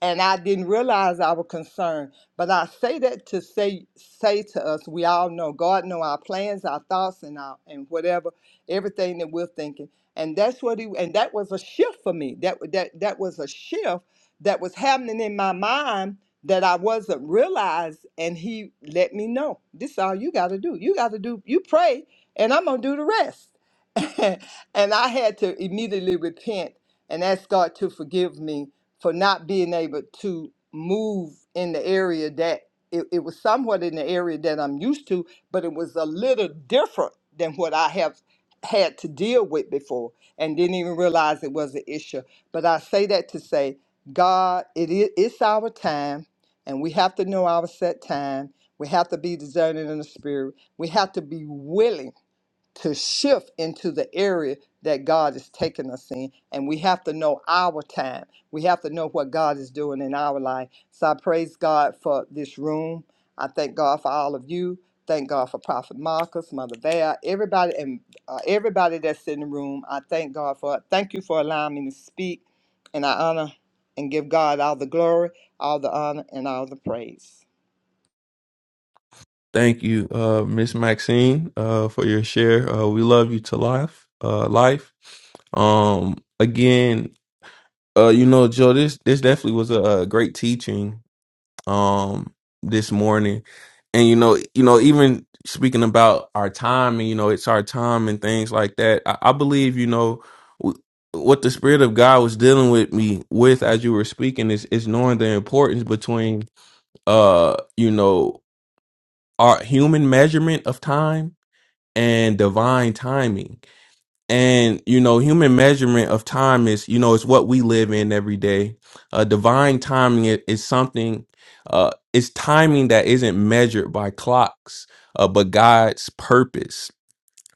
and I didn't realize I was concerned. But I say that to say say to us, we all know God know our plans, our thoughts, and our and whatever, everything that we're thinking. And that's what he and that was a shift for me. That that that was a shift that was happening in my mind that I wasn't realize. And he let me know. This is all you gotta do. You gotta do you pray and I'm gonna do the rest. and I had to immediately repent and ask God to forgive me for not being able to move in the area that it, it was somewhat in the area that I'm used to, but it was a little different than what I have had to deal with before and didn't even realize it was an issue. But I say that to say, God, it is it's our time and we have to know our set time. We have to be discerning in the spirit. We have to be willing to shift into the area that God is taking us in. And we have to know our time. We have to know what God is doing in our life. So I praise God for this room. I thank God for all of you. Thank God for Prophet Marcus, Mother Val, everybody, and uh, everybody that's in the room. I thank God for it. Thank you for allowing me to speak. And I honor and give God all the glory, all the honor, and all the praise.
thank you, uh, Miss Maxine, uh, for your share. Uh, we love you to life. Uh, life. Um, again, Uh, you know, Joe, this this definitely was a, uh great teaching um this morning, and you know, you know, even speaking about our time and you know, it's our time and things like that. I, I believe you know w- what the Spirit of God was dealing with me with as you were speaking is is knowing the importance between uh you know our human measurement of time and divine timing and you know, human measurement of time is, you know, it's what we live in every day. Uh, divine timing i- is something, uh, it's timing that isn't measured by clocks, uh, but God's purpose.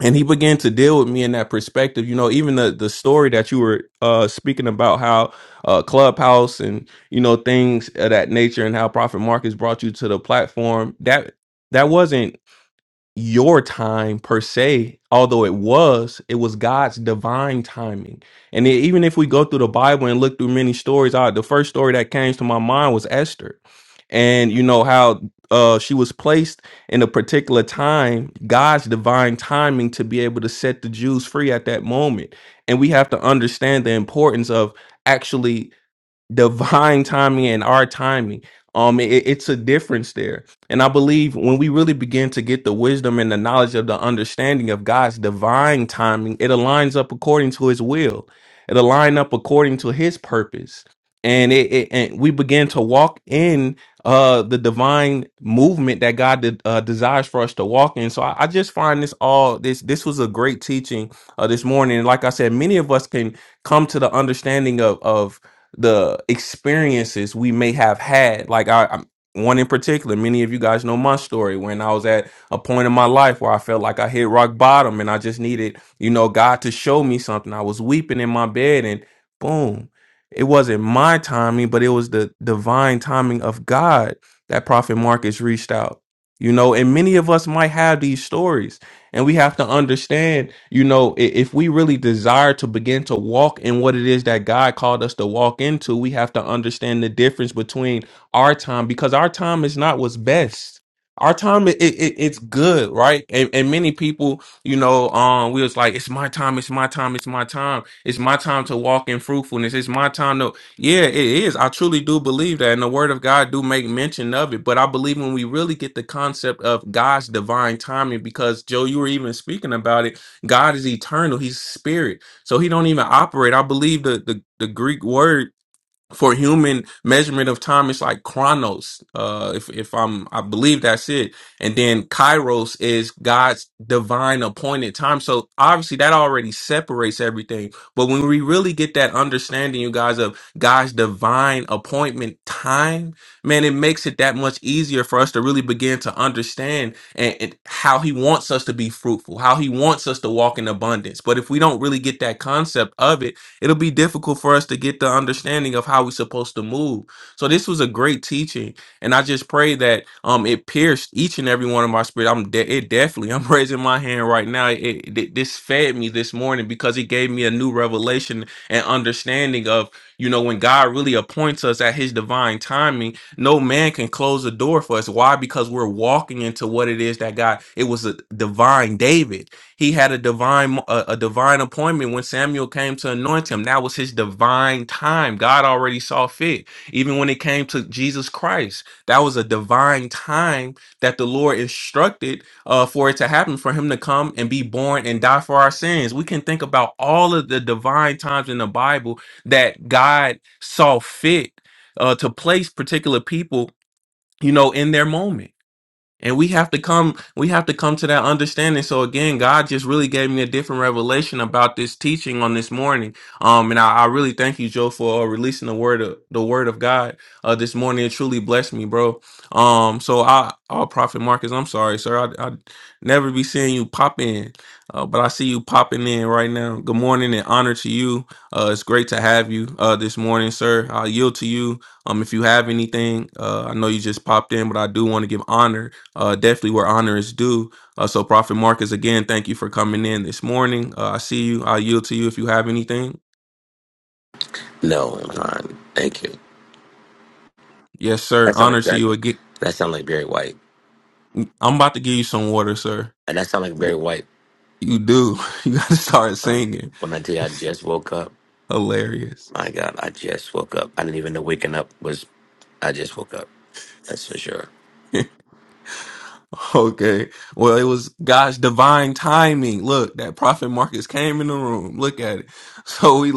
And He began to deal with me in that perspective. You know, even the the story that you were uh, speaking about, how uh, Clubhouse and you know things of that nature, and how Prophet Marcus brought you to the platform. That that wasn't your time per se although it was it was god's divine timing and then even if we go through the bible and look through many stories I, the first story that came to my mind was esther and you know how uh she was placed in a particular time god's divine timing to be able to set the jews free at that moment and we have to understand the importance of actually divine timing and our timing. Um, it, it's a difference there. And I believe when we really begin to get the wisdom and the knowledge of the understanding of God's divine timing, it aligns up according to his will. It aligns up according to his purpose. And it, it and we begin to walk in uh the divine movement that God de- uh, desires for us to walk in. So I, I just find this all this this was a great teaching uh this morning. And like I said, many of us can come to the understanding of of the experiences we may have had. Like I, I'm, one in particular, many of you guys know my story when I was at a point in my life where I felt like I hit rock bottom and I just needed, you know, God to show me something. I was weeping in my bed and boom, it wasn't my timing, but it was the divine timing of God that Prophet Marcus reached out. You know, and many of us might have these stories and we have to understand, you know, i- if we really desire to begin to walk in what it is that God called us to walk into, we have to understand the difference between our time because our time is not what's best. Our time, it, it, it's good, right? And, and many people, you know, um, we was like, it's my time, it's my time, it's my time, it's my time to walk in fruitfulness, it's my time to." Yeah, it is. I truly do believe that, and the Word of God do make mention of it. But I believe when we really get the concept of God's divine timing, because Joe, you were even speaking about it. God is eternal; He's spirit, so He don't even operate. I believe the the, the Greek word for human measurement of time it's like chronos uh if if i'm i believe that's it and then kairos is god's divine appointed time so obviously that already separates everything but when we really get that understanding you guys of god's divine appointment time man it makes it that much easier for us to really begin to understand and, and how he wants us to be fruitful how he wants us to walk in abundance but if we don't really get that concept of it it'll be difficult for us to get the understanding of how we're supposed to move. So this was a great teaching, and I just pray that um it pierced each and every one of my spirit. I'm de- it definitely. I'm raising my hand right now. It, it this fed me this morning because it gave me a new revelation and understanding of you know when God really appoints us at His divine timing no man can close the door for us. Why? Because we're walking into what it is that God, it was a divine David. He had a divine a, a divine appointment when Samuel came to anoint him. That was his divine time. God already saw fit. Even when it came to Jesus Christ, that was a divine time that the Lord instructed uh, for it to happen, for him to come and be born and die for our sins. We can think about all of the divine times in the Bible that God saw fit uh, to place particular people, you know, in their moment. And we have to come, we have to come to that understanding. So again, God just really gave me a different revelation about this teaching on this morning. Um, and I, I really thank you, Joe, for uh, releasing the word of the word of God uh this morning. It truly blessed me, bro. Um, so I, oh, Prophet Marcus, I'm sorry, sir. I, I never be seeing you pop in, uh, but I see you popping in right now. Good morning and honor to you. Uh, it's great to have you uh this morning, sir. I yield to you. Um, if you have anything, uh, I know you just popped in, but I do want to give honor uh, definitely where honor is due. Uh, so, Prophet Marcus, again, thank you for coming in this morning. Uh, I see you. I yield to you if you have anything.
No, I'm fine. Thank you.
Yes, sir.
That sound
Honor
like
to
that.
you again.
That sound like Barry White.
I'm about to give you some water, sir.
And that sound like Barry White.
You do. You got to start
Uh,
singing.
When I tell you I just woke up,
Hilarious.
my God, I just woke up. I didn't even know waking up was. I just woke up. That's for sure.
okay. Well, it was God's divine timing. Look, that Prophet Marcus came in the room. Look at it. So we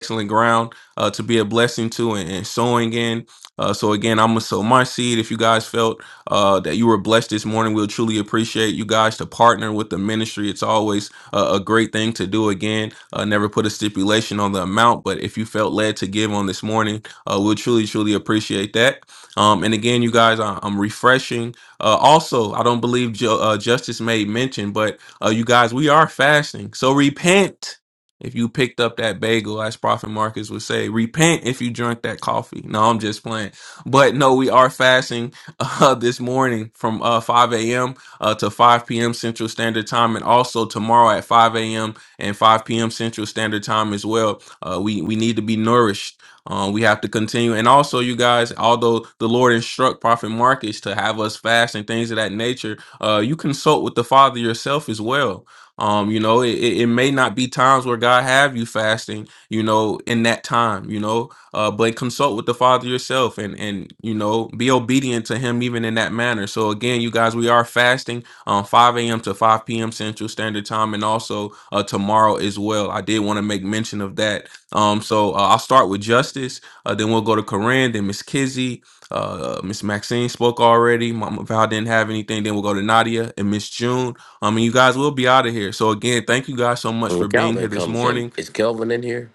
excellent ground uh, to be a blessing to and, and sowing in. Uh, so again, I'm gonna sow my seed. If you guys felt uh, that you were blessed this morning, we'll truly appreciate you guys to partner with the ministry. It's always uh, a great thing to do. Again, uh, never put a stipulation on the amount, but if you felt led to give on this morning, uh, we'll truly, truly appreciate that. Um, and again, you guys, I, I'm refreshing. Uh, also, I don't believe Ju- uh, Justice made mention, but uh, you guys, we are fasting, so repent if you picked up that bagel, as Prophet Marcus would say, repent if you drunk that coffee. No, I'm just playing. But no, we are fasting uh, this morning from uh, 5 a.m. Uh, to 5 p.m. Central Standard Time, and also tomorrow at 5 a.m. and 5 p.m. Central Standard Time as well. Uh, we we need to be nourished. Uh, we have to continue. And also, you guys, although the Lord instruct Prophet Marcus to have us fast and things of that nature, uh, you consult with the Father yourself as well um, you know, it, it it may not be times where God have you fasting, you know, in that time, you know, uh, but consult with the Father yourself and and you know, be obedient to Him even in that manner. So again, you guys, we are fasting um 5 a.m. to 5 p.m. Central Standard Time, and also uh, tomorrow as well. I did want to make mention of that. Um, so uh, I'll start with Justice, uh, then we'll go to Corinne, then Miss Kizzy. Uh, Miss Maxine spoke already. Mama Val didn't have anything. Then we'll go to Nadia and Miss June um, and you guys will be out of here. So again, thank you guys so much for
When
being here
Calvin
this
comes in,
morning.
is Calvin in here?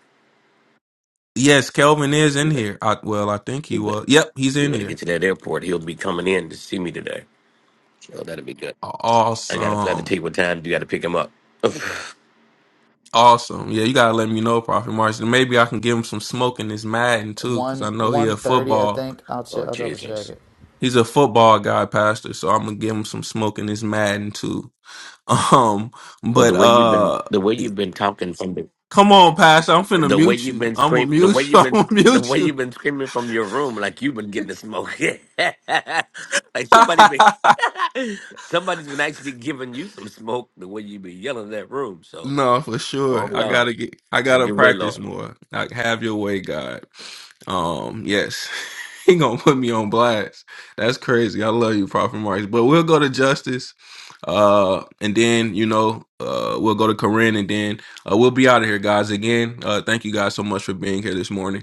Yes, Kelvin is
You
in
bet.
here. I, well, I think he
You bet.
was. Yep, he's
You
in
better get
here.
to that airport. He'll be coming in to see me today. So that'll be good. I gotta I have to
Awesome,
take what time. You gotta pick him up. oh
awesome. Yeah, you gotta let me know, Prophet Martin. Maybe I can give him some smoke in this Madden too, because I
One,
know he a
130, I
football.
think. I'll, check, I'll double check
Jesus.
it.
He's a football guy, Pastor. So I'm gonna give him some smoke in this Madden too. Um,
Well,
but
the way you've been,
uh,
the way you've been talking from the
come on, Pastor. I'm finna
The way
mute
you've
you.
been
I'm gonna
scream, the
mute
way
you.
you've
I'm
been,
gonna
sc- the
mute
way you've been screaming from your room, like you've been getting the smoke. like somebody
you.
been, somebody's been actually giving you some smoke. The way you've been yelling in that room. So,
No, for sure.
oh
I
God,
gotta get. I
have
gotta
your way, Lord.
practice more. Like, have your way, God. Um, yes, he gonna put me on blast. That's crazy. I love you, Prophet Marks. But we'll go to justice. Uh, and then you know, uh, we'll go to Corinne, and then uh, we'll be out of here, guys. Again, uh, thank you guys so much for being here this morning.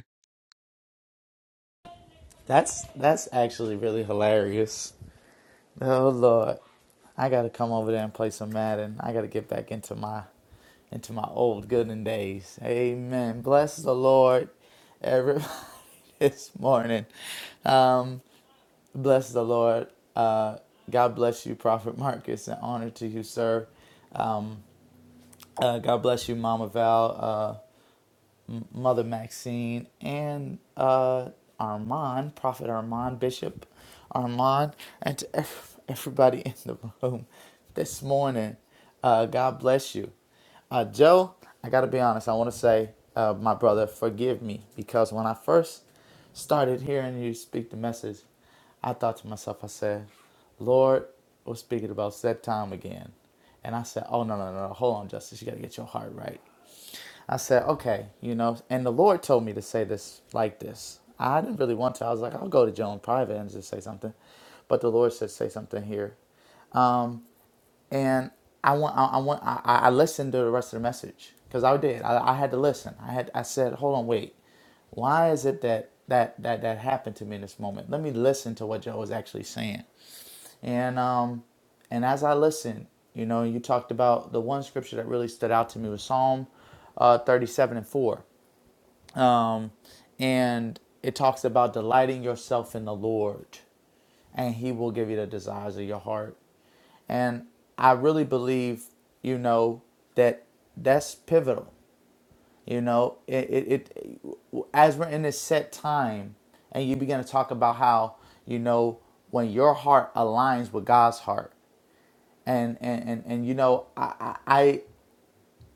That's that's actually really hilarious. Oh, Lord. I got to come over there and play some Madden. I got to get back into my into my old gooden days. Amen. Bless the Lord, everybody, this morning. Um, Bless the Lord. Uh, God bless you, Prophet Marcus, and honor to you, sir. Um, uh, God bless you, Mama Val. Uh, um, Mother Maxine, and uh, Armand, Prophet Armand, Bishop Armand, and to ev- everybody in the room this morning. Uh, God bless you. Uh, Joe, I got to be honest. I want to say, uh, my brother, forgive me because when I first started hearing you speak the message, I thought to myself, I said, Lord, we're speaking about set time again. And I said, Oh, no, no, no, no. hold on, Justice. You got to get your heart right. I said, okay, you know, and the Lord told me to say this like this. I didn't really want to. I was like, I'll go to Joan private and just say something, but the Lord said, say something here. Um, and I want, I, I want, I, I listened to the rest of the message because I did. I, I had to listen. I had, I said, hold on, wait, why is it that that that that happened to me in this moment? Let me listen to what Joe was actually saying. And um, and as I listened, you know, you talked about the one scripture that really stood out to me was Psalm uh, 37 and 4 um, and it talks about delighting yourself in the Lord, and He will give you the desires of your heart. And I really believe, you know, that that's pivotal. You know, it, it, it as we're in this set time, and you begin to talk about how you know when your heart aligns with God's heart, and and and, and you know, I, I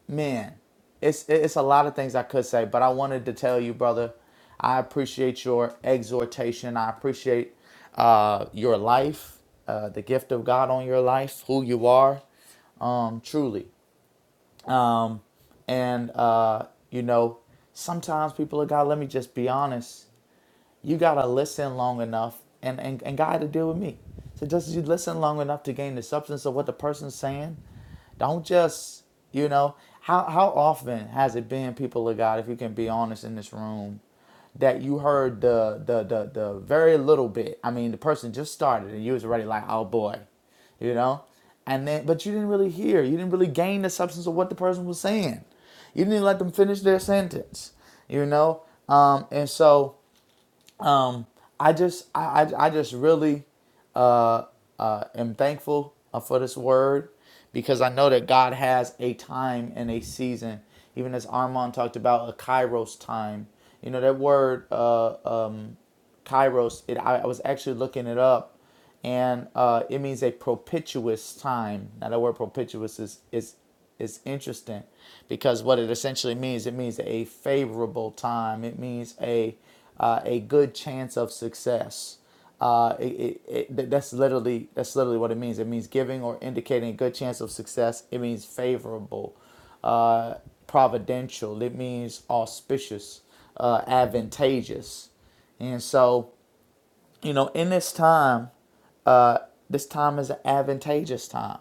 man, it's it's a lot of things I could say, but I wanted to tell you, brother, I appreciate your exhortation. I appreciate uh, your life, uh, the gift of God on your life, who you are, um, truly. Um, and uh, you know, sometimes people are God, let me just be honest you gotta listen long enough and, and, and God to deal with me. So just as you listen long enough to gain the substance of what the person's saying, don't just, you know, how how often has it been, people of God, if you can be honest in this room, that you heard the the the the very little bit. I mean, the person just started and you was already like, oh boy, you know? And then but you didn't really hear, you didn't really gain the substance of what the person was saying. You didn't even let them finish their sentence, you know? Um, and so um, I just I, I, I just really uh, uh, am thankful uh, for this word because I know that God has a time and a season. Even as Armand talked about a Kairos time, you know that word. Uh, um, kairos it i, I was actually looking it up and uh, it means a propitious time now the word propitious is is is interesting because what it essentially means it means a favorable time it means a uh, a good chance of success uh, it, it, it, that's literally that's literally what it means it means giving or indicating a good chance of success it means favorable uh, providential it means auspicious uh, advantageous and so, you know, in this time, uh, this time is an advantageous time.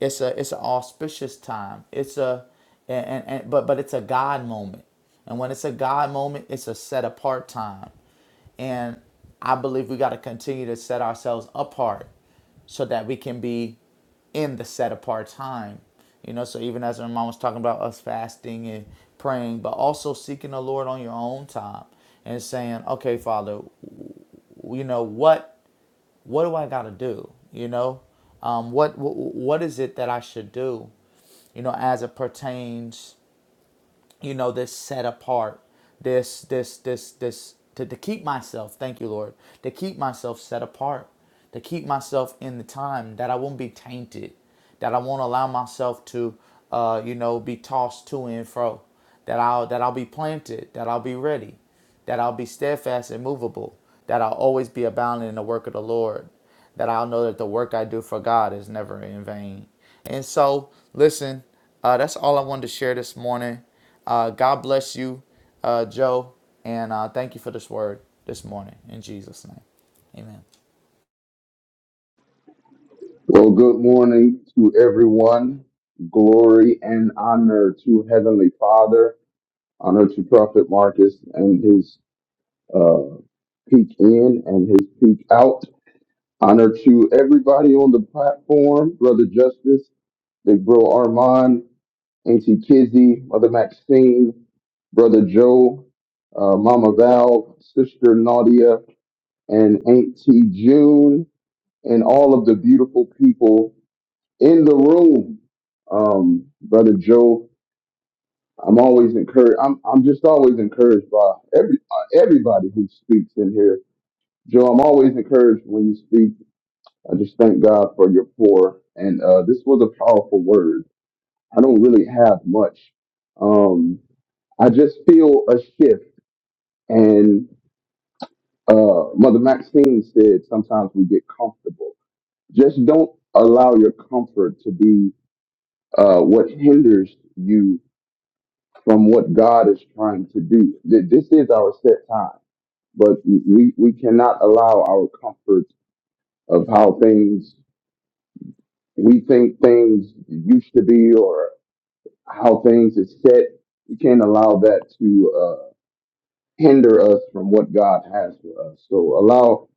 It's a it's an auspicious time. It's a and, and, and but but it's a God moment. And when it's a God moment, it's a set apart time. And I believe we got to continue to set ourselves apart so that we can be in the set apart time. You know, so even as our mom was talking about us fasting and praying, but also seeking the Lord on your own time and saying, okay, Father, you know what what do I got to do? You know, um, what, what what is it that I should do? You know, as it pertains, you know, this set apart, this this this this to, to keep myself. Thank you, Lord, to keep myself set apart, to keep myself in the time that I won't be tainted, that I won't allow myself to, uh, you know, be tossed to and fro, that I'll that I'll be planted, that I'll be ready that I'll be steadfast and movable, that I'll always be abounding in the work of the Lord, that I'll know that the work I do for God is never in vain. And so, listen, uh, that's all I wanted to share this morning. Uh, God bless you, uh, Joe, and uh, thank you for this word this morning in Jesus' name. Amen.
Well, good morning to everyone. Glory and honor to Heavenly Father. Honor to Prophet Marcus and his uh, peak in and his peak out. Honor to everybody on the platform, Brother Justice, Big Bro Armand, Auntie Kizzy, Mother Maxine, Brother Joe, uh, Mama Val, Sister Nadia, and Auntie June, and all of the beautiful people in the room, um, brother Joe. I'm always encouraged. I'm I'm just always encouraged by every uh, everybody who speaks in here. Joe, I'm always encouraged when you speak. I just thank God for your pour, and uh, this was a powerful word. I don't really have much. Um, I just feel a shift. And uh, Mother Maxine said sometimes we get comfortable. Just don't allow your comfort to be uh, what hinders you from what God is trying to do. Th- This is our set time, but we, we cannot allow our comfort of how things we think things used to be or how things is set. We can't allow that to uh, hinder us from what God has for us. So allow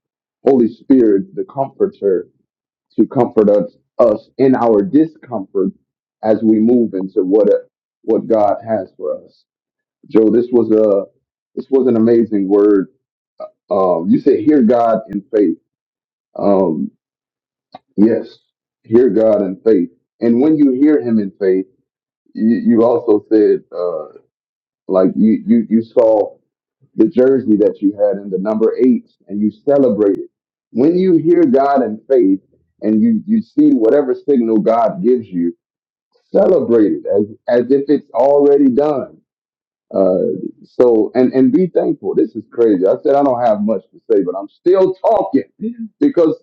Holy Spirit, the Comforter, to comfort us us in our discomfort as we move into what what God has for us. Joe, this was a this was an amazing word. Um, you said hear God in faith. Um, yes, hear God in faith. And when you hear Him in faith, you, you also said uh, like you, you you saw the jersey that you had in the number eight, and you celebrated. When you hear God in faith, and you you see whatever signal God gives you, celebrate it as as if it's already done Uh, so and and be thankful. This is crazy. I said I don't have much to say, but I'm still talking because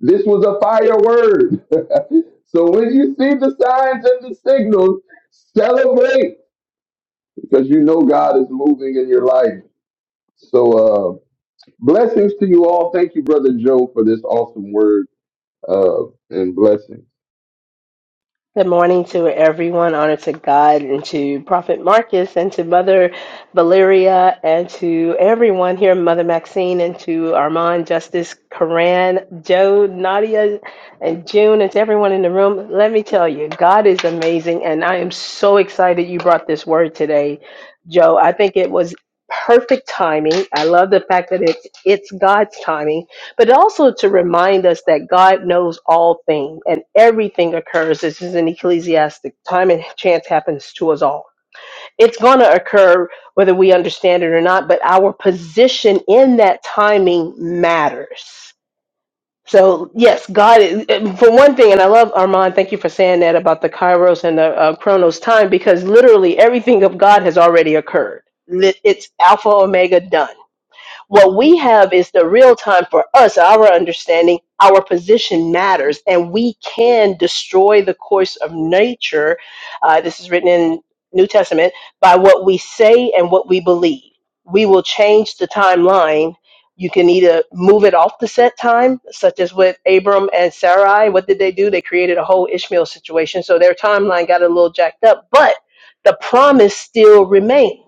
this was a fire word. so when you see the signs and the signals, celebrate because you know God is moving in your life. So uh blessings to you all. Thank you, brother Joe, for this awesome word uh and blessings.
Good morning to everyone. Honor to God and to Prophet Marcus and to Mother Valeria and to everyone here, Mother Maxine and to Armand, Justice, Karan, Joe, Nadia, and June, and to everyone in the room. Let me tell you, God is amazing, and I am so excited you brought this word today, Joe. I think it was perfect timing. I love the fact that it's it's God's timing but also to remind us that God knows all things and everything occurs. This is in Ecclesiastic. Time and chance happens to us all. It's going to occur whether we understand it or not, but our position in that timing matters. So, yes, God, is, for one thing, and I love Armand, thank you for saying that about the Kairos and the uh, Chronos time, because literally everything of God has already occurred. Li- It's Alpha, Omega, done what we have is the real time for us, our understanding, our position matters, and we can destroy the course of nature. Uh, this is written in New Testament by what we say and what we believe. We will change the timeline. You can either move it off the set time, such as with Abram and Sarai. What did they do? They created a whole Ishmael situation. So their timeline got a little jacked up, but the promise still remains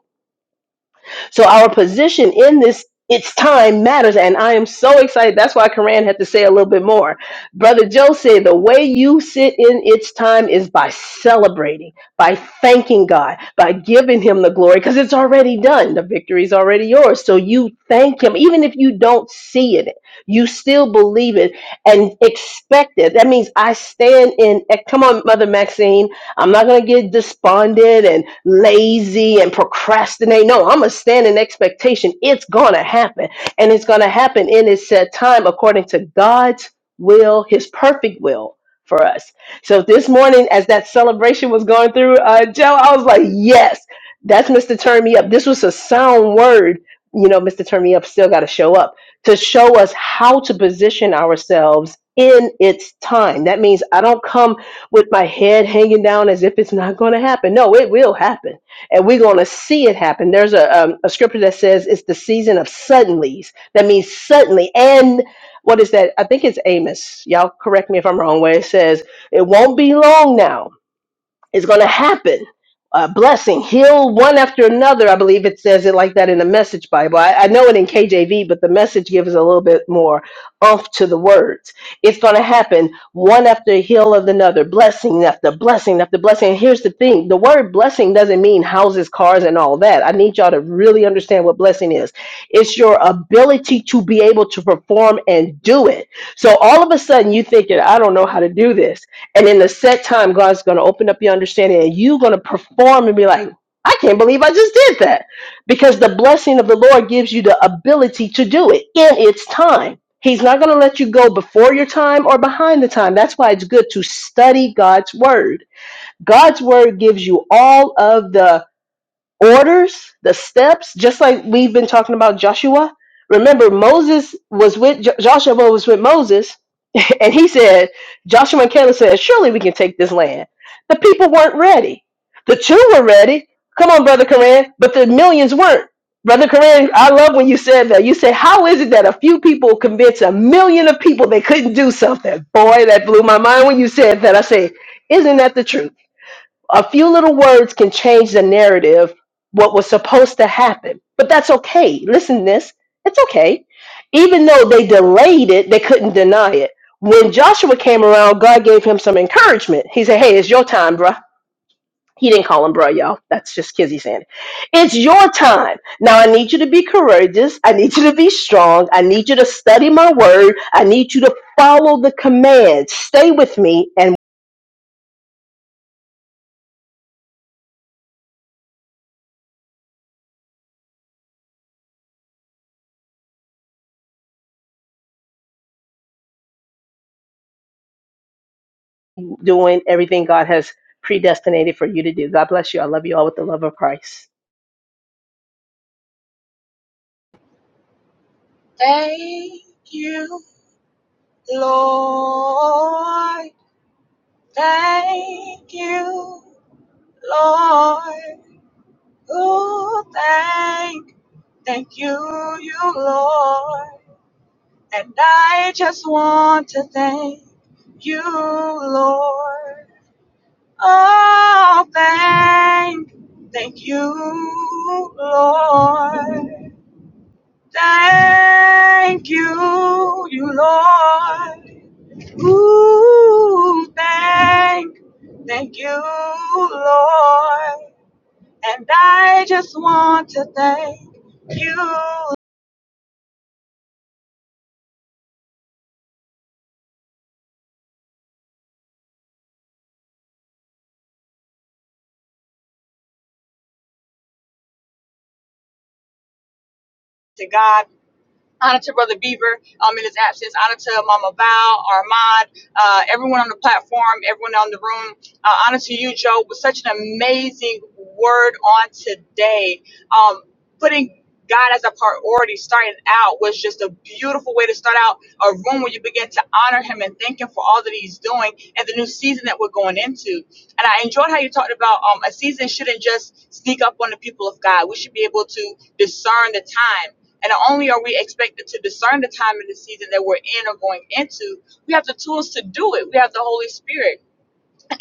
so our position in this it's time matters, and I am so excited. That's why Karan had to say a little bit more. Brother Joe said the way you sit in its time is by celebrating, by thanking God, by giving Him the glory, because it's already done. The victory is already yours. So you thank Him, even if you don't see it, you still believe it and expect it. That means I stand in. eh, Come on, Mother Maxine. I'm not going to get despondent and lazy and procrastinate. No, I'm going to stand in expectation. It's going to happen. And it's going to happen in its set time according to God's will, his perfect will for us. So this morning, as that celebration was going through, uh, Joe, I was like, yes, that's Mr. Turn Me Up. This was a sound word. You know, Mr. Turn Me Up still got to show up to show us how to position ourselves in its time. That means I don't come with my head hanging down as if it's not going to happen. No, it will happen, and we're going to see it happen. There's a um, a scripture that says it's the season of suddenlies. That means suddenly, and what is that? I think it's Amos. Y'all correct me if I'm wrong. Where it says it won't be long now is going to happen. Uh, blessing, heal one after another. I believe it says it like that in the Message Bible. I, I know it in KJV, but the Message gives a little bit more oomph to the words. It's going to happen one after heal of another, blessing after blessing after blessing. And here's the thing: the word blessing doesn't mean houses, cars, and all that. I need y'all to really understand what blessing is. It's your ability to be able to perform and do it. So all of a sudden, you thinking, "I don't know how to do this." And in the set time, God's going to open up your understanding and you're going to perform and be like, I can't believe I just did that. Because the blessing of the Lord gives you the ability to do it in its time. He's not going to let you go before your time or behind the time. That's why it's good to study God's word. God's word gives you all of the orders, the steps, just like we've been talking about Joshua. Remember, Moses was with Jo- Joshua was with Moses, and he said, Joshua and Caleb said, Surely we can take this land. The people weren't ready. The two were ready. Come on, Brother Koran, but the millions weren't. Brother Koran, I love when you said that. You said, How is it that a few people convince a million of people they couldn't do something? Boy, that blew my mind when you said that. I said, Isn't that the truth? A few little words can change the narrative, what was supposed to happen. But that's okay. Listen to this. It's okay. Even though they delayed it, they couldn't deny it. When Joshua came around, God gave him some encouragement. He said, Hey, it's your time, bruh. He didn't call him bruh, y'all. That's just Kizzy saying it. It's your time. Now I need you to be courageous. I need you to be strong. I need you to study my word. I need you to follow the commands. Stay with me. and." doing everything God has predestinated for you to do. God bless you. I love you all with the love of Christ.
Thank you, Lord. Thank you, Lord. Oh, thank, thank you, you, Lord. And I just want to thank you, Lord. Oh, thank, thank you, Lord. Thank you, you, Lord. Ooh, thank, thank you, Lord. And I just want to thank you to God. Honor to Brother Beaver um, in his absence. Honor to Mama Val, Armand, uh, everyone on the platform, everyone on the room. Uh, honor to you, Joe, with such an amazing word on today. Um, putting God as a priority starting out was just a beautiful way to start out a room where you begin to honor Him and thank Him for all that He's doing and the new season that we're going into. And I enjoyed how you talked about um, a season shouldn't just sneak up on the people of God. We should be able to discern the time and not only are we expected to discern the time and the season that we're in or going into, we have the tools to do it. We have the Holy Spirit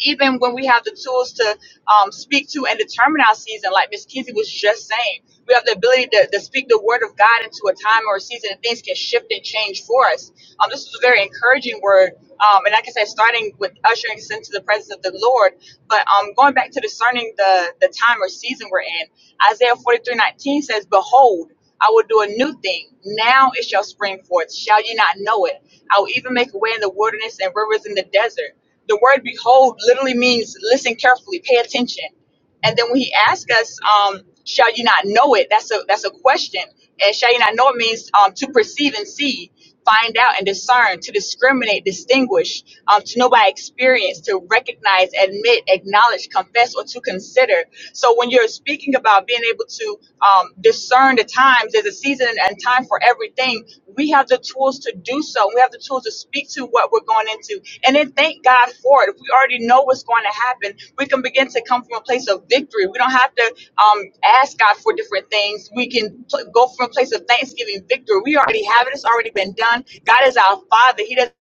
even when we have the tools to um, speak to and determine our season, like Miss Kizzy was just saying, we have the ability to, to speak the word of God into a time or a season, and things can shift and change for us. Um, this is a very encouraging word, um, and like I said, starting with ushering us into the presence of the Lord, but um, going back to discerning the the time or season we're in. Isaiah forty three nineteen says, "Behold." I will do a new thing. Now it shall spring forth. Shall ye not know it? I will even make a way in the wilderness and rivers in the desert. The word behold literally means listen carefully, pay attention. And then when he asks us, um, shall you not know it? That's a that's a question. And shall you not know it means um, to perceive and see, find out and discern, to discriminate, distinguish, um, to know by experience, to recognize, admit, acknowledge, confess, or to consider. So when you're speaking about being able to um, discern the times, there's a season and time for everything. We have the tools to do so. We have the tools to speak to what we're going into and then thank God for it. If we already know what's going to happen, we can begin to come from a place of victory. We don't have to um, ask God for different things. We can pl- go from a place of thanksgiving, victory. We already have it. It's already been done. God is our Father. He doesn't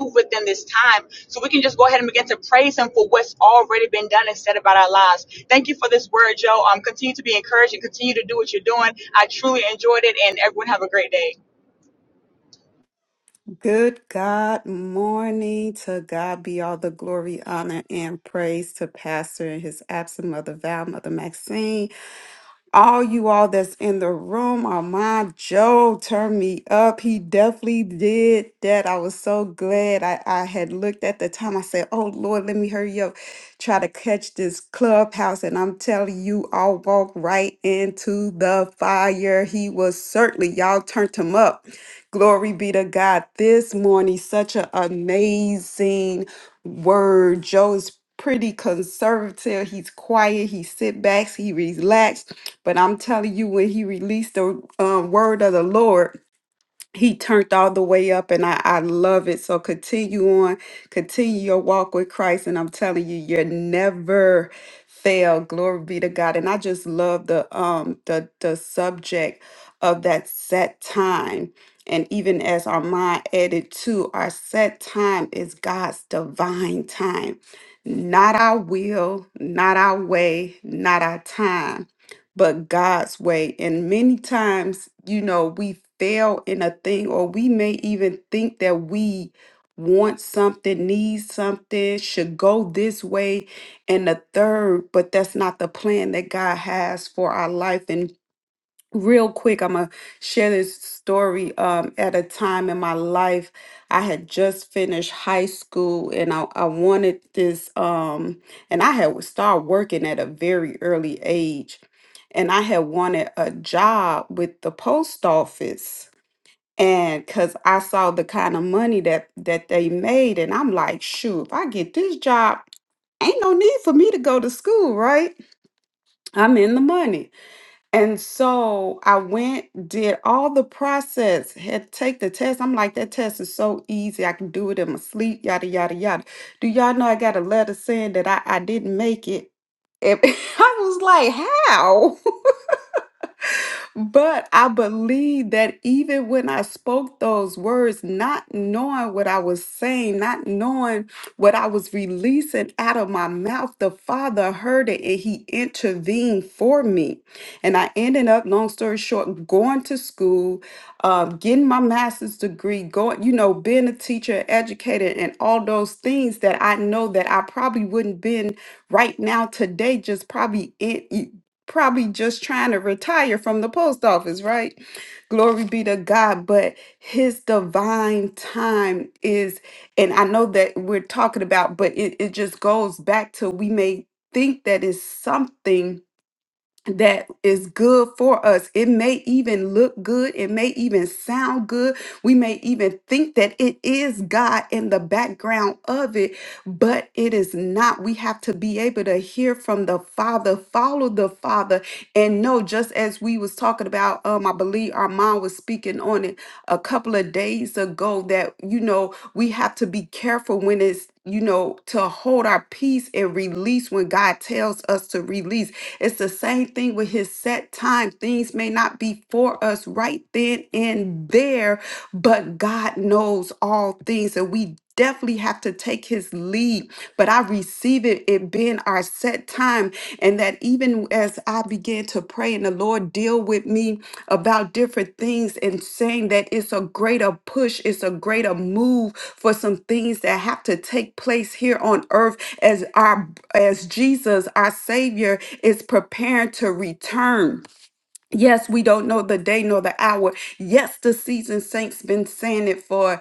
move within this time. So we can just go ahead and begin to praise him for what's already been done and said about our lives. Thank you for this word, Joe. Um, continue to be encouraged and continue to do what you're doing. I truly enjoyed it and everyone have a great day.
Good God morning. To God be all the glory, honor, and praise to Pastor and his absent mother Val, Mother Maxine all you all that's in the room are mine. Joe turned me up. He definitely did that. I was so glad. I, I had looked at the time. I said, Oh Lord, let me hurry up, try to catch this clubhouse. And I'm telling you, I'll walk right into the fire. He was certainly, y'all turned him up. Glory be to God. This morning, such an amazing word. Joe is pretty conservative. He's quiet. He sit backs. He relaxed but I'm telling you, when he released the uh, word of the Lord, he turned all the way up, and I, I love it. So continue on, continue your walk with Christ, and I'm telling you, you're never fail. Glory be to God. And I just love the um the the subject of that set time. And even as Armand added to our set time is God's divine time, not our will, not our way, not our time but God's way. And many times, you know, we fail in a thing, or we may even think that we want something, need something, should go this way and the third, but that's not the plan that God has for our life. and real quick i'm gonna share this story um at a time in my life i had just finished high school and i, I wanted this um and i had started working at a very early age and i had wanted a job with the post office and because i saw the kind of money that that they made and i'm like shoot if i get this job ain't no need for me to go to school right i'm in the money and so I went, did all the process, had to take the test. I'm like, that test is so easy. I can do it in my sleep, yada, yada, yada. Do y'all know I got a letter saying that I, I didn't make it? And I was like, how? But I believe that even when I spoke those words, not knowing what I was saying, not knowing what I was releasing out of my mouth, the Father heard it and He intervened for me. And I ended up, long story short, going to school, uh, getting my master's degree, going, you know, being a teacher, educator, and all those things that I know that I probably wouldn't been right now today, just probably probably just trying to retire from the post office, right? Glory be to God, but his divine time is, and I know that we're talking about, but it, it just goes back to we may think that is something that is good for us. It may even look good. It may even sound good. We may even think that it is God in the background of it, but it is not. We have to be able to hear from the Father, follow the Father, and know. Just as we was talking about, um, I believe our mom was speaking on it a couple of days ago. That you know we have to be careful when it's you know to hold our peace and release when God tells us to release it's the same thing with his set time. Things may not be for us right then and there, but God knows all things. And we definitely have to take his lead. But I receive it, it being our set time and that even as I began to pray and the Lord deal with me about different things and saying that it's a greater push, it's a greater move for some things that have to take place here on earth as our as Jesus, our Savior, is preparing to return. Yes, we don't know the day nor the hour. Yes, the season saints been saying it for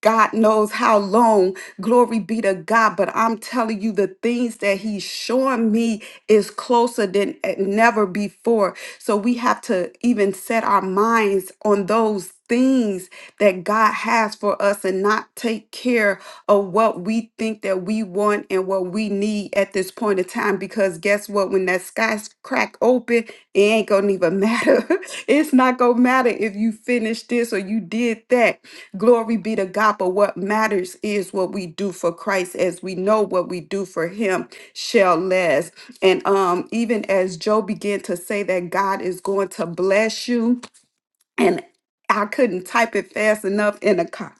God knows how long. Glory be to God. But I'm telling you, the things that He's showing me is closer than e- never before. So we have to even set our minds on those things that God has for us and not take care of what we think that we want and what we need at this point in time. Because guess what? When that sky's crack open, it ain't gonna even matter. it's not gonna matter if you finished this or you did that Glory be to God, but what matters is what we do for Christ, as we know what we do for Him shall last. And um, even as Joe began to say that God is going to bless you, and I couldn't type it fast enough in the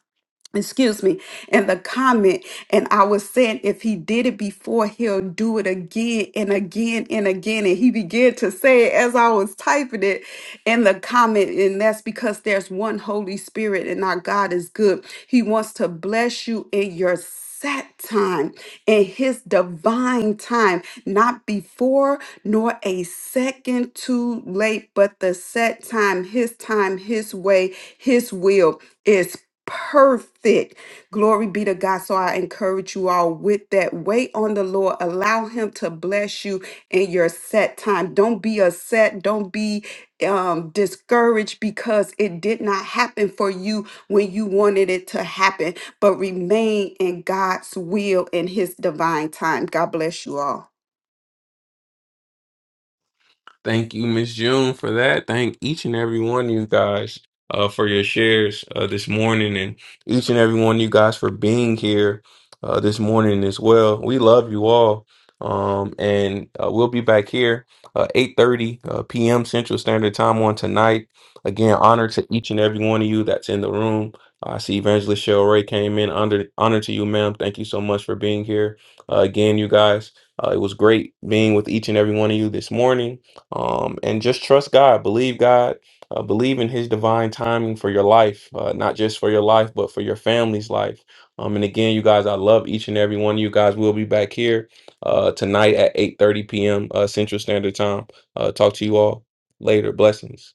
excuse me, in the comment. And I was saying, if he did it before, he'll do it again and again and again. And he began to say it as I was typing it in the comment. And that's because there's one Holy Spirit and our God is good. He wants to bless you in your set time in his divine time not before nor a second too late but the set time his time his way his will is perfect. Glory be to God. So I encourage you all with that. Wait on the Lord. Allow Him to bless you in your set time. Don't be upset. Don't be um, discouraged because it did not happen for you when you wanted it to happen, but remain in God's will and His divine time. God bless you all.
Thank you, Miss June, for that. Thank each and every one of you guys uh, for your shares uh, this morning, and each and every one of you guys for being here uh, this morning as well. We love you all, um, and uh, we'll be back here uh, eight thirty uh, p.m. Central Standard Time on tonight. Again, honor to each and every one of you that's in the room. I see Evangelist Shell Ray came in. Under honor to you, ma'am. Thank you so much for being here uh, again, you guys. Uh, it was great being with each and every one of you this morning um, and just trust God, believe God, uh, believe in His divine timing for your life, uh, not just for your life, but for your family's life. Um, and again, you guys, I love each and every one of you guys. We'll be back here uh, tonight at 8:30 p.m. Uh, Central Standard Time. Uh, talk to you all later. Blessings.